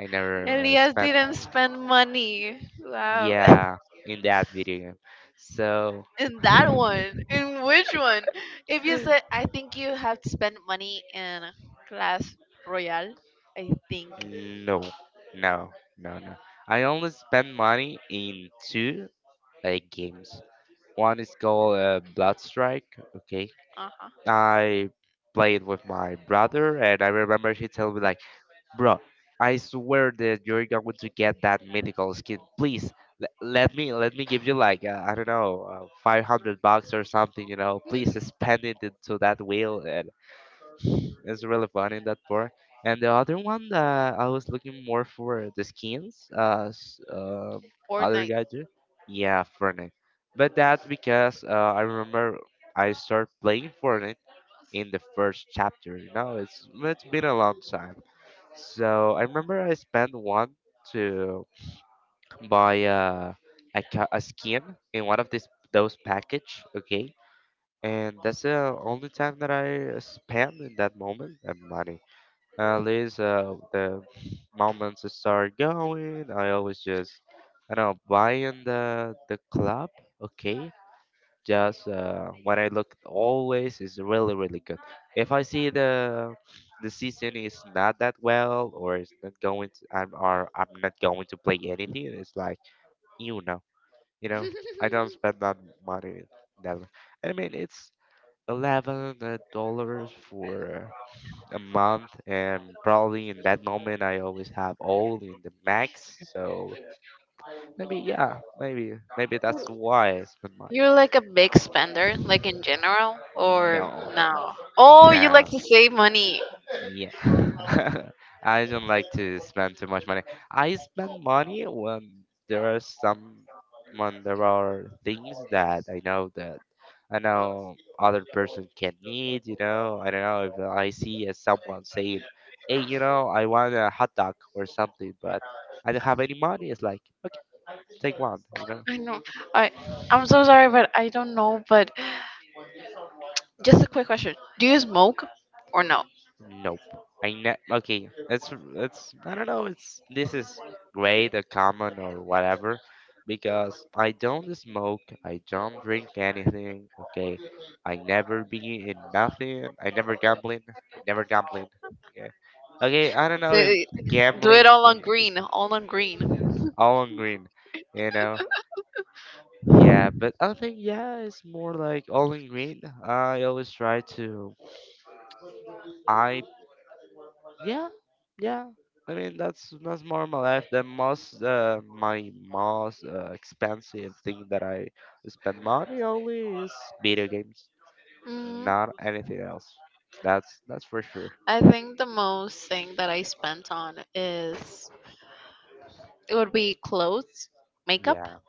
I never Elias spent. didn't spend money. Wow. Yeah, in that video game. So In that one. In which one? If you said, I think you have to spend money in Clash Royale, I think. no, no, no, no. I only spend money in two games. One is called Bloodstrike. Okay, Uh huh. I played with my brother, and I remember he told me like, bro, I swear that you're going to get that mythical skin. Please, let me give you like I don't know, $500 or something. You know, please spend it into that wheel. And it's really fun in that part. And the other one that I was looking more for the skins, or other night. guy too. Yeah, Fortnite. But that's because I remember I started playing Fortnite in the first chapter. You know, it's been a long time. So I remember I spent one to buy a, a skin in one of this those package, okay? And that's the only time that I spent in that moment that money. At least the moments start going, I always just, I don't know, buying the club, okay? Just when I look, always is really really good. If I see the season is not that well, or it's not going to, I'm not going to play anything, it's like, you know, you know, I don't spend that money that much. I mean, it's 11 dollars for a month, and probably in that moment I always have all in the max, so maybe, yeah, maybe that's why I spend money. You're like a big spender, like in general, or No. no? Oh, you like No. to save money. Yeah. I don't like to spend too much money. I spend money when there are some, when there are things that I know that, I know other person can need, you know. I don't know, if I see as someone saying, hey, you know, I want a hot dog or something, but I don't have any money, it's like, okay, take one, you know. I know. I I'm so sorry, but I don't know. But just a quick question: do you smoke or no? Nope. Okay. That's I don't know. It's, this is great or common or whatever, because I don't smoke. I don't drink anything. Okay. I never be in nothing. I never gambling. Okay. Okay. I don't know if Say- do gambling it all on can- green, all on green. all in green. You know. Yeah. But I think, yeah, it's more like all in green. I always try to. I. Yeah, yeah. I mean, that's more of my life. The most my most expensive thing that I spend money only is video games, Mm, not anything else. That's for sure. I think the most thing that I spent on is it would be clothes, makeup, Yeah,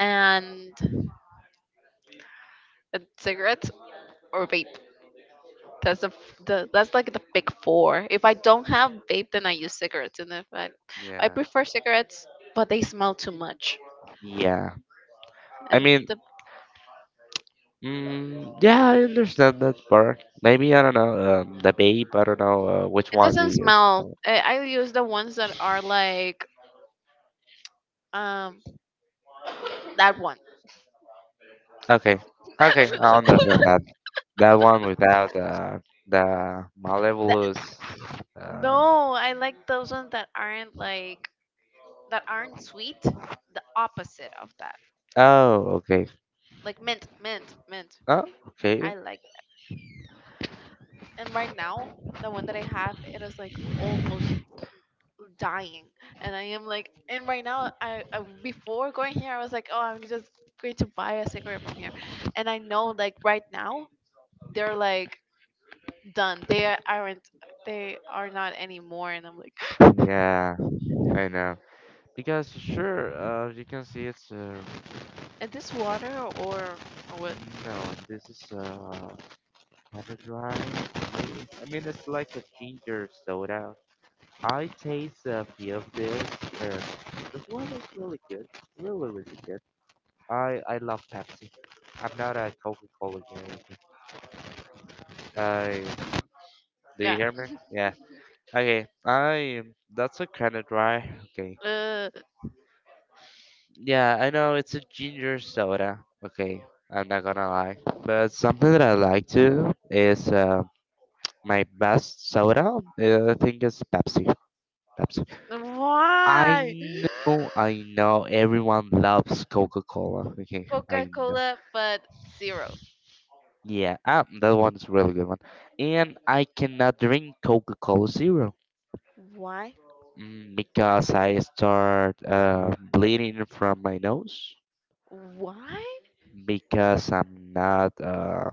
and cigarettes or vape. That's the that's like the big four. If I don't have vape, then I use cigarettes, and if I I yeah, prefer cigarettes, but they smell too much, yeah. I and mean, the mm, yeah, I understand that part. Maybe I don't know, the babe. I don't know which it one you doesn't use. smell. I use the ones that are like um that one. Okay, okay, I understand that. That one without the That, Malevolous. Uh, no, I like those ones that aren't like that aren't sweet, the opposite of that. Oh, okay. Like mint, mint, mint. Oh, okay. I like. And right now, the one that I have, it is like almost dying. And I am like, and right now, I before going here, I was like, oh, I'm just going to buy a cigarette from here. And I know, like right now, they're like done. They a- aren't. They are not anymore. And I'm like, Yeah, I know. Because sure, you can see it's is this water or what? no, this is kind of dry. I mean, it's like a ginger soda. I taste a few of this. Uh, this one is really good, really, really good. I love Pepsi. I'm not a Coca-Cola guy. I, do Yeah. you hear me? Yeah. Okay. I, that's a kind of dry. Okay. Uh, Yeah, I know it's a ginger soda. Okay, I'm not gonna lie. But something that I like to is my best soda. I think is Pepsi. Pepsi. why? I know, I know. Everyone loves Coca-Cola. Okay, Coca I know. Cola, but zero. Yeah, ah, that one's a really good one. And I cannot drink Coca-Cola Zero, Why? mm, because I start bleeding from my nose, Why? because I'm not.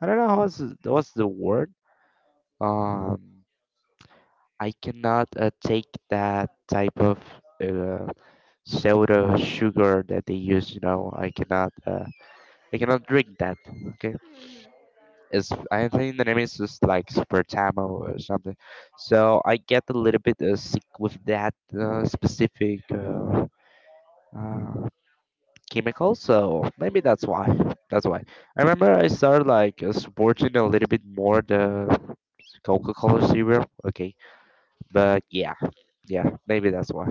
I don't know what's the word. Um, I cannot take that type of uh, soda sugar that they use. You know, I cannot. I cannot drink that. Okay, Hmm. it's, I think the name is just like Spertamo or something. So I get a little bit sick with that specific, uh, chemicals, so maybe that's why. That's why. I remember I started like supporting a little bit more the Coca-Cola cereal. Okay, but yeah, yeah, maybe that's why.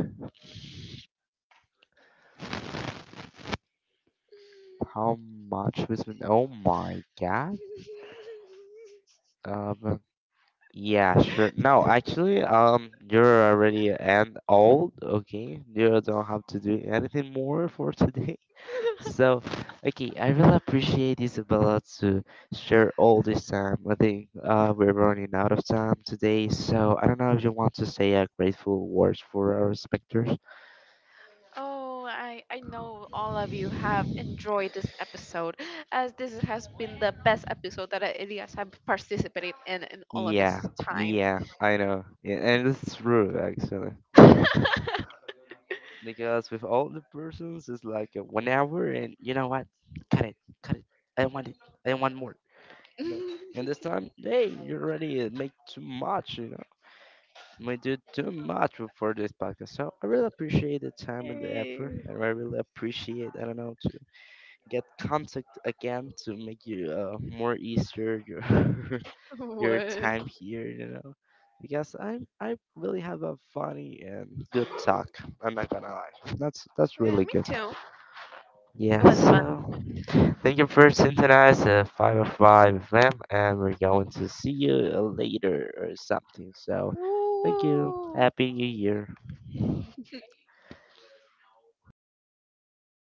How much was it? Oh my god. Um. Yeah, sure. No, actually, you're already and old. Okay, you don't have to do anything more for today. So, okay, I really appreciate Isabella to share all this time. I think we're running out of time today, so I don't know if you want to say a grateful words for our specters. Oh, I know all of you have enjoyed this episode, as this has been the best episode that Elias have participated in all of his Yeah, time. yeah, I know, yeah, and it's true actually, you know, because with all the persons, it's like a 1 hour, and you know what? Cut it, cut it. I want it. I want more. You know, and this time, hey, you already make too much. You know, we do too much for this podcast. So I really appreciate the time and the effort, Yay. and I really appreciate, I don't know, to get contact again to make you more easier your your What? time here. You know, because I really have a funny and good talk. I'm not gonna lie, that's Yeah, really me good. too. It Yeah. was fun. So thank you for synthesizing the five of five FM, and we're going to see you later or something. So. Thank you. Woo. Happy New Year.